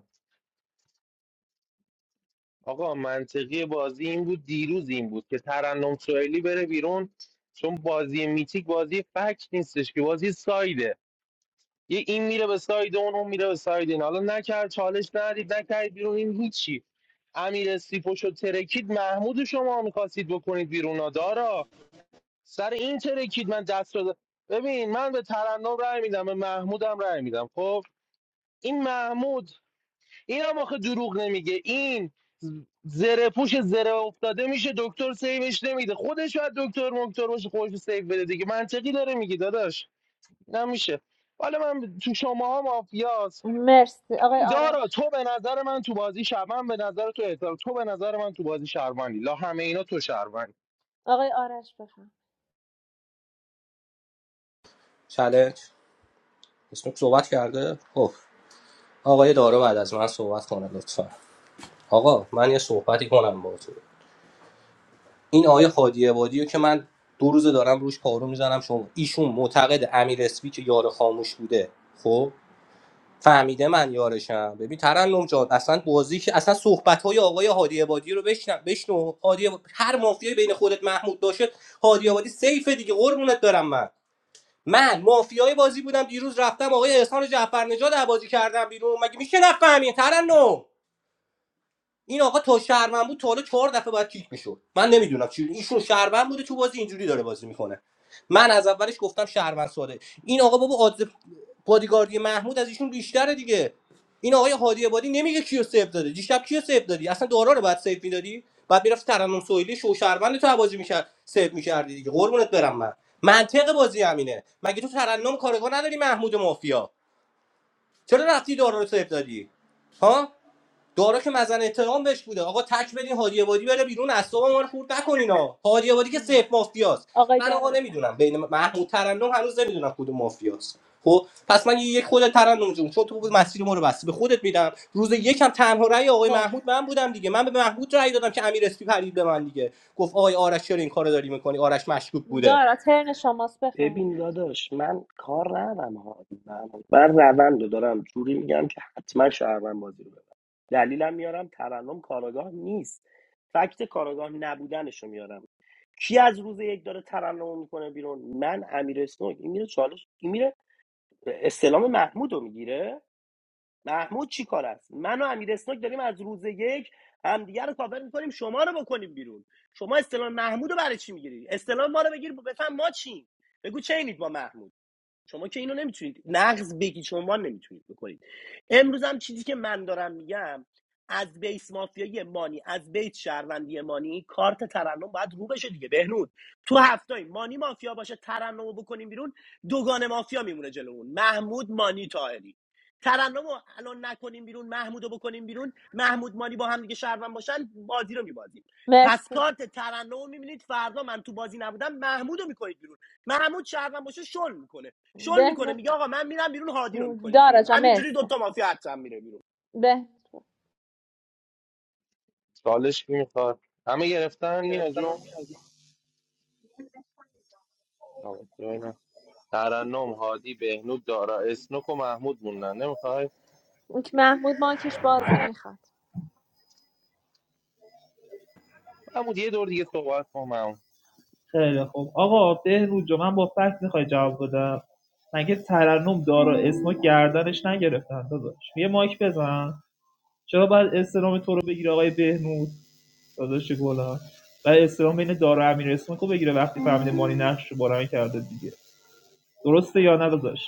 آقا منطقی بازی این بود دیروز این بود که ترنم سوئیلی بره بیرون چون بازی میتیک بازی فکت نیستش که بازی سایده یه این میره به ساید اون اون میره به ساید این حالا نکرد چالش ندید نکرد بیرون این هیچی امیر استیپوش و ترکید محمود شما میخواستید بکنید بیرون آ، دارا سر این ترکید من دست رو د- ببین من به ترنم رای میدم به محمودم رای میدم خب این محمود این هم آخه دروغ نمیگه این زره پوش زره افتاده میشه دکتر سیوش نمیده خودش باید دکتر مکتر باشه خودش رو سیو بده دیگه منطقی داره میگی داداش نمیشه حالا من تو شماها مافیاس مرسی آقای ببین دارا آرش تو به نظر من تو بازی شرمن به نظر تو احترام تو به نظر من تو بازی شرمنی لا همه اینا تو شرمنی آقای آرش بفهم چالش اسموک صحبت کرده خب آقای دارا بعد از من صحبت کنه لطفا آقا من یه صحبتی کنم باهاتون این آقای هادی عبادی رو که من دو روزه دارم روش پارو میزنم شما ایشون معتقد امیر اسپی که یار خاموش بوده خب فهمیده من یارشم ببین ترنم جان اصلا بازی که اصلا صحبت های آقای هادی عبادی رو بشنو بشنو هادی عبا- هر مافیایی بین خودت محمود باشه هادی عبادی سیفه دیگه قربونت برم من من مافیای بازی بودم دیروز رفتم آقای احسان جعفرنژاد از بازی کردم بیرون مگه میشه نفهمی ترنم این آقا تا شهروند بود تا حالا چهار دفعه باید کیک میشد من نمیدونم چی ایشون شهروند بوده تو بازی اینجوری داره بازی میکنه من از اولش گفتم شهروند ساده این آقا بابا آدز بادیگاردی محمود از ایشون بیشتره دیگه این آقای هادی عبادی نمیگه کیو سیو داده دیشب کیو سیو دادی اصلا دورا رو باید سیو میدادی بعد میرفت ترنم سویلی شو شهروند تو بازی میکرد سیو میکردی دیگه قربونت برم من منطق بازی همینه مگه تو ترنم کارگاه نداری محمود مافیا چرا رفتی دورا رو سیو دادی ها دارا که مزن اتهام بهش بوده آقا تک بدین هادی عبادی بره بیرون اعصاب ما رو خورد نکنین آقا هادی عبادی که سیف مافیاست آقای من دارا آقا بفهم نمیدونم بین محمود ترنم هنوز نمیدونم کدوم مافیاست خب پس من یک خود ترنم جون چون تو بود مسیر ما رو بستی به خودت میدم روز یکم تنها رأی آقای محمود مرسی من بودم دیگه من به محمود رأی دادم که امیر اسپی پرید به من دیگه گفت آقای آرش چرا این کارو داری میکنی آرش مشکوک بوده دارا ترن شماست ببین بفرم داداش من کار ندارم ها من من روند رو دارم جوری میگم که حتما شهروند بازی رو ببره. دلیلم میارم ترنم کاراگاه نیست فکت کاراگاه نبودنش میارم کی از روز یک داره ترنم میکنه بیرون من امیر اسنوک این میره چالش این میره استلام محمودو رو میگیره محمود چی کار است من و امیر اسناک داریم از روز یک همدیگه رو کاور میکنیم شما رو بکنیم بیرون شما استلام محمود رو برای چی میگیری استلام ما رو بگیر بفهم ما چیم بگو چه اینید با محمود شما که اینو نمیتونید نقض بگی شما نمیتونید بکنید امروز هم چیزی که من دارم میگم از بیس مافیایی مانی از بیت شهروندی مانی کارت ترنم باید رو بشه دیگه بهنود تو هفتای مانی مافیا باشه ترنم بکنیم بیرون دوگان مافیا میمونه جلومون محمود مانی تاهری ترنم الان نکنیم بیرون محمود بکنیم بیرون محمود مانی با هم دیگه شهروند باشن بازی رو میبازیم پس مرسی کارت ترنم رو میبینید فردا من تو بازی نبودم محمود رو میکنید بیرون محمود شهروند باشه شل میکنه شل میکنه بهنود میگه آقا من میرم بیرون هادی رو میکنید داره بیرون جا همینجوری مرسی دوتا مافیا حتما میره بیرون به سالش کی میخواد همه گرفتن مینا جون آقا، جای نه. ترنم هادی بهنود دارا اسنوک و محمود موندن نمیخوای اون که محمود مایکش بازه میخواد محمود یه دور دیگه صحبت کن محمود. خیلی خوب آقا بهروز جو من با فکر میخوای جواب بدم مگه ترنم دارا اسمو گردنش نگرفتن داداش یه مایک بزن چرا باید استلام تو رو بگیره آقای بهنود داداش گلم و استلام بین دارا و امیر اسمو بگیره وقتی فهمیده مانی نقش رو بارن کرده دیگه درسته یا نه داداش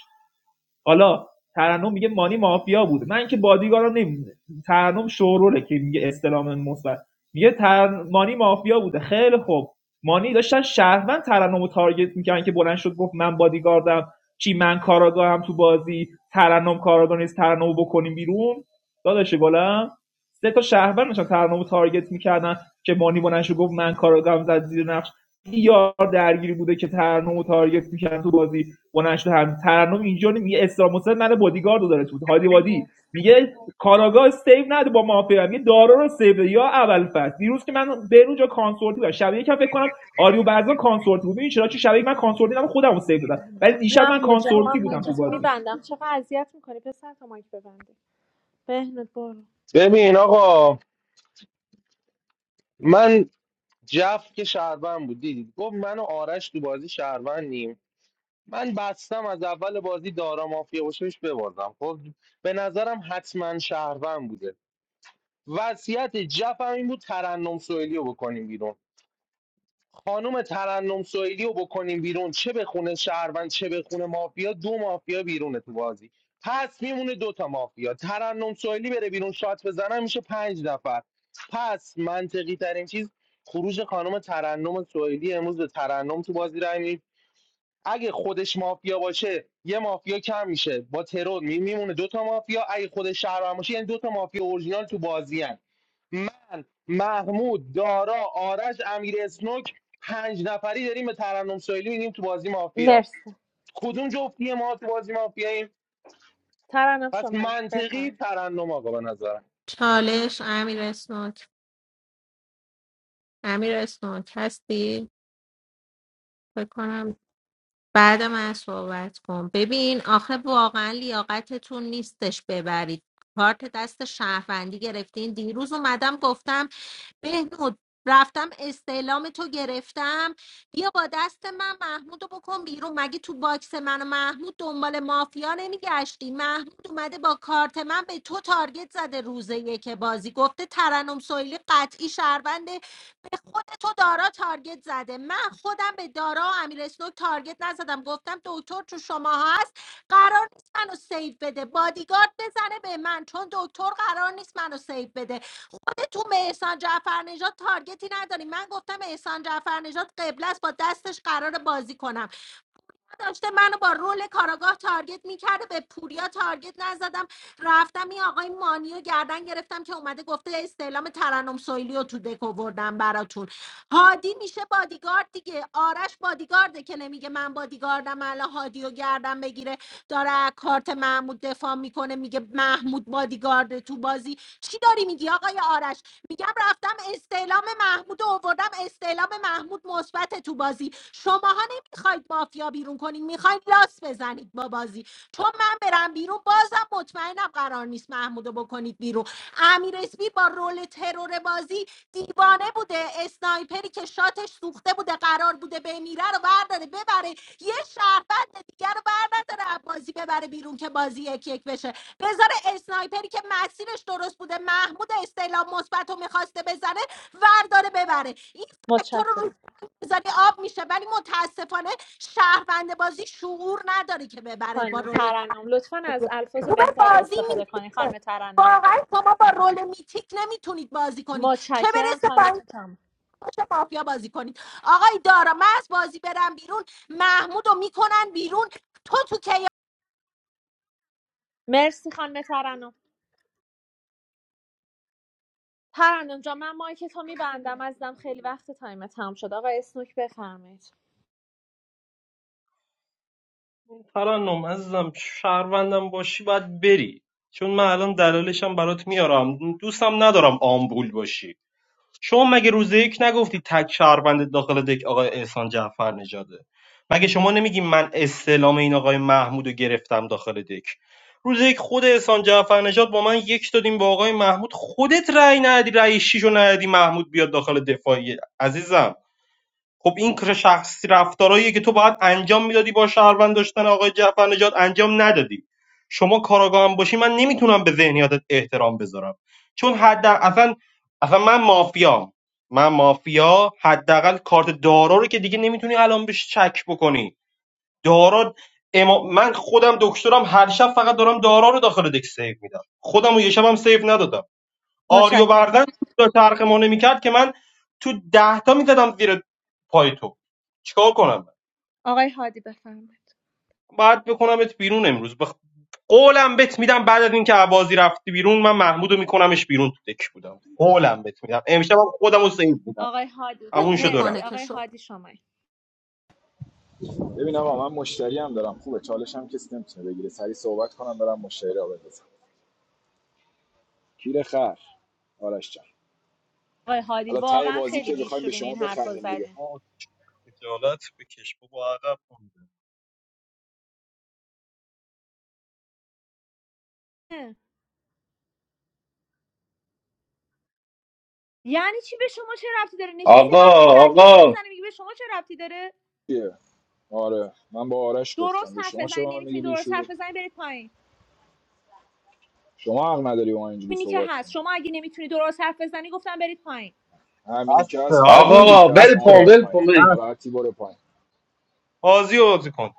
حالا ترنم میگه مانی مافیا بوده من که بادیگارا نمیدونه ترنم شوروره که میگه استلام مثبت میگه تر... مانی مافیا بوده خیلی خوب مانی داشتن شهروند ترنم رو تارگت میکردن که بلند شد گفت من بادیگاردم چی من کاراگاهم تو بازی ترنم کاراگاه نیست ترنم بکنیم بیرون داداش گلم سه تا شهروند داشتن ترنم رو تارگت میکردن که مانی بلند شد گفت من کاراگاهم زد زیر نقش یار درگیری بوده که ترنم رو تارگت میکردن تو بازی بلند شده هم ترنم اینجا نیم- یه اسلام حسین من بادیگاردو داره تو هادی وادی میگه کاراگاه سیو نده با مافیا میگه دارا رو سیو یا اول فصل دیروز که من به اونجا کانسورتی بودم شب یکم فکر کنم آریو بعضا کانسورتی بود ببین چرا چه شب یک من کانسورتی نم خودم رو سیو دادم ولی دیشب من محمود جا کانسورت من مایکتو میبندم چقدر اذیت میکنی پسر تا مایک ببندی بهنود برو ببین آقا من جف که شهروند بود دیدید گفت من و آرش تو بازی شهروندیم من بستم از اول بازی دارا مافیا باشه بهش ببازم خب به نظرم حتما شهروند بوده وضعیت جف هم این بود ترنم سوئلی رو بکنیم بیرون خانوم ترنم سوئیلی رو بکنیم بیرون چه به خونه شهروند چه به خونه مافیا دو مافیا بیرونه تو بازی پس میمونه دوتا مافیا ترنم سوئیلی بره بیرون شات بزنن میشه پنج نفر پس منطقی ترین چیز خروج خانم ترنم سوئیلی امروز به ترنم تو بازی رای می‌دیم. اگه خودش مافیا باشه یه مافیا کم میشه با ترور می- میمونه دوتا مافیا اگه خودش شهروند باشه یعنی دوتا مافیا اورجینال تو بازی من محمود دارا آرش امیر اسنوک پنج نفری داریم به ترنم سویلی میگیم تو بازی مافیا مرسی کدوم جفتی ما تو بازی مافیاییم ترنم پس شما منطقی بفهم ترنم آقا به نظرم چالش امیر اسنوک امیر اسنوک هستی فکر کنم بعد من صحبت کن ببین آخه واقعا لیاقتتون نیستش ببرید کارت دست شهروندی گرفتین دیروز اومدم گفتم بهنود رفتم استعلام تو گرفتم بیا با دست من محمود رو بکن بیرون مگه تو باکس من و محمود دنبال مافیا نمیگشتی محمود اومده با کارت من به تو تارگت زده روزه یک بازی گفته ترنم سویلی قطعی شهرونده به خود تو دارا تارگت زده من خودم به دارا و امیر اسنوک تارگت نزدم گفتم دکتر تو شما هست قرار نیست منو سیو بده بادیگارد بزنه به من چون دکتر قرار نیست منو سیو بده خود تو به احسان جعفر نژاد تارگتی نداری من گفتم احسان جعفر نژاد قبل است با دستش قرار بازی کنم داشته منو با رول کاراگاه تارگت میکرده به پوریا تارگت نزدم رفتم این آقای مانیو گردن گرفتم که اومده گفته استعلام ترنم سویلی رو تو دک آوردم براتون هادی میشه بادیگارد دیگه آرش بادیگارده که نمیگه من بادیگاردم الان هادیو رو گردن بگیره داره از کارت محمود دفاع میکنه میگه محمود بادیگارد تو بازی چی داری میگی آقای آرش میگم رفتم استعلام محمود آوردم استعلام محمود مثبت تو بازی شماها نمیخواید مافیا بیرون کنین میخواید لاس بزنید با بازی چون من برم بیرون بازم مطمئنم قرار نیست محمودو بکنید بیرون امیر اسپی با رول ترور بازی دیوانه بوده اسنایپری که شاتش سوخته بوده قرار بوده بمیره رو برداره ببره یه شهروند دیگر رو برداره بازی ببره بیرون که بازی یک یک بشه بذار اسنایپری که مسیرش درست بوده محمود استعلام مثبت رو میخواسته بزنه ورداره ببره این فکت‌ها رو رو متشکرم بذاری آب میشه ولی متاسفانه شهروند بازی شعور نداره که ببره با خانم رول ترنم لطفا از الفاظ خوبه بهتری بازی استفاده کنی میتیکه خانم ترنم واقعا شما با رول میتیک نمیتونید بازی کنید چه متشکرم برسه با این تایمتون تمام باشه مافیا بازی کنید آقای دارا من از بازی برم بیرون محمود رو میکنن بیرون تو تو کیا مرسی خانم ترنم ترنم جا من مایکتو میبندم ازدم خیلی وقت تایم تمام شد آقا اسنوک بفرمایید ترنم عزیزم شهروندم باشی باید بری چون من الان دلایلشم برات میارم دوستم ندارم آمبول باشی شما مگه روز یک نگفتی تک شهروند داخل دک آقای احسان جعفر نژاده مگه شما نمیگی من استعلام این آقای محمود رو گرفتم داخل دک روز یک خود احسان جعفر نژاد با من یک دادیم با آقای محمود خودت رأی ندی رأی شیش رو ندی محمود بیاد داخل دفاعی عزیزم خب این کار شخصی رفتارهاییه که تو باید انجام میدادی با شهروند داشتن آقای جعفر نجات انجام ندادی شما کاراگاه هم باشی من نمیتونم به ذهنیتت احترام بذارم چون حد اصلا اصلا من مافیام من مافیا حداقل کارت دارا رو که دیگه نمیتونی الان بهش چک بکنی دارا اما من خودم دکترم هر شب فقط دارم دارا رو داخل دک سیو میدم خودم رو یه شبم سیو ندادم آریو متشکرم بردن تا چرخ ما نمیکرد که من تو ده تا میزدم زیر پای تو چیکار کنم آقای هادی بفهمید باید بکنمت بیرون امروز بخ... قولم بت میدم بعد از اینکه عبازی رفتی بیرون من محمودو میکنمش بیرون تو دک بودم قولم بت میدم امشب هم خودمو سیو بودم آقای هادی همون شد و مرسی میکنه رفت که آقای شد هادی شما ببین آقا من مشتری هم دارم خوبه چالش هم کسی نمیتونه بگیره سری صحبت کنم برم مشتری رو بندازم کیر خر آرش جان آقای هادی حالا ته واقعا بازی خیلی که بخوایم به بیشورین شما این حرفا بخندیم دیگه زدن آه، خجالت بکش بابا عقب مونده اه. یعنی چی به شما چه ربطی داره نشستی آقا حرف رکیک آقا میزنی میگی به شما چه ربطی داره چیه؟ آره من با آرش گفتم درست به حرف شما چه بزنی به من میگی نمیتونی درست بیشو حرف بزنی برید پایین شما حق نداری با من اینجوری ببینی که صحبت هست کنی شما اگه نمیتونی درست حرف بزنی گفتم برید پایین همینی بس که هست منم همینی آقا عادی که هست بس ول شما کن برو ول پایین کن بس ناراحتی برو پایین بازی رو بازی کن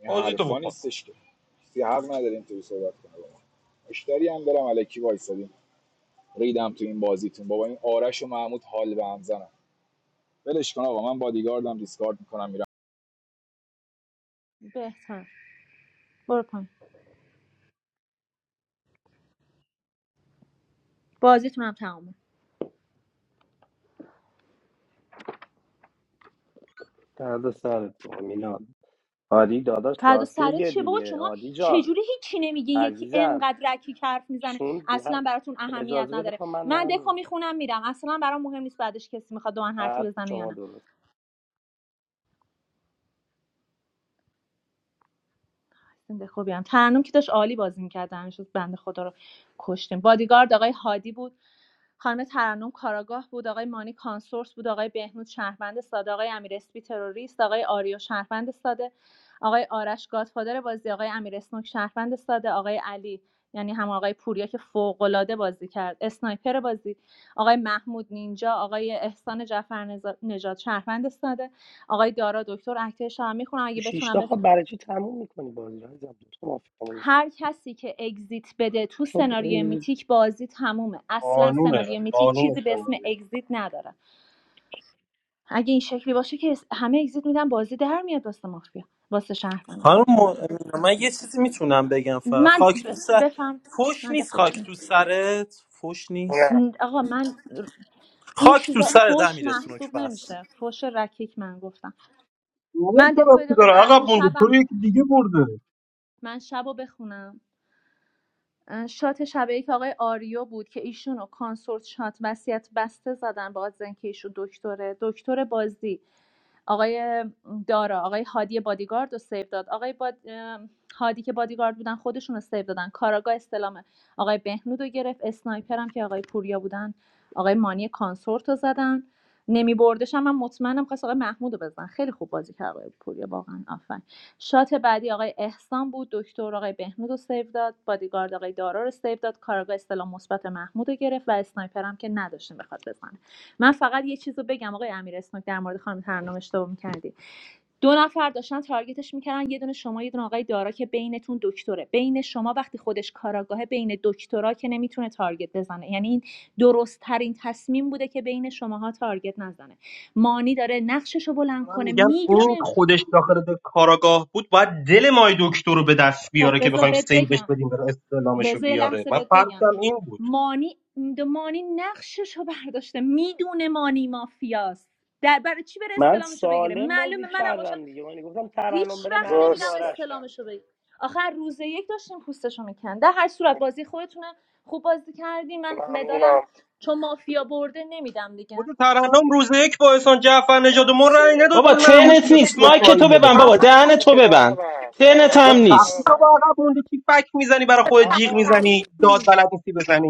این بازی تو حرفا بکن نیستش که کسی حق نداره اینطوری صحبت کنه با ما مشتری هم دارم الکی وایسادیم ریدم تو این بازیتون بابا این آرش و محمود حال به هم زنم ولش کن آقا من بادیگاردم دیسکارد میکنم میرم بهتر برو پایین بازیتون هم تمومه فردا سرت بابا میلاد هادی داداش فردا راست سرت میگه چیه بابا دیگه شما هادی جان چجوری هیچی نمیگی یکی عزیزم انقدر رکی حرف میزنه چون اصلا ده- براتون خ- اهمیت اجازه بده نداره خب من من دارم دکو میگم میخونم میرم اصلا برام مهم نیست بعدش کسی میخواد دو من حرفی حرف بزنه یا شما نه درست سیند خوبی هم ترنم که داشت عالی بازی میکرد شد بنده خدا رو کشتیم بادیگارد آقای هادی بود خانم ترنم کاراگاه بود آقای مانی کانسورس بود آقای بهنود شهروند ساده آقای امیر اسپی تروریست آقای آریو شهروند ساده آقای آرش گادفادر بازی آقای امیر اسنوک شهروند ساده آقای علی یعنی هم آقای پوریا که فوق‌العاده بازی کرد اسنایپر بازی آقای محمود نینجا آقای احسان جعفر نژاد شهروند ساده آقای دارا دکتر اکتر شما میخونم تو اگه بتونم شیشتا بس خب برای چی تموم میکنی بازی رو عزیزم دو تا مافیا مونده. هر کسی که اگزیت بده تو خب سناریو ای، میتیک بازی تمومه اصلا قانونه سناریو میتیک قانون چیزی به اسم سناریو اگزیت نداره اگه این شکلی باشه که همه اگزیت میدن بازی در میاد واسه مافیا واسه شهروند خانم اصلا چه مؤمنه من یه چیزی میتونم بگم فقط من خاک تو سر بفهم فوش من نیست دفاع خاک کنم تو سرت فوش نیست نه آقا من این خاک تو چیزا سرت فوش امیر سنوک محسوب پس نمیشه فوش رکیک من گفتم اون من چه دکوی رفتی دقیقه داره براتون عقب مونده تو شبم رو یکی دیگه برده من شبو بخونم شات شبیه که آقای آریو بود که ایشون رو کانسورت شات وصیت بسته زدن با از اینکه ایشون دکتره دکتر بازی آقای دارا آقای هادی بادیگارد رو سیو داد آقای باد... هادی که بادیگارد بودن خودشون رو سیو دادن کاراگاه استلام آقای بهنود رو گرفت اسنایپر هم که آقای پوریا بودن آقای مانی کانسورت رو زدن نمی بردش هم من مطمئنم خواست آقای محمود رو بزن خیلی خوب بازی کرد آقای پوریا واقعا آفر. شات بعدی آقای احسان بود دکتر آقای بهنود رو سیو داد بادیگارد آقای دارا رو سیو داد کارگاه استلام مثبت محمود رو گرفت و اسنایپر هم که نداشتیم بخواد بزنه من فقط یه چیزو بگم آقای امیر اسنوک در مورد خانم ترنم اشتباه میکردی دو نفر داشتن تارگتش میکردن یه دونه شما یه دونه آقای دارا که بینتون دکتره بین شما وقتی خودش کاراگاهه بین دکترا که نمیتونه تارگت بزنه یعنی این درست ترین تصمیم بوده که بین شماها تارگت نزنه مانی داره نقشش رو بلند من کنه میگم این میدونه خودش داخل ده- کاراگاه بود باید دل مای دکتر رو به دست خب بیاره که بذار بخوایم بهت سیوش بگم بدیم بره استعلامش رو بذار یه بیاره لحظه من بهت بگم فرضم این بود مانی مانی نقشش رو برداشته میدونه مانی مافیاست در برای چی بره من استلامش رو بگیره سالم بازی معلومه منم باشم کردم دیگه من گفتم ترنم هیچ بره وقت محمود نمیرم راست آرش تن. استلامش رو بگیرم آخر روز یک داشتیم پوستش رو میکن در هر صورت بازی خودتونه خوب بازی کردی من مدالم ممنونم چون مافیا برده نمیدم خود دیگه ترحنم روز یک با احسان جعفر نژاد و ما مرسی رأی نداد تو بابا محمود ترنت بیاد نیست تو مایک تو امیر دفاعیه ببند بابا دهن تو مایکتو ببند ببند ترنت آه هم باید مایکتو خفه نیست شو با ببندید عقب مونده کی فک میزنی برای خود جیغ آقا میزنی داد بلد نیستی بزنی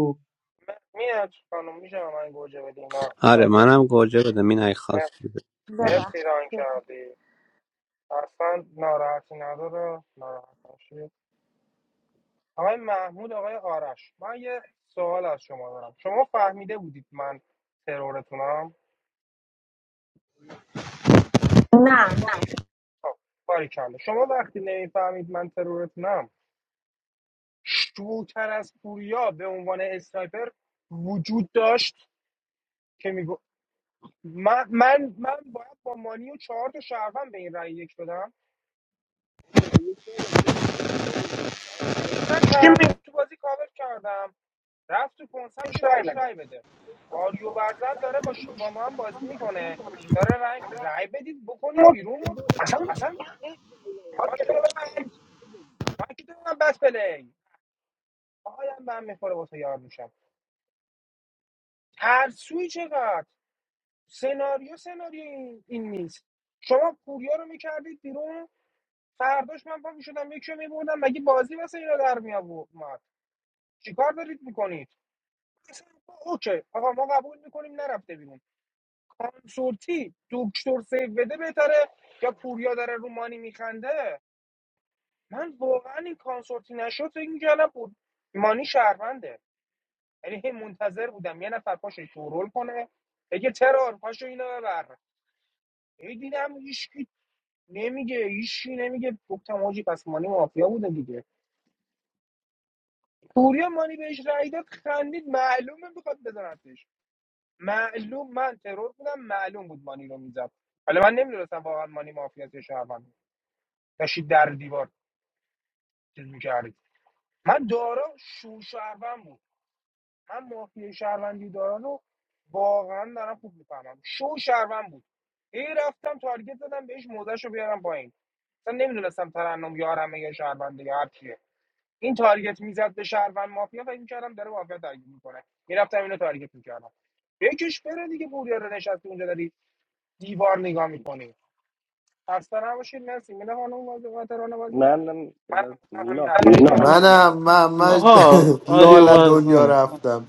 م- میاد خانم میشه به من گوجه بدی نه آره بیتربیت منم گوجه بدم این اگه مرسی خواستی بده. من مرسی ببخشید ران ببخشید. کردی اصلا ناراحتی نداره ناراحت نشید آقای محمود آقای آرش من یه سوال از شما دارم شما فهمیده بودید من ترورتونم خب باریکلا شما وقتی نمیفهمید من ترورتونم شوتر از پوریا به عنوان اسنایپر وجود داشت که میگو من من من باید با مانی و چهار تا شهروند به این رأی یک بدم چی می- من ترنم تو بازی کاور کردم رفت تو کنسم که بهش رأی بده آریو برزن داره با, ش... با من بازی میکنه داره رأی رأی بدید بکنید بیرون و اصلا این ما کتاب من من کتاب من بس پلی آهایم به هم میخوره واسه یار میشم ترسوی چقدر سناریو سناریو این, این نیست شما پوریا رو میکردید بیرون فرداش من پا میشدم یکی رو میبردم مگه بازی واسه اینا در می آورد چیکار دارید میکنید اوکی آقا ما قبول میکنیم نرفته بیرون کانسورتی دکتر سیو بده بهتره یا پوریا داره رو مانی میخنده من واقعا این کانسورتی نشد فکر میکردم بود مانی شهرونده یعنی هی منتظر بودم یه نفر پاشو شورول کنه بگه ترار پاشو اینو ببر هی دیدم هیچ نمیگه ایشی نمیگه گفتم آجی پس مانی مافیا بوده دیگه پوریا مانی بهش رای داد خندید معلومه میخواد بزنتش معلوم من ترور بودم معلوم بود مانی رو میزد حالا من نمیدونستم واقعا مانی مافیا یا شهروند داشتی در دیوار چیز میکردی من دارا شو شهروند بود من مافیا شهروندی دارا رو واقعا دارم خوب میفهمم شو شهروند بود ای رفتم تارگت زدم بهش موزش رو بیارم پایین اصلا نمیدونستم ترنم یارمه یا شهرونده یا هر چیه. این تارگت میزد به شهروند مافیا فکر میکردم داره مافیا درگیر میکنه میرفتم اینو تارگت میکردم بکش بره دیگه پوریا رو نشستی اونجا داری دیوار نگاه میکنی خسته نباشید مرسی میده خانم بازی قاطران بازی من من همین مینا حرفای خیلی شما رو ازت می‌زنم. ممنون منم من من آقا آریو لال دنیا برزانه رفتم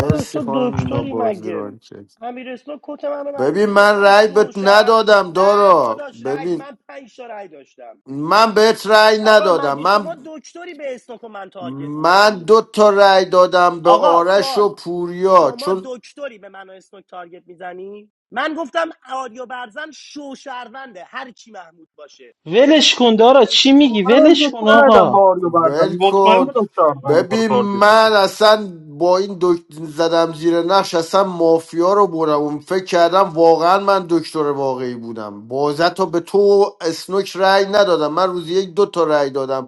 داداش تو خانم مینا دکتری بازیران مگه کرد امیر اسلو کت منو ببین برداشته من گفتم رأی شو بهت شرم ندادم نه دارا داداش رگ ببین من پنج تا رگ داشتم من بهت رأی آقا ندادم مگه شما من دکتری به استوک و من تارگت من میزنی دو تا رأی دادم به آقا آرش سوال و پوریا شما چون دکتری به من و استوک تارگت میزنی من گفتم آریو برزن شو شهرونده هر کی محمود باشه ولش کن دارا چی میگی منم ولش یک کن ندادم آقا با آریو بردم ول مطمئن کن بودم شهروند تو رو ببین تارگت من می‌کنه. اصلا با این دکتر زدم زیر نقش اصلا مافیا رو برم اون فکر کردم واقعا من دکتر واقعی بودم بازه تا به تو و اسنوک رأی ندادم من روزی یک دو تا رأی دادم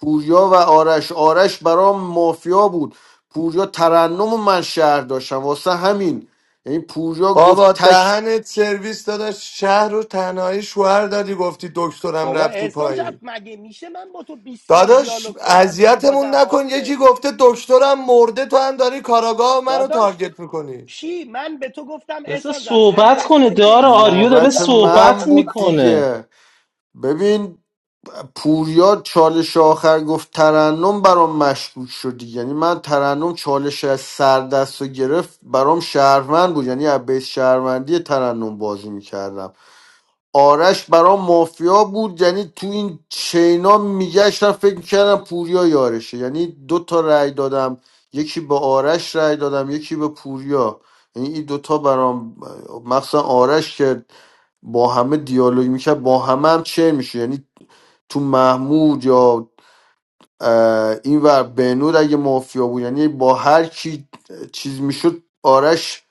پوریا و آرش آرش برام مافیا بود پوریا ترنم و من شهر داشتم واسه همین یعنی پوریا گفت بابا تک دهنت سرویس داداش شهر رو تنهایی شوهر دادی گفتی دکترم بابا رفتی احسان جفت پایین مگه میشه من با تو 20 بار داداش دیالوگ کنم بگی بازم اذیتمون نکن یکی مافیایی گفته دکترم مرده تو هم داری کاراگاه منو داداش تارگت میکنی چی من به تو گفتم بذار احسان جف امیر صحبت کنه اسنوک دارا بیس آریو داره نوبت شهروندمه من صحبت بود میکنه دیگه ببین پوریا چالش آخر گفت ترنم برام مشکوک شدی یعنی من ترنم چالش از سر دست رو گرفت برام شهروند بود یعنی از بیس شهروندی ترنم بازی میکردم آرش برام مافیا بود یعنی تو این چینا میگشتم فکر میکردم پوریا یارشه یعنی دو تا رأی دادم یکی به آرش رأی دادم یکی به پوریا یعنی این دوتا برام مخصوصا آرش که با همه دیالوگ میکرد با همه هم چه میشه یعنی تو محمود یا این ور بهنود اگه مافیا بود یعنی با هر کی چیز میشد آرش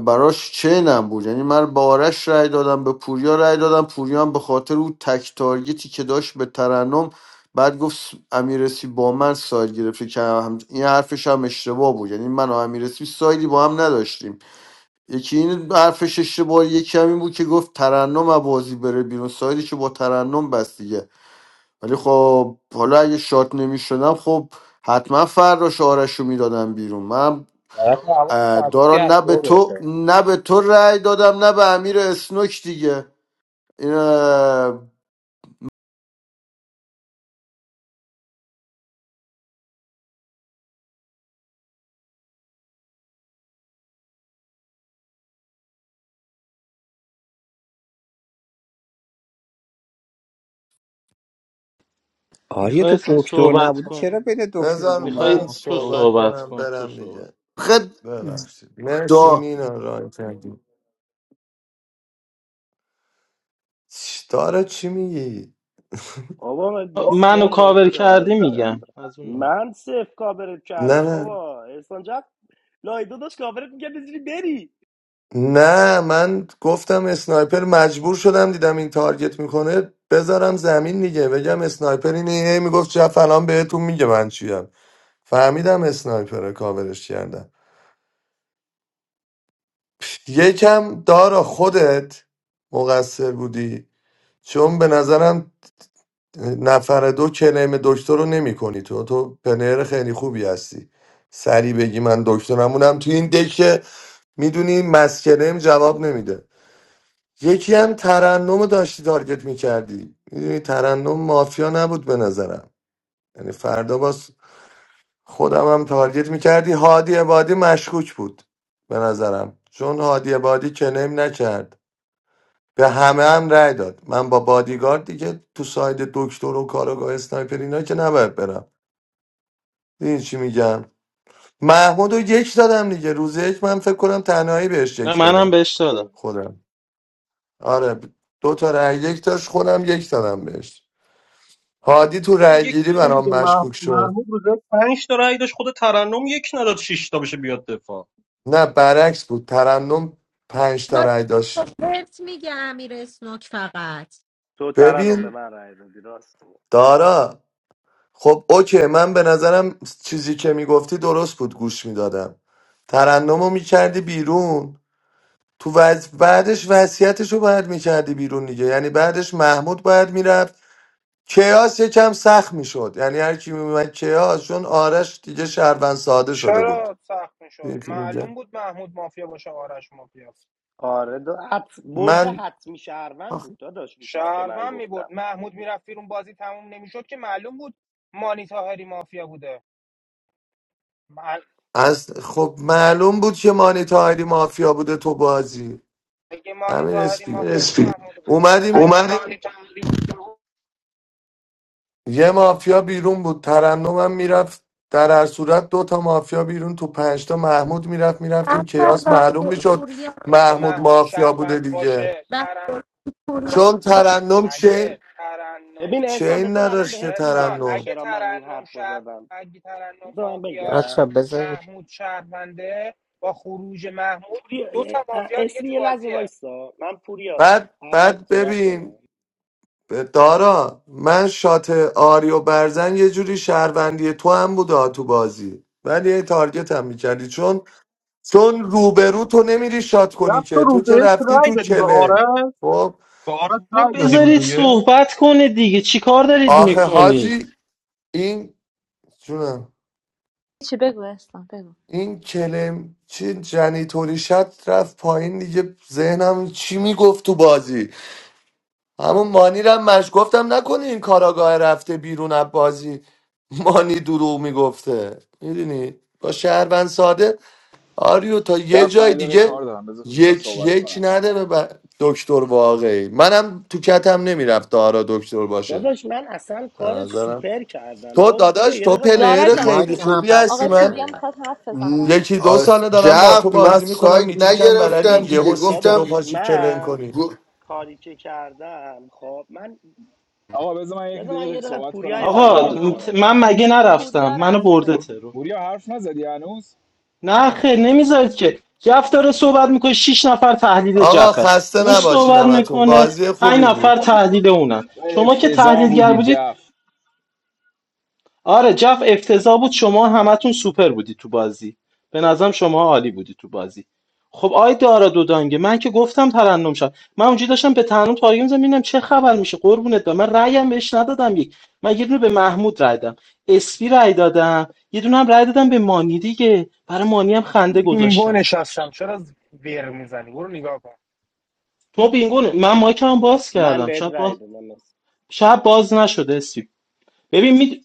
براش چینم بود یعنی من با آرش رای دادم به پوریا رای دادم پوریا هم به خاطر اون تک تارگتی که داشت به ترنم بعد گفت س- امیرسی با من ساید گرفته که هم این حرفش هم اشتباه بود یعنی من و امیرسی سایدی با هم نداشتیم یکی این حرفش اشتباه یکی همین بود که گفت ترنم از بازی بره بیرون سایدی که با ترنم بست دیگه. ولی خب حالا اگه شات نمیشدم خب حتما فراش آرش رو میدادم بیرون من اه، دارا نه به تو نه به تو رأی دادم نه به امیر اسنوک دیگه این اه، آریا میخوای تو اصلا دکتر صحبت نبودی کن چرا بین دکتر بذار دنبال میخوای من تو مافیا صحبت بودی صحبت کنم کن تو برم صحبت دیگه خد ببخشید مرسی دا مینا ران کردی داره چی میگی بابا من بیست منو بار باید کاور کردی دیالوگ میگم کردم از اون نوع. من صفر کابرت نه کردم نه بابا احسان جان لایدو داشت کابرت میکرد بزیری بری نه من گفتم اسنایپر مجبور شدم دیدم این تارگت میکنه بذارم زمین دیگه بگم اسنایپر اینه هی میگفت چه فلان بهتون میگه من چیم فهمیدم اسنایپر کاورش کردم یکم دارا خودت مقصر بودی چون به نظرم نفر دو کلیم دکتر رو نمی کنی تو تو پنر خیلی خوبی هستی سری بگی من دکترمونم تو این دکه میدونی مسکنم جواب نمیده یکی هم ترنم رو داشتی تارگت میکردی میدونی ترنم مافیا نبود به نظرم یعنی فردا باز خودم هم تارگت میکردی هادی عبادی مشکوک بود به نظرم چون هادی عبادی کلیم نکرد به همه هم رأی داد من با بادیگارد دیگه تو ساید دکتر و کاراگاه اسنایپر اینا که نباید برم دیدی چی میگم محمود رو یک دادم دیگه روز یک من فکر کنم تنهایی بهش نه یک منم دادم بهش دادم خودم آره دو تا رأی یک داشت خودم یک دادم بهش هادی تو منم رأی یک گیری دادم برام دیگه مح- مشکوک شد محمود روز یک پنج تا رأی داشت خود ترنم یک نداد شش تا بشه بیاد دفاع نه برعکس بود ترنم پنج تا رأی خب، داشت بهت میگه امیر اسنوک فقط تو ترنم به ببین من رای دادی راست میگی. دارا خب اوکی من به نظرم چیزی که میگفتی درست بود گوش میدادم ترنم رو میکردی بیرون تو وز... بعدش وصیتش رو باید میکردی بیرون دیگه یعنی بعدش محمود باید میرفت کیاس یکم سخت میشد یعنی هر کی میومد کیاس چون آرش دیگه شهروند ساده شده بود چرا سخت میشد یکی میگه معلوم بود محمود مافیا باشه آرش مافیاست آره دو حت... برده من حتمی شهروند آخ، بود داداش اون چیزی که من شهروند میبرد گفتم محمود میرفت بیرون بازی تموم نمیشد که معلوم بود مانی تاهری مافیا بوده مع- از خب معلوم بود که مانی تاهری مافیا بوده تو بازی اگه مانی همین تاهری اسپی مافیا بود اسپی محمود چیز دیگه اومدیم اومدی یه مافیا بیرون بود ترنمم میرفت در هر صورت دو تا مافیا بیرون تو پنجتا محمود میرفت میرفتیم کیاس معلوم میشد یا اگه محمود محمود مافیا بوده شهروند دیگه باشه ترن چون ترنم چه اگه ترنم ببین احسان چین بذار الان نداشت که بهت احسان میگم ترنم اگه چرا من اون ترنم حرف رو شهر زدم اگه ترنم بذار من مافیاست بچه بگم بزن محمود شهرونده با خروج محمود پوری دو تا اه، مافیا دیگه اسمی تو یه لحظه بازیه وایسا من پوریا بعد قبل از بعد صحبت کنم ببین دارا من شات آری و برزن یه جوری شهروندی تو هم بوده تو بازی ولی یه تارگت هم میکردی چون چون روبرو تو نمیری شات کنی رفت تو که تو روز که یک رفتی رای تو دادی به کله آرش خب به آرش بابا رای دادی روز بذارید یک صحبت کنه دیگه چی کار دارید آخه میکنید حاجی این جونم چی بگو اسلام بگو این کلم چی جنیتوری شد رفت پایین دیگه ذهنم چی میگفت تو بازی همون مانی رو هم مش گفتم نکنه این کاراگاه رفته بیرون از بازی مانی دروغ میگفته میدونی با شهروند ساده آریو تا یه جف من جای یه دقیقه دیگه کار دارم بذار کوتاه یک صحبت یک کنم نده به ب- دکتر واقعی منم تو کتم نمیرفت آرا دکتر باشه داداش من اصلا به کار نظرم سوپر کردم تو بار گویا داداش یه تو دقیقه دارا پلیر جان وایسا ما خیلی پور... که هم خوبی بچه هستی آقای ها من پوریا نیم میخواد حرف بزنه م، یکی بچه‌ها. دو آس- ساله دارم با جف تو من بازی میکنم سایت میتیکم نگرفتم بلدی ببین دیگه یهو سیت گفتم دو داداش پاشی کلم من کنی گ- کاری که کردم خب من آقا بذار من یک بذار من دقیقه یه دقیقه صحبت پوریا کنم کار اجازه آقا دارم میخوام گرفتم برم من ازش مگه نرفتم پوریا منو رفته برده ترو پوریا حرف نزدی هنوز نه خیر نمیذارید که جف داره صحبت میکنه شیش نفر تحلیل آقا جفه خسته اون نباشین صحبت همتون میکنه بازی پنج خوبی بود نفر تحلیل اونن به شما که افتضاح تحلیلگر بودی بودید جف آره جف افتضاح بود شما همتون سوپر بودی تو بازی به نظرم شما عالی بودی تو بازی خب آی دارا دودانگه من که گفتم ترنم شد من اونجا داشتم به ترنم تارگت می‌زدم ببینم چه خبر میشه قربونت برم من رأیم بهش ندادم یک من یه دونه به محمود رأی دادم اسپی رأی دادم یه دونه هم رأی دادم به مانی دیگه برای مانی هم من خنده بینگو گذاشتم نشستم چرا ز- ویر میزنی برو نگاه کن تو بینگونه من مایکم باز من کردم بهت شب رأی باز دادم شب باز نشده اسپی ببین می...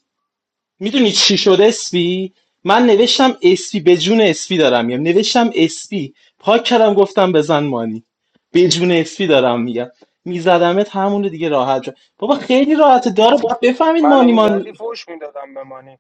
میدونی چی شد اسپی من نوشتم اسپی به جون اسپی دارم میگم نوشتم اسپی پاک کردم گفتم بزن مانی به جون اسپی دارم میگم میزدمت همون رو دیگه راحت شد بابا خیلی راحته داره باید بفهمید منو مانی مان میزدی فوش میدادم به مانی.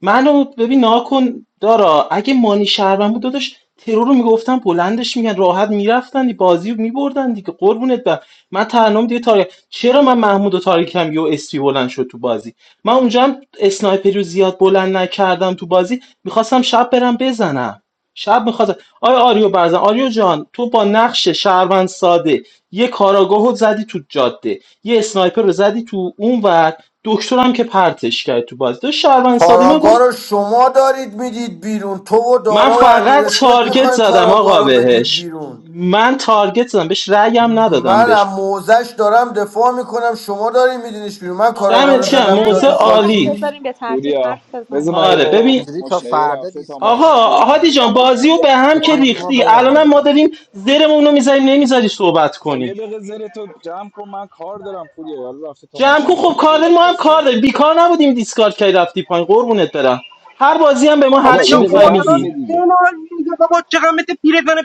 منو ببین نها کن دارا اگه مانی شهروند بود داداش ترور رو میگفتن بلندش میگن راحت میرفتن دی بازی رو میبردن دیگه قربونت برم من ترنم دیگه تاریخ چرا من محمود و تاریکم یو اسپی بلند شد تو بازی من اونجا هم اسنایپری رو زیاد بلند نکردم تو بازی میخواستم شب برم بزنم شب میخواستم آیا آریو برزن آریو جان تو با نقش شهروند ساده یه کاراگاهو زدی تو جاده یه اسنایپر رو زدی تو اون دکترم که پرتش کرد تو بازی داشت شهروند ساده من کاراگاه رو گفت شما دارید میدید بیرون تو و من دارا و امیر فقط اسنوک تارگت میخواین زدم کاراگاه آقا رو بدید بهش بیرون من تارگت زدم بهش رأیم ندادم منم بهش موزش دارم دفاع میکنم شما داری میدینش بیرون من آقای کاراگاه رو دمت آریون گرم زدم نه یا موزه جاده این رو مایک عالی خاکی بذاریم به ترتیب پوریا حرف بذار بزنید من یه آره دیگه بچه دقیقه ببین اینجوری تا مشتری فردا رفته تا دیسکاشن ماشین آقا بیاد هادی جان جمعش بازی کن رو به هم که میخوایم رو ما ریختی الانم ما ببندیم داریم زیرمون رو میذاریم نمیذاری صحبت خب یه کنی دقیقه زیر تو جمع کن من کار دارم پوری حالا رفته تا جمع کن ماشین خب بیاد کار بذار داریم، ما کوتاه هم کار صحبت داریم کن بیکار نبودیم دیسکارد کردی رفتی پایین قربونت برم هر بازی هم به ما خب هر به بابا جا چی یه دقیقه قور میخوای دادن بس میگی دیگه بنال دیگه بابا چقدر مثل پیرزن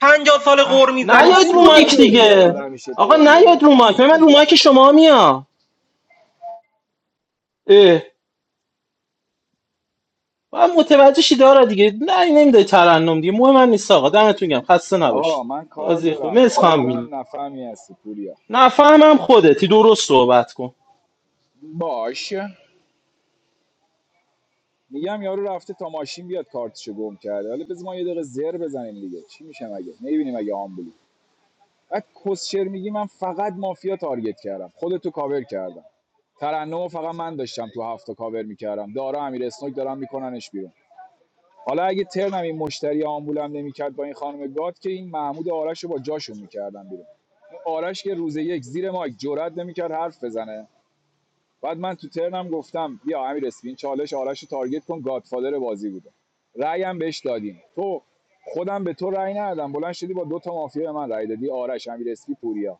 پنجاه سال اه قور میزنی نیاید راست رو بگو میگه مایک حاجی این دیگه دیگه مهراد همیشه آقا نیاید پریوده رو مایک بس من رو دیگه مایک شما میام اه من متوجه شی داره دیگه نه نمیده ترنم دیگه مهم من نیست آقا دمتون گم خسته نباشید آقا من کار بازی خوب دارم مرسی عجب خانم میلی آدم نفهمی هستی پولیا نفهمم خودتی درست صحبت کن باش میگم یارو رفته تا ماشین بیاد کارتشو گم کرده حالا بذم ما یه دقیقه زر بزنیم دیگه چی میشه مگه میبینیم مگه آمبولی بعد کسشر میگی من فقط مافیا تارگت کردم خودتو کاور کردم ترنم رو فقط من داشتم تو هفته کاور میکردم دارا امیر اسنوک دارم میکننش بیرون حالا اگه ترنم این مشتری آمبولم نمیکرد با این خانم گاد که این محمود و آرش رو با جاشون میکردم بیرون آرش که روز یک زیر مایک جرئت نمیکرد حرف بزنه بعد من تو ترنم گفتم بیا امیر اسپین چالش آرش رو تارگت کن گادفادر بازی بوده رأیم بهش دادیم تو خودم به تو رأی ندادم بلند شدی با دو تا مافیا من رأی دادی آرش امیر اسپی پوریا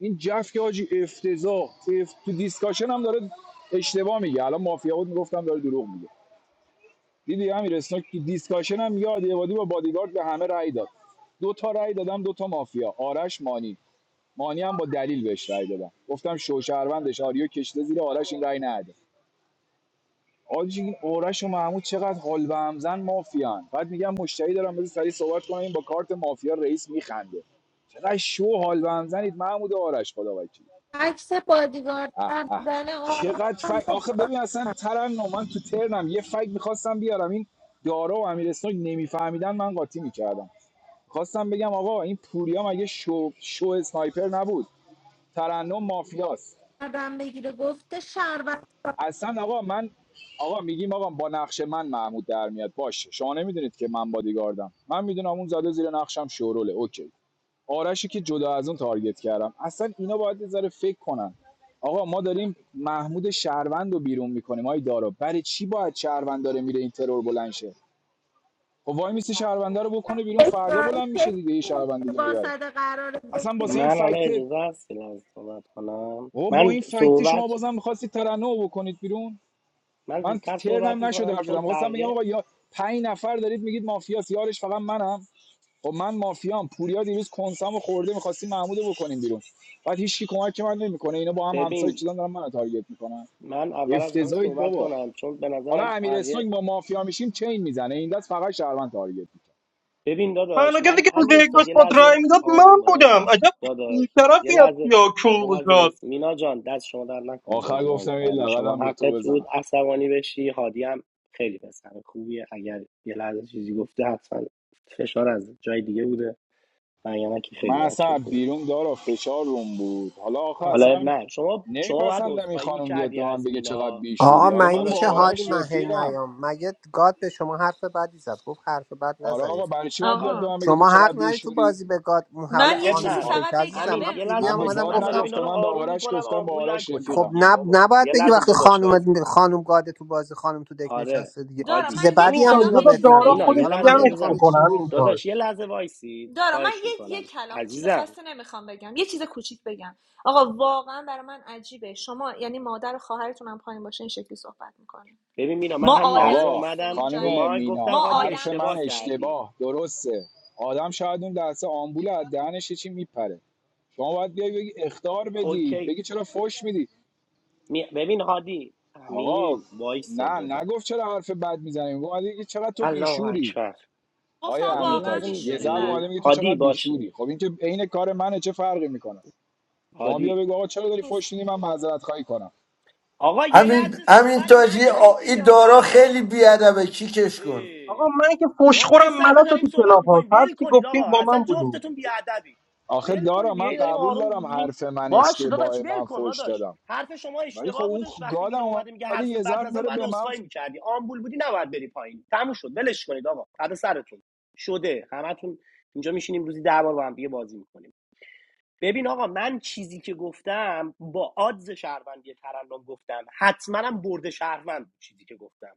این جف که حاجی افتضاح اف... تو دیسکاشن هم داره اشتباه میگه الان مافیا بود میگفتم داره دروغ میگه دیدی امیر اسناک تو دیسکاشن هم میگه عادی عبادی با بادیگارد به همه رأی داد دو تا رأی دادم دو تا مافیا آرش مانی مانی هم با دلیل بهش رأی دادم گفتم شوشهروندش آریو کشته زیر آرش این رأی نده آجی این آرش و محمود چقدر حال به همزن مافیان بعد میگم مشتری دارم بذار سری صحبت کنم این با کارت مافیا رئیس میخنده چقدر شو حال به همزنید محمود و آرش خدا وکیلی. عکس بادیگارد اه در اه زن آرام چقدر هم فک رو آخه ببین اصلا ترنم من تو ترنم یه فک میخواستم بیارم این دارا و امیر اسنوک نمیفهمیدن من قاطی میکردم خواستم بگم آقا این پوریا مگه شو شو اسنایپر نبود ترنم مافیاست گردن بگیره گفته شربت اصلا آقا من آقا میگیم آقا با نقش من محمود در میاد باشه شما نمیدونید که من بادیگاردم من میدونم اون زده زیر نقشم شوروله اوکی آرشی که جدا از اون تارگت کردم اصلا اینا باید یه ذره فکر کنن آقا ما داریم محمود شهروند رو بیرون میکنیم آی دارا برای چی باید شهروند داره میره این ترور بلند شه خب وای میسه شهرونده رو بکنه بیرون فردا بلند میشه اسرائیل دیگه یه شهروند دیگه اشتباه میبره زده قرار اصلا واسه بگیرن این من حالا فکت اجازه هست که صحبت کنم بابا با من این فکت شما صحبت بازم میخواستید ترنم بکنید بیرون من من زودتر صحبت ترنم نشد میکنم حرف چون زدم خواستم بگم بقیه آقا یا پنج نفر دارید میگید مافیاس یارش فقط منم خب من مافیام پوریا دیروز کنسامو خورده میخواستیم محمودو بکنیم بیرون بعد هیچکی کمک که من نمیکنه اینا با هم همسایه ببین چیزان دارن منو تارگت میکنن من اول از همه افتضاحید صحبت بابا کنم چون به حالا نظرم امیر بقیه اسنوگ با مافیا میشیم چین میزنه این دست فقط شهروند تارگت میکنه ببین تنها داداش کسی من که روز امیر یک استا داشت یه باد رای لحظه میداد من آروم بودم باش عجب داداش یه بیشرفی از لحظه یا یه لحظه کونگوزاد وایس مینا جان دست شما در نکنه آخر بازی رو گفتم یه کردی شما لقدم به تو حقت بود بزنم عصبانی بشی هادی هم خیلی پسر خوبیه اگر یه لحظه چیزی گفته حتما فشار از جای دیگه بوده من یعنی که خیلی من بچه اصلا خوبی بیرون دارا فشار روم بود حالا آخر حالا اصلا من شما شما باید نمیپسندم این عذرخواهی خانم بیاد میکردی به من از بگه چقدر مینا آقا بیشوری حالا من من داداش با میشه شما هادی آرش من هی رفیقم نیام مگه گاد به شما حرف بدی زد گفت حرف بد آره نزنید آقا برای چی باید بیاد به آره آقا من بگه تو شما چقدر حق نداری تو بیشوری بازی به گاد اون حالا حق من یه اب خانم چیزی تو نره دک فقط بگم عزیزم همین من یه ببین، پیوی لحظه من هم به وایسید اومدم گاد من دارم گفتم اینا نگفتم رو من به آروم آرش میکنم گفتم با آمبول آرش نکنید خب رفیقم دیگه نب... بابا نباید یه بگی لحظه وقتی داداش خانم وایسم خانم گاده تو بازی خانم تو دک آره نشسته دیگه دارا چیز عادی من یه بدی همین هم تاج کلام اینا یه بذار بهت چیزی دارا نگفت مینا دیگه بگم خودش یه حالا من لحظه هی جمعش میخوام اجازم بکنه چیزی نگم همین تاج داداش یه لحظه وایسید دارا من خواهش یه یه میکنم کلام چیز عزیزم خاصی نمیخوام بگم یه چیز کوچیک بگم آقا واقعا برای من عجیبه شما یعنی مادر و خواهرتون هم پایین باشه این شکلی صحبت میکنه ببین مینا من ما همون آدم لحظه آقا نیستیم اومدم رو خانم اینجاییم ما مینا گفتم ما هادی حرف آدم من اشتباه نیستیم کردی اشتباه درسته آدم شاید اون لحظه آمبول از دهنش چی میپره شما باید بیای بگی اختار بدی اوکی بگی چرا فش میدی می- ببین هادی آقا امین وایسا نه داداش نگفت چرا حرف بد میزنی اومده میگه چقدر تو الله بیشوری اکبر آیا گفتم آقا یه امین واقعا لحظه تاج یه بیشوریم ذره اومده میذارین بله میگه تو هادی چقدر بیشوری باشه خب این که عین کار منه چه فرقی میکنه شما بیا هادی بگو آقا چرا داری نیست فش میدی من معذرت خواهی کنم آقا یه همین لحظه همین صحبت تاجی آ- نکنید دیگه این دارا آقا خیلی بیادبه کیکش کن آقا ای، من که ما یه فشخورم ساعت ملاس تو داریم صحبت کلاب ها میکنیم هر ول چی کنید گفتین آقا با من اصلا بودین جفتتون بیادبی آخه ول کنید دارم من دیگه داریم قبول آروم دارم میگیم حرف من باش داداش اشتباه ول من کن فوش داداش دادم حرف شما ولی خب اشتباه اون بودش خ- وقتی گادم مینا اومده میگه اومده حرف یه بد ضرب نزن داره باید به من عذرخواهی ف- میکردی آمبول بودی نباید بری پایین تموم شد ولش کنید آقا بعد سرتون شده همتون اینجا میشینیم روزی ده بار با هم دیگه بازی میکنیم ببین آقا من چیزی که گفتم با آدز شهروندی ترنم گفتم حتما هم برده شهروند بود چیزی که گفتم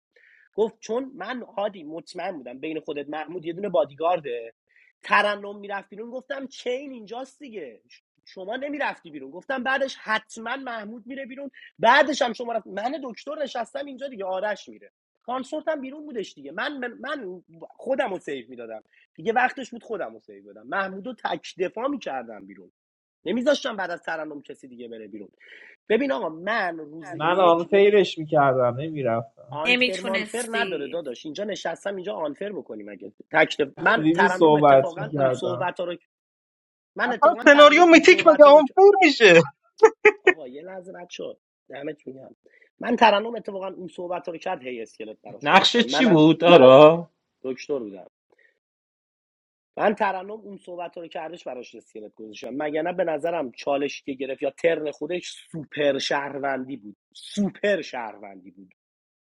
گفت چون من هادی مطمئن بودم بین خودت محمود یه دونه بادیگارده ترنم میرفت بیرون گفتم چین اینجاست دیگه ش- شما نمیرفتی بیرون گفتم بعدش حتما محمود میره بیرون بعدش هم شما رفت من دکتر نشستم اینجا دیگه آرش میره کانسورت هم بیرون بودش دیگه من من من خودم رو سیو میدادم دیگه وقتش بود خودم رو سیو دادم محمود رو تک دفاع میکردم بیرون نمیذاشتم بعد از ترنم کسی دیگه بره بیرون ببین آقا من روز من یک آن فیرش میکردم نمیرفتم آنفر مانفر نداره نمیتونستی داداش اینجا نشستم اینجا آنفر بکنیم اگه تکت تو من بیبی ترنم صحبت اتفاقا اون میکردم صحبت ها رو من اصلا اتفاقا ترنم سناریو اون میتیک مگه صحبت ها رو آنفیر میشه آقا یه لحظه رد شد دمت میگم من ترنم اتفاقا اون صحبت ها رو کرد هی اسکلت براش نقشه گذاشتم چی من از بود دارا دکتر بودم من ترنم اون صحبت ها رو کردش براش اسکلت گذاشتم مگه نه به نظرم چالشی که گرفت یا ترن خودش سوپر شهروندی بود سوپر شهروندی بود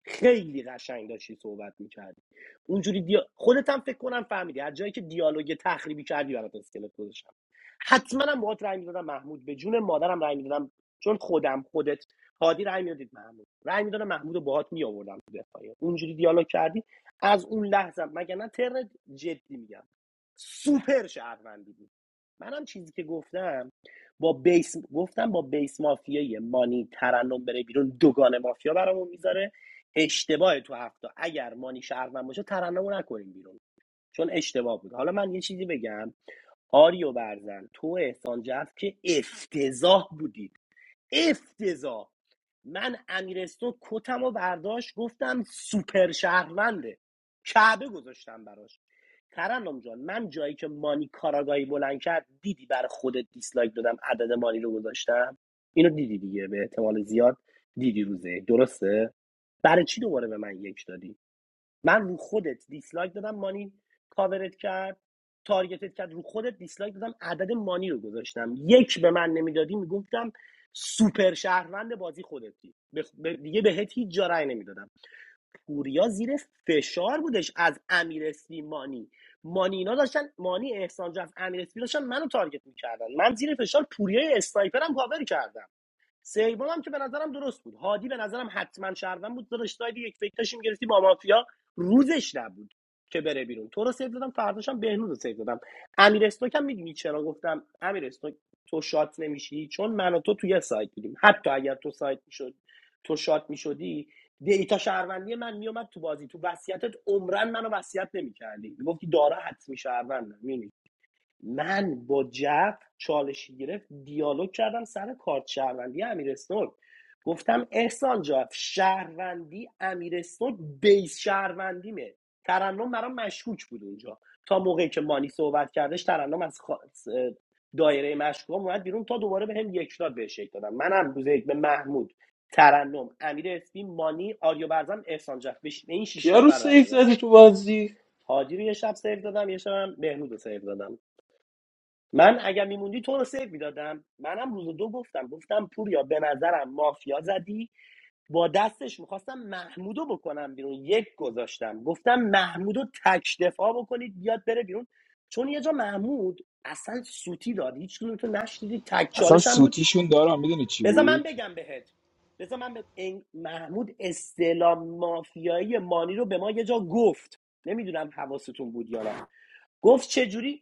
خیلی قشنگ داشتی صحبت میکردی اونجوری دیا... خودت هم فکر کنم فهمیدی از جایی که دیالوگ تخریبی کردی برات اسکلت گذاشتم حتما هم باهات رأی میدادم محمود به جون مادرم رأی میدادم چون خودم خودت هادی رأی میدادید محمود رأی میدادم محمود رو باهات میآوردم تو دفاعیه اونجوری دیالوگ کردی از اون لحظه مگر نه ترنت جدی میگم سوپر شهروندی بود منم چیزی که گفتم با بیس گفتم با بیس مافیای مانی ترنم بره بیرون دوگان مافیا برامون میذاره اشتباه تو هفته اگر مانی شهروند باشه ترنمو نکنیم بیرون چون اشتباه بود حالا من یه چیزی بگم آریو برزن تو و احسان جعفر که افتضاح بودید افتضاح من امیرستون کتم و برداشت گفتم سوپر شهرونده کعبه گذاشتم براش ترنم جان من جایی که مانی کاراگاهی بلند کرد دیدی برای خودت دیسلایک دادم عدد مانی رو گذاشتم اینو دیدی دیگه به احتمال زیاد دیدی روزه درسته برای چی دوباره به من یک دادی من رو خودت دیسلایک دادم مانی کاورت کرد تارگتت کرد رو خودت دیسلایک دادم عدد مانی رو گذاشتم یک به من نمیدادی میگفتم سوپر شهروند بازی خودتی به خ- به- دیگه بهت هیچ جا رأی نمیدادم گوریا زیر فشار بودش از امیر مانی مانی اینا داشتن مانی احسان از امیر اسپی داشتن منو تارگت میکردن من زیر فشار پوریای اسنایپرم کاور کردم سوم هم که به نظرم درست بود هادی به نظرم حتما شهروند بود داداش سایدی یک فکتاشیم گرفتی با مافیا روزش نبود که بره بیرون تو رو سیو دادم فرداش هم بهنود رو سیو دادم امیر استوک هم میدونی چرا گفتم امیر استوک تو شات نمیشی چون من و تو توی سایت بودیم حتی اگر تو سایت میشد تو شات میشدی دیتا شهروندی من میومد تو بازی تو وصیتت عمرن منو وصیت نمیکردی میگفتی دارا حتمی شهروندم میبینی من با جف چالشی گرفت دیالوگ کردم سر کارت شهروندی امیر اسنوک گفتم احسان جف شهروندی امیر اسنوک بیس شهروندیمه ترنم برام مشکوک بود اونجا تا موقعی که مانی صحبت کردش ترنم از خا- دایره مشکوک هم اومد بیرون تا دوباره به هم یک داد بهش یک دادم منم روز یک به محمود ترنم امیر اسپی مانی آریو برزن احسان جف به این شش کیا رو نفر رای سیف دادم زدی تو بازی حاجی رو یه شب سیو دادم یه شب هم بهنود رو سیو دادم من اگر میموندی تو رو سیو میدادم منم روز دو گفتم گفتم پوریا به نظرم مافیا زدی با دستش میخواستم محمودو بکنم بیرون یک گذاشتم گفتم محمودو تک دفاع بکنید بیاد بره بیرون چون یه جا محمود اصلا سوتی داد هیچ کدوم تو نشنیدی تک اصلا چالش هم بود سوتیشون دارم میدونی چی بذار من بود بگم بهت بذار من به این محمود استعلام مافیایی مانی رو به ما یه جا گفت نمیدونم حواستون بود یا نه گفت چجوری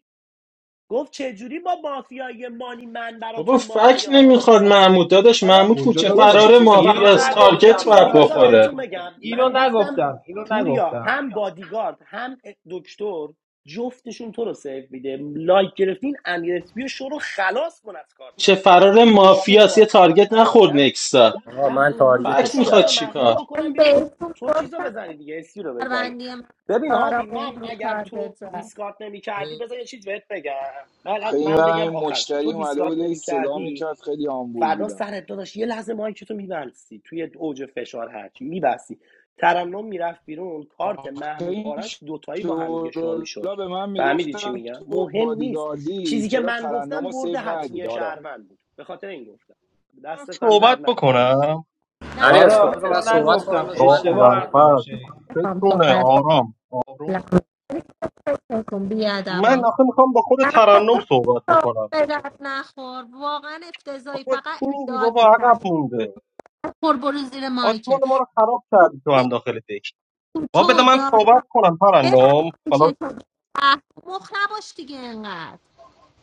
گفت چجوری با مافیای مانی من بابا براتون فک مافیا نمیخواد محمود داداش حالا محمود کجا کوچه گفت داداش یه فرار چیز اینو دیگه مافیاست یه نگفتم تارگت چیز باید دیگه دارا بذار جان بخوره بهتون بگم اینو من گفتم نگفتم اینو پوریا نگفتم هم بادیگارد هم دکتر جفتشون تو رو سیو میده لایک گرفتین امیر اسپیو شو رو خلاص کن از کارت چه مافیایی فرار مافیاست یه شما تارگت نخورد میگم نکستا آقا میگم من اون روز فکت تارگتش میخواستم با میخواد تو کردم محمود چیکار بکنم بیرون بهتون تو چیز گفت بزنی دیگه اسپی رو بزنی شهروندی من ببین هادی آرام من بهنو اگر تو تارگت زد دیسکارد نمی کردی بذار یه چیز بهت بگم من, خیلی این من این بگم آخرشه تو مشتری اومده دیسکارد بود هی نمی صدا کردی میکرد خیلی آمبول فردا بودم سرت داداش یه لحظه ماهی که تو میبستی توی اوج فشار هرچی میبستی ترنم میرفت بیرون آخه کارت محمود این آرش دوتایی با هم دیگه شو میشد شورولا به من فهمیدی چی میگفتن میگم تو مهم نیست بادیگاردی چیزی که چرا من ترنم گفتم رو برده سیو ندی حتمی دارا شهروند بود به خاطر این گفتم من دستتم در صحبت نکنه مینا بکنم نه دارا امیر اسکوپ خیلی بذار من رو صحبت کنم نگفتم داشت با من من اشتباه میرم دیگه. حرفمو اول شنیدی میخوام بتونه صحبت کنم آرام ولی آروم خب، فکر کن من بیادبا آخه میخوام با خود نه ترنم صحبت خب، بکنم به درد نخور واقعا افتضایی بابا چی فقط میگی اداد بابا عقب میکرد مونده خور برو زیر آسمان مایکت ما رو خراب کردی تو هم داخل دک بابا بده تو من دارا صحبت کنم ترنم ببرم حالا که تو اه، مخ نباش دیگه انقدر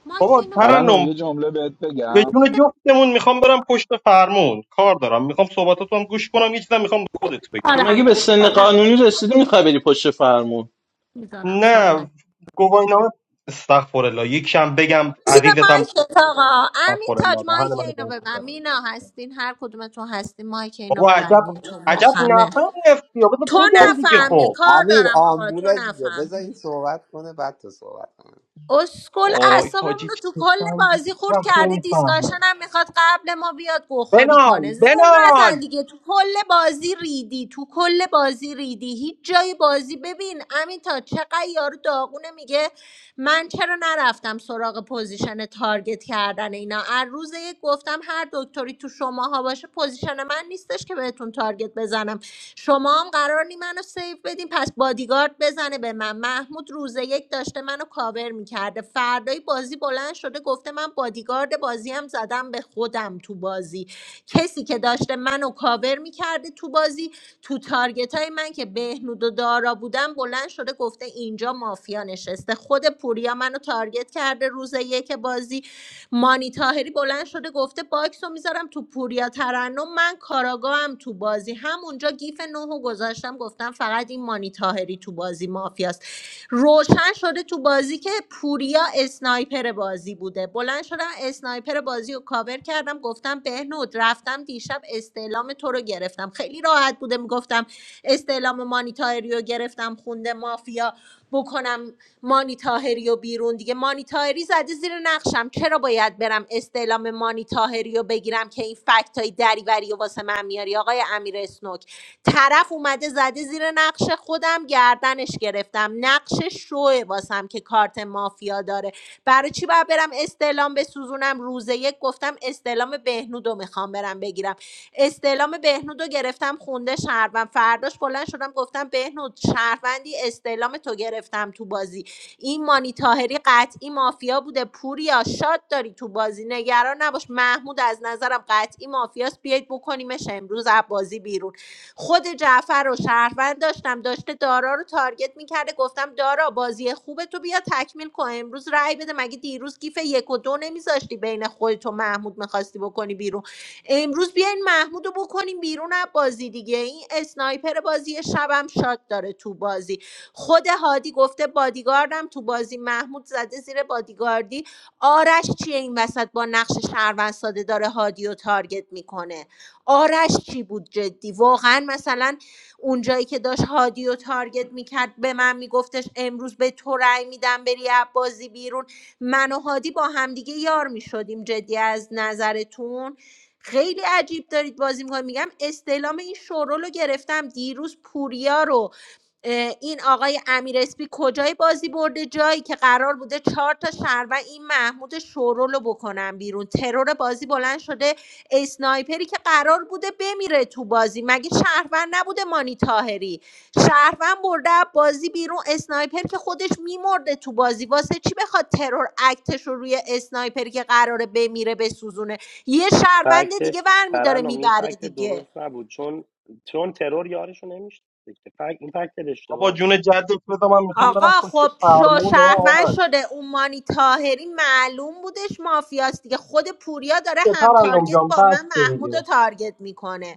ما که بابا اینو ببرم ترنم ترنم یه جمله بهت به بگم جون جفتمون میخوام برم پشت فرمون کار دارم میخوام صحبتاتو هم گوش کنم یه چیزم میخوام به خودت بگم تو مگه دارم به سن نمیذارم قانونی رسیدی میخوای بری پشت فرمون میذارم نه صحبت گواهینامه استغفر الله یکم بگم زیر عزیزتم مایکت آقا امین استغفر الله تاج دهن مایک منو اینو باز ببند مینا هستین هر کدومتون هستین مایک اینو بابا عجب ببندین تو عجب مخمه نفهمی یا بذار تو خب بگم دیگه نفهمی خب کار امیر دارم آقا تو آمبوله دیگه بذار نفهمی این صحبت کنه بعد تو صحبت اسکل آی حاجی اعصابمون رو چه تو کل سنگی هیچ بازی خورد وقت کرده نمیفهمه دیسکاشن هم میخواد قبل ما بیاد گوخوری بنال کنه زر نزن بنال دیگه تو کل بازی ریدی تو کل بازی ریدی هیچ جای بازی ببین امین تا چقدر یارو داغونه میگه من چرا نرفتم سراغ پوزیشن تارگت کردن کردن اینا از روز یک گفتم هر دکتری تو شماها باشه پوزیشن من نیستش که بهتون تارگت بزنم شما هم قرار نی منو سیف بدین پس بادیگارد بزنه به من محمود روز یک داشته منو کاور میکرده فردای بازی بلند شده گفته من بادیگارد بازی هم زدم به خودم تو بازی کسی که داشته منو کاور میکرده تو بازی تو تارگت های من که بهنود و دارا بودن بلند شده گفته اینجا مافیا نشسته خود پوریا منو تارگت کرده روز یک بازی مانی تاهری بلند شده گفته باکس رو میذارم تو پوریا ترنم من کاراگاهم تو بازی همونجا گیف نوهو گذاشتم گفتم فقط این مانی تاهری تو بازی مافیاست روشن شده تو بازی که پوریا اسنایپر بازی بوده بلند شدم اسنایپر بازی رو کاور کردم گفتم بهنود رفتم دیشب استعلام تو رو گرفتم خیلی راحت بوده میگفتم استعلام مانی تاهری رو گرفتم خونده مافیا بکنم مانی تاهری و بیرون دیگه مانی تاهری زده زیر نقشم چرا باید برم استعلام مانی تاهری رو بگیرم که این فکت های دریوری و واسه من میاری آقای امیر اسنوک طرف اومده زده زیر نقش خودم گردنش گرفتم نقش شوه واسم که کارت مافیا داره برای چی باید برم استعلام بسوزونم روز یک گفتم استعلام بهنود رو میخوام برم بگیرم استعلام بهنود رو گرفتم خونده شهروند فرداش بلند شدم گفتم بهنود شهروندی استعلام تو گرفتم تو بازی این مانی تاهری قطعی مافیا بوده پوریا شاد داری تو بازی نگران نباش محمود از نظرم قطعی مافیاست بیایید بکنیمش امروز از بازی بیرون خود جعفر رو شهروند داشتم داشته دارا رو تارگت میکرده گفتم دارا بازی خوبه تو بیا تکمیل کن امروز رای بده مگه دیروز گیف یک و دو نمیذاشتی بین خودت و محمود میخواستی بکنی بیرون امروز بیاین محمود رو بکنیم بیرون از بازی دیگه این اسنایپر بازی شبم شاد داره تو بازی خود هادی گفته بادیگاردم تو بازی محمود زده زیر بادیگاردی آرش چیه این وسط با نقش شهروند ساده داره هادی رو تارگت میکنه آرش چی بود جدی واقعا مثلا اونجایی که داشت هادی رو تارگت میکرد به من میگفتش امروز به تو رأی میدم بری از بازی بیرون من و هادی با همدیگه یار میشدیم جدی از نظرتون خیلی عجیب دارید بازی میکنید میگم استعلام این شورو رو گرفتم دیروز پوریا رو این آقای امیر اسپی کجای بازی برده جایی که قرار بوده چهار تا شهر و این محمود شورول رو بکنن بیرون ترور بازی بلند شده اسنایپری که قرار بوده بمیره تو بازی مگه شهروند نبوده مانی تاهری شهروند برده از بازی بیرون اسنایپر که خودش میمرده تو بازی واسه چی بخواد ترور اکتش رو روی اسنایپری که قراره بمیره بسوزونه یه شهروند فکتت دیگه برمیداره ترنم این میبره فکت دیگه درست نبود چون چون ترور یارشو نمیشد فکت این فکتت بابا اشتباه بود جون جدت بذار من میخوام برم آقا پشت خب شو فرمون و شهروند آرش شده اون مانی تاهری معلوم بودش مافیاست دیگه خود پوریا داره یه هم ترنم تارگت جان با من بسته محمود رو دیگه تارگت میکنه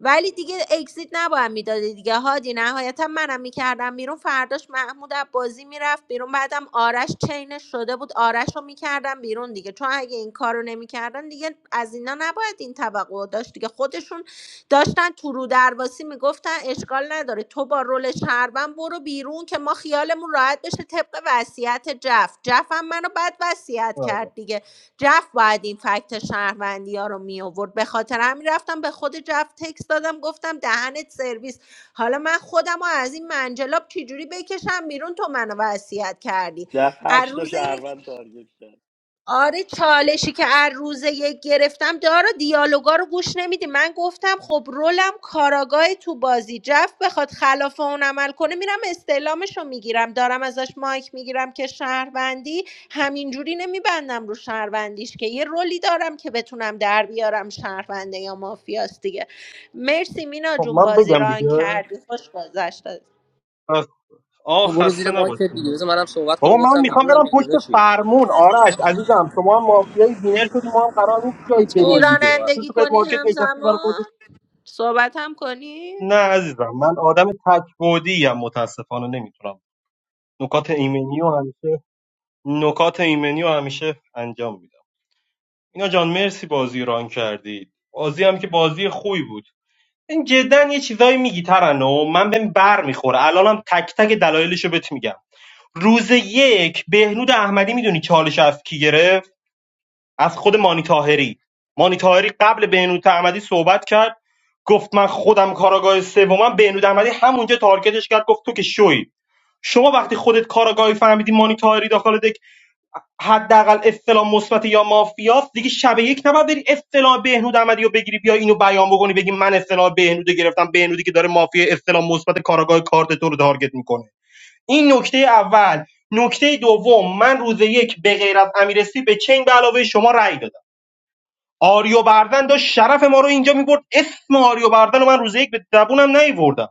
ولی دیگه اکسیت نباید میدادی دیگه هادی نهایتا منم میکردم بیرون فرداش محمود از بازی میرفت بیرون بعدم آرش چینش شده بود آرش رو میکردم بیرون دیگه چون اگه این کار رو نمیکردن دیگه از اینا نباید این توقع رو داشت دیگه خودشون داشتن تو رو درواسی میگفتن اشکال نداره تو با رول شهروند برو بیرون که ما خیالمون راحت بشه طبق وصیت جف جف هم منو بد وصیت آره. کرد دیگه جف باید این فکت شهروندی ها رو می آورد به خاطر همین رفتم به خود جف تکس دادم گفتم دهنت سرویس حالا من خودم رو از این منجلاب چجوری بکشم بیرون تو منو وصیت کردی جف از هشت تا روز یک شهروند تارگت کرد آره چالشی که هر روزه یک گرفتم دارا دیالوگا رو گوش نمیدی من گفتم خب رولم کاراگاه تو بازی جف بخواد خلاف اون عمل کنه میرم استعلامش رو میگیرم دارم ازش مایک میگیرم که شهروندی همینجوری نمیبندم رو شهروندیش که یه رولی دارم که بتونم در بیارم شهرونده یا مافیاست دیگه مرسی مینا خب جون من بازی بگم دیگه ران کردی خوش گذشت بس آه خب برو زیر خسته مایکت دیگه نباشی بذار منم صحبت بابا کنم من گفتم میخوام بیرونم برم دیگه پشت داداشی فرمون آرش عزیزم شما هم مافیای وینر شدی ما هم قرار نیست جایی میتونی داش بریم دیگه تو رانندگی کنی سوپرمارکت نشستی برای خودت همزمان صحبت هم کنی نه عزیزم من آدم تکبودی ام متاسفانه نمیتونم نکات ایمنی و همیشه نکات ایمنی و همیشه انجام میدم اینا جان مرسی بازی ران کردید بازی هم که بازی خوبی بود این جدا یه چیزایی میگی ترنم من بهم بر میخوره الانم تک تک دلایلشو بهت میگم روز یک بهنود احمدی میدونی چالش از کی گرفت از خود مانی تاهری مانی تاهری قبل بهنود احمدی صحبت کرد گفت من خودم کاراگاه سومم بهنود احمدی همونجا تارگتش کرد گفت تو که شوی شما وقتی خودت کاراگاهی فهمیدی مانی تاهری داخل دک حداقل اصطلاح مثبت یا مافیاست دیگه شب یک نباید بری اصطلاح بهنود احمدی رو بگیری بیا اینو بیان بکنی بگی من اصطلاح بهنود رو گرفتم بهنودی که داره مافیا اصطلاح مثبت کاراگاه کارت تو رو تارگت میکنه این نکته اول نکته دوم من روز یک به غیر از امیرسی به چنگ به علاوه شما رأی دادم آریو آریوبردن داشت شرف ما رو اینجا میبرد اسم آریو آریوبردن رو من روز یک به زبونم نیوردم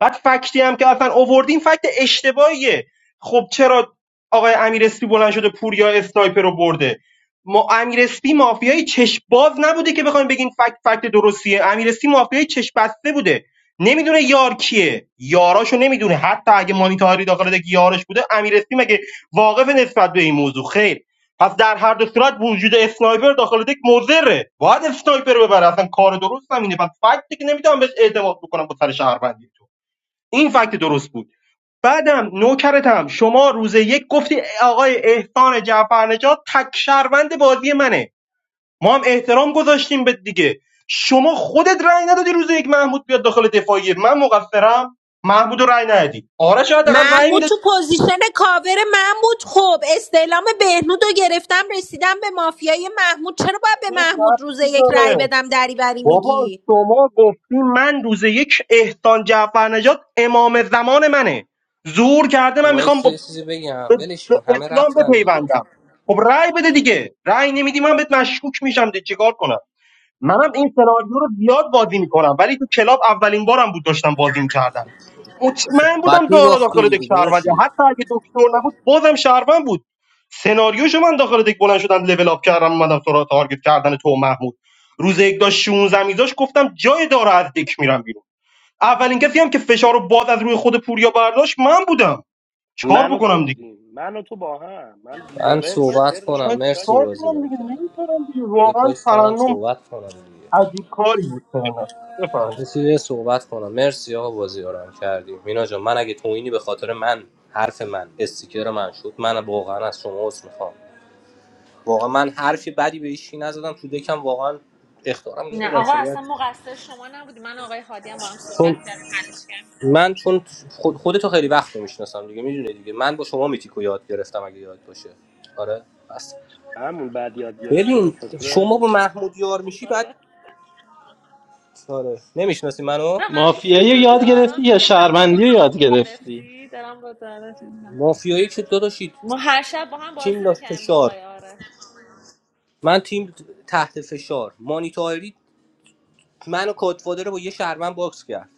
بعد فکتی هم که اصلا اووردین فکت اشتباهیه خب چرا آقای امیر اسپی بلند شده پوریا استایپر رو برده ما امیر اسپی مافیای چشم باز نبوده که بخوایم بگین فکت فکت درستیه امیر اسپی مافیای چشم بسته بوده نمیدونه یار کیه یاراشو نمیدونه حتی اگه مانیتاری داخل دک یارش بوده امیر اسپی مگه واقف نسبت به این موضوع خیر پس در هر دو صورت وجود اسنایپر داخل دک مضره باید اسنایپر رو ببره اصلا کار درست هم اینه پس فکت که نمیتونم بهش اعتماد بکنم با سر شهروندی این فکت درست بود بعدم نوکرتم شما روز یک گفتی آقای احسان جعفرنژاد تک شهروند بازی منه ما هم احترام گذاشتیم به دیگه شما خودت رأی ندادی روز یک محمود بیاد داخل دفاعیه من مقصرم محمود رو رأی ندادی آره شاید حداقل رأی محمود تو میدادی پوزیشن کاور من بود خب استعلام بهنود رو گرفتم رسیدم به مافیای محمود چرا باید به چه محمود روز ربطی یک رأی داره بدم دریوری بابا میگی شما گفتی من روز یک احسان جعفرنژاد امام زمان منه زور کرده من میخوام وایس با یه چیزی به, بگم ولش به کن همه اسلام رفتن دیگه بپیوندم خب رأی بده دیگه رأی نمیدی من بهت مشکوک میشم دیگه چیکار کنم منم این سناریو رو زیاد بازی میکنم ولی تو کلاب اولین بارم بود داشتم بازی میکردم مطمئن بودم بعد دارا میباختی داخل دک دیگه شهرونده داداشی حتی اگه دکتر نبود بازم شهروند بود سناریوشو من داخل دک بلند شدم لول اپ کردم اومدم سراغ تارگت کردن تو و محمود روز یک داشت 16 میذاش گفتم جای دارا از دک میرم بیرون اولین کسی هم که فشار رو باز از روی خود پوریا برداشت من بودم چیکار من و تو بکنم دیگه بودیم من و تو با هم من یه من ور یه سر صحبت داشتم من کنم دیستاک مرسی چیکار دارم بازی کنم رو دیگه کردی نمیتونم دیگه دیگه واقعا پاش منم ترنم صحبت کنم دیگه عجیب کاری بود ترنم بفرمایید رسیده صحبت کنم مرسی آقا بازی رو هم کردی مینا جان من اگه توهینی به خاطر من حرف من استیکر من شد من واقعا از شما عذر میخوام واقعا من حرفی بدی به هیچکی نزدم تو دکم واقعا اختارم نه نمیدم آقا اصلا چون مقصر شما نبودی من آقای هادی هم با هم صحبت کردیم حلش کردم من چون خود خودتو خیلی وقت میشناسم دیگه میدونه دیگه من با شما میتیکو یاد گرفتم اگه یاد باشه آره بس همون بعد یاد گرفتی به ببین خاطر شما با همینه محمود یار میشی بعد آره نمیشناسی منو را من مافیایی رو میشناسم یاد دارا گرفتی یا میگه هم شهروندی رو یاد گرفتی گرفتی دارم با دارا چیز می‌کنم. مافیایی که داداشی ما هر شب با هم تیم بازی داشت میکنیم با فشار آقای آرش من تیم تحت فشار مانیتاری منو کادفادر رو با یه شهرمن باکس کرد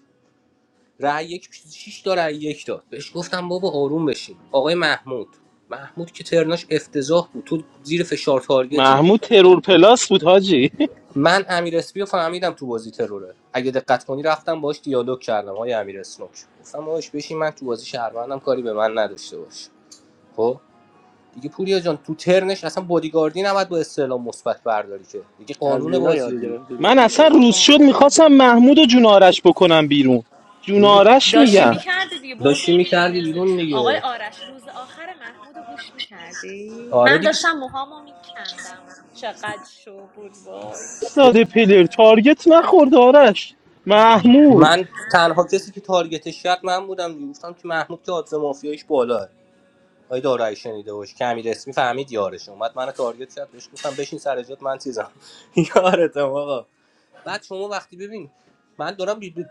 رأی یک شیش تا رأی یک داد بهش گفتم بابا آروم بشین آقای محمود محمود که ترناش افتضاح بود تو زیر فشار تارگتی محمود ترور پلاس بود حاجی من امیر اسپی رو فهمیدم تو بازی تروره اگه دقت کنی رفتم باش دیالوگ کردم های امیر اسنوک گفتم باش بشین من تو بازی شهروندم کاری به من نداشته باش خب دیگه پوریا جان تو ترنش اصلا بادیگاردی نباید با استعلام مثبت برداری که دیگه از قانون مینا یاد بازی رو گرفتی من میتی اصلا روز تو شد بابا میخواستم محمود و جونارش بکنم بیرون میدون جونارش داشتی میگم میکردی دیگه داشتی بردت دیگه میکردی مرسی بیرون آقای دیگه آرش روز آخر محمود رو گوش میکردی آره من دیگه داشتم موهامو میکندم چقدر شو بود وای ساده پلر تارگت نخورد آرش محمود من تنها کسی که تارگتش کرد من بودم دیگه. گفتم که محمود که آدز مافیایش بالاه آی دارایی شنیده باش که امیر اسمی فهمید یارش اومد منو تارگت کرد بهش گفتم بشین سر جات من چیزم یارتم آقا بعد شما وقتی ببین من دارم بی- بی-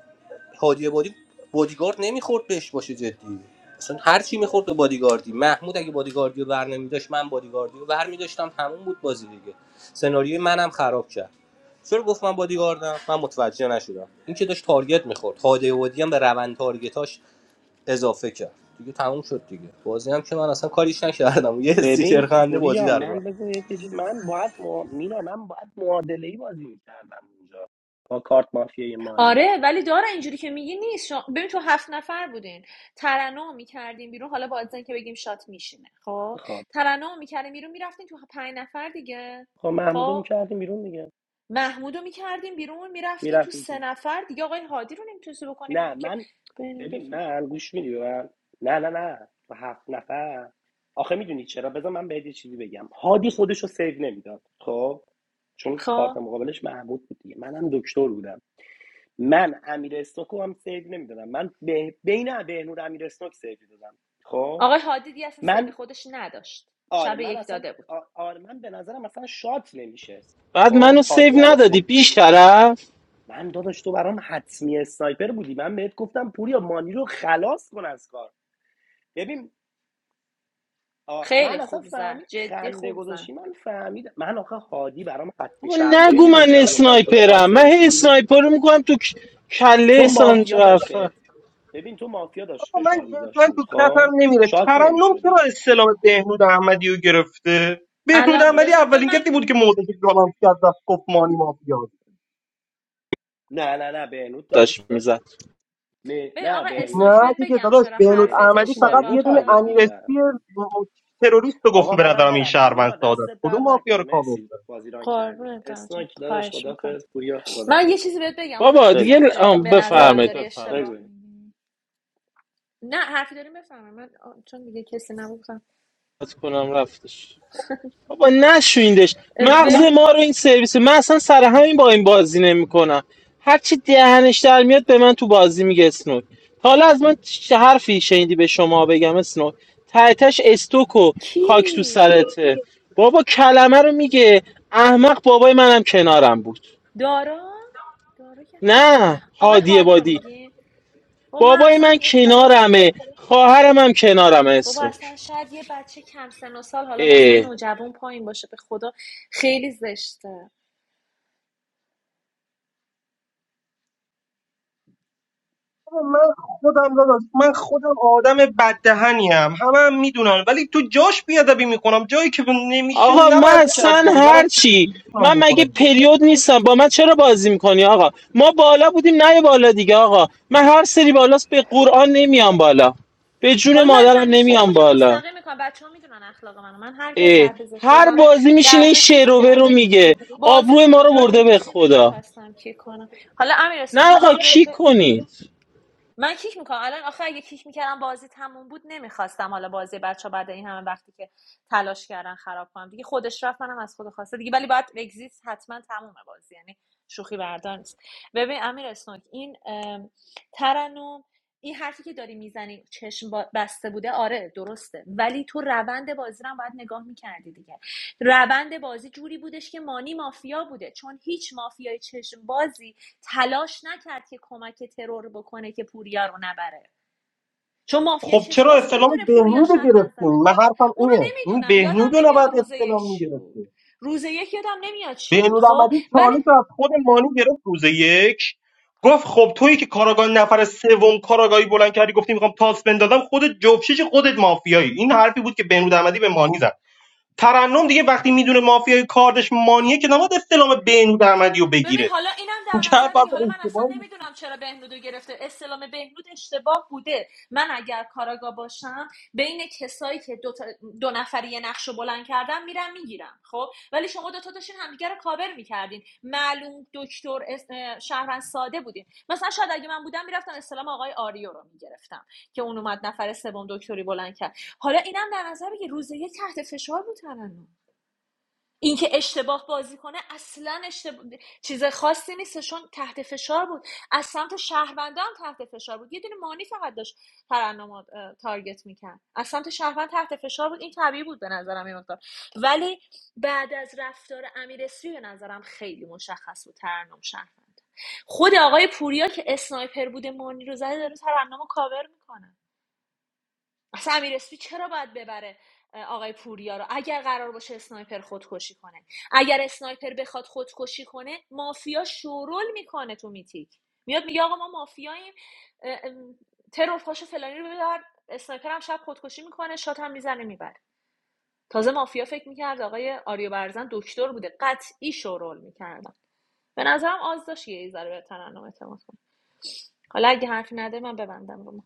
هادی بادی بادیگارد نمیخورد بهش باشه جدی اصلا هر چی میخورد به بادیگاردی محمود اگه بادیگاردی رو بر نمیداشت من بادیگاردی رو بر میداشتم تموم بود بازی دیگه سناریوی منم خراب کرد چرا گفت من بادیگاردم من متوجه نشدم این که داشت تارگت میخورد هادی بادی هم به روند تارگتاش اضافه کرد دیگه تموم شد دیگه بازی هم که من اصلا کاریش نکردم یه استیکر ببین خنده بازی پوریا در من اومد بذار یه چیزی- من باید مع... مینا من باید معادله ای بازی میکردم اونجا با کارت مافیای مانی آره ولی داره اینجوری که میگی نیست شما- ببین تو هفت نفر بودین ترنم میکردیم بیرون حالا با ازن که بگیم شات میشینه خب خب ترنم میکردیم بیرون میرفتین تو پنج نفر دیگه خب محمودو خب میکردیم بیرون دیگه محمودو میکردیم بیرون میرفتین تو سه میرفتیم نفر دیگه آقای هادی رو نمیتونستی بکنی نه بیرون که من بین این ببین من گوش میدی به من نه نه نه تو هفت نفر آخه میدونی چرا بذار من بهت یه چیزی بگم هادی خودش رو سیو نمیداد خب چون کارت خب مقابلش محمود بود دیگه منم دکتر بودم من امیر استوک هم سیو نمیدادم من به... بین بهنور امیر استوک سیو دادم خب آقای هادی دیگه اصلا سیو من خودش نداشت آره شب من یک اصلا داده بود آ- آره من به نظرم اصلا شات نمیشه بعد منو خب سیو هادی منو ندادی سیو بیش طرف من داداش تو برام حتمی اسنایپر بودی من بهت گفتم پوریا مانی رو خلاص کن از کار ببین آ، خیلی من اصلا خوب زد فهمید جدی خنده خوب زد گذاشتی من فهمید من آخه هادی برام حتمی بابا شد ببین نگو میدونی من چرا گفتم تو اسنایپرم شات من هی نمیشی اسنایپر رو میکنم تو ک- تو کله سان مافیا داشت جعفر بهت ببین تو مافیا داشت آقا من فشار میذاشت جدا تو بود کتم خب نمیره شات ترنم چرا نمیشدی استلام بهنود احمدی رو گرفته بهنود الان احمدی بذار به اولین من کسی بود که موضوعش رو جالان کرد رفت گفت مانی مافیا نه نه نه بهنود داشت داداش داشت میزد می- ببین نه آقا بهنود اسنوک نه بهت دیگه بگم داداش چرا بهنود بهنود حرفت احمدی داشت فقط مانی رو یه دونه تارگت اشتباهه امیرسی میکرد تروریست رو گفت آقا به منم نظرم این برم شهروند مینا ساده است دستت در کدوم مافیا نکنه رو کاور کرد مرسی بازیران کردی قربونت برم جان. اسناک داداش خواهش میکنم خدافظ پوریا من یه خدافظ چیزی بهت بگم آقا بابا بگو دیگه اسنوک ل- داری آه، به برم نظرم بفرمایید داری بفرمایید بگو اشتباه بگو. میگی نه حرفی داری بفهمم من آ، چون دیگه کسی نبودم از کنم رفتش بابا نشویندش اه، مغز بم... ما رو این سرویس من اصلا سر همین با این بازی نمیکنم هرچی دهنش در میاد به من تو بازی میگه اسنوک تا حالا از من چه حرفی شنیدی به شما بگم اسنوک تهتش استوک و خاک تو کی سرته بابا کلمه رو میگه احمق بابای منم کنارم بود دارا دارا که چیزه نه آقای هادی هادی رو بادی میگی و من بابای اصلا من یه حالا کنارمه خواهرم هم کنارمه بابا اصلا اسنوک شاید یه بچه کم سن و سال حالا مثلا نوجوان پایین باشه به خدا خیلی زشته من خودم داداش من خودم آدم بددهنی هم همه هم میدونن ولی تو جاش بیادبی میکنم جایی که نمیشه آقا من نباید کرد اصلا دیگه منم هرچی میتونم من بکنم مگه دیگه پریود نیستم با من چرا بازی میکنی آقا ما بالا بودیم نه یه بالا دیگه آقا من هر سری بالاست به قرآن نمیام بالا به جون حالا من مادرم همیشه نمیام کیک بالا مستقیم میکنم بچه ها میدونن اخلاق منو من هر کس اه. حرف زشت رو هر زنه بازی میشینه این درجا کیک شعر و رو میکنم میگه بازی آبروی تو ما رو جایی برده به بودش که خدا نمیخواستم کیک کنم حالا امیر که نه یه آقا چیزی بهت کی کنید من کیک میکنم الان آخه اگه کیک میکردم بازی تموم بود نمیخواستم حالا بازی بچه بعد این همه وقتی که تلاش کردن خراب کنم دیگه خودش رفت منم از خود خواسته دیگه ولی باید اگزیست حتما تمومه بازی یعنی شوخی بردار نیست ببین امیر اسنوک این ام، ترنم این حرفی که داری میزنی چشم با- بسته بوده آره درسته ولی تو روند بازی رو هم باید نگاه میکردی دیگه روند بازی جوری بودش که مانی مافیا بوده چون هیچ مافیای چشم بازی تلاش نکرد که کمک ترور بکنه که پوریا رو نبره چون مافیا خب شش چرا باز که اسلام میدونه پوریا بهنود رو شهروند گرفتیم زده من حرفم اونو اینه این نمیدونم یادم بهنود رو نمیاد نباید روز یک اسلام چی بود میگرفتیم روز یک یادم نمیاد چی بود بهنود خب احمدی ولی چالش رو از خود مانی گرفت روز یک گفت خب تویی که کاراگاه نفر سوم کاراگاهی بلند کردی گفتی میخوام تاس بندازم خودت جفشش خودت مافیایی این حرفی بود که بهنود احمدی به مانی زد ترنم دیگه وقتی میدونه مافیای کاردش مانیه که نباید استلام بینود احمدی رو ببین بگیره حالا اینم این در نظر حرف بگی حالا من اصلا اشتباهی نمیدونم چرا بهنودو گرفته استلام بهنود اشتباه بوده من اگر کاراگاه باشم بین کسایی که دو, تا- دو نفری یه نقش رو بلند کردن میرم میگیرم خب ولی شما دوتا داشتین همدیگه رو کاور میکردین معلوم دکتر اس- اه، شهروند ساده بودین مثلا شاید اگه من بودم میرفتم استلام آقای آریو رو میگرفتم که اون اومد نفر سوم دکتری بلند کرد حالا اینم در نظر بگی روز یک تحت فشار بود ترنم اینکه اشتباه بازی کنه اصلا اشتباه چیز خاصی نیست چون تحت فشار بود از سمت شهروندا هم تحت فشار بود یه دونه مانی فقط داشت ترنم رو، اه، تارگت میکرد از سمت شهروند تحت فشار بود این طبیعی بود به نظرم این مقدار ولی بعد از رفتار امیر اسری به نظرم خیلی مشخص بود ترنم شهروند خود آقای پوریا که اسنایپر بوده مانی رو زده داره ترنم رو کاور میکنه اصلا امیر اسپی چرا باید ببره آقای پوریا رو اگر قرار باشه اسنایپر خودکشی کنه اگر اسنایپر بخواد خودکشی کنه مافیا شورول میکنه تو میتیک میاد میگه آقا ما مافیاییم اه، ترور پاشو فلانی رو ببر اسنایپر هم شب خودکشی میکنه شات هم میزنه میبره تازه مافیا فکر میکرد آقای آریو برزن دکتر بوده قطعی شورول میکردن به نظرم آز داشت یه ذره به ترنم اعتماد کنه حالا اگه حرفی نده من ببندم رو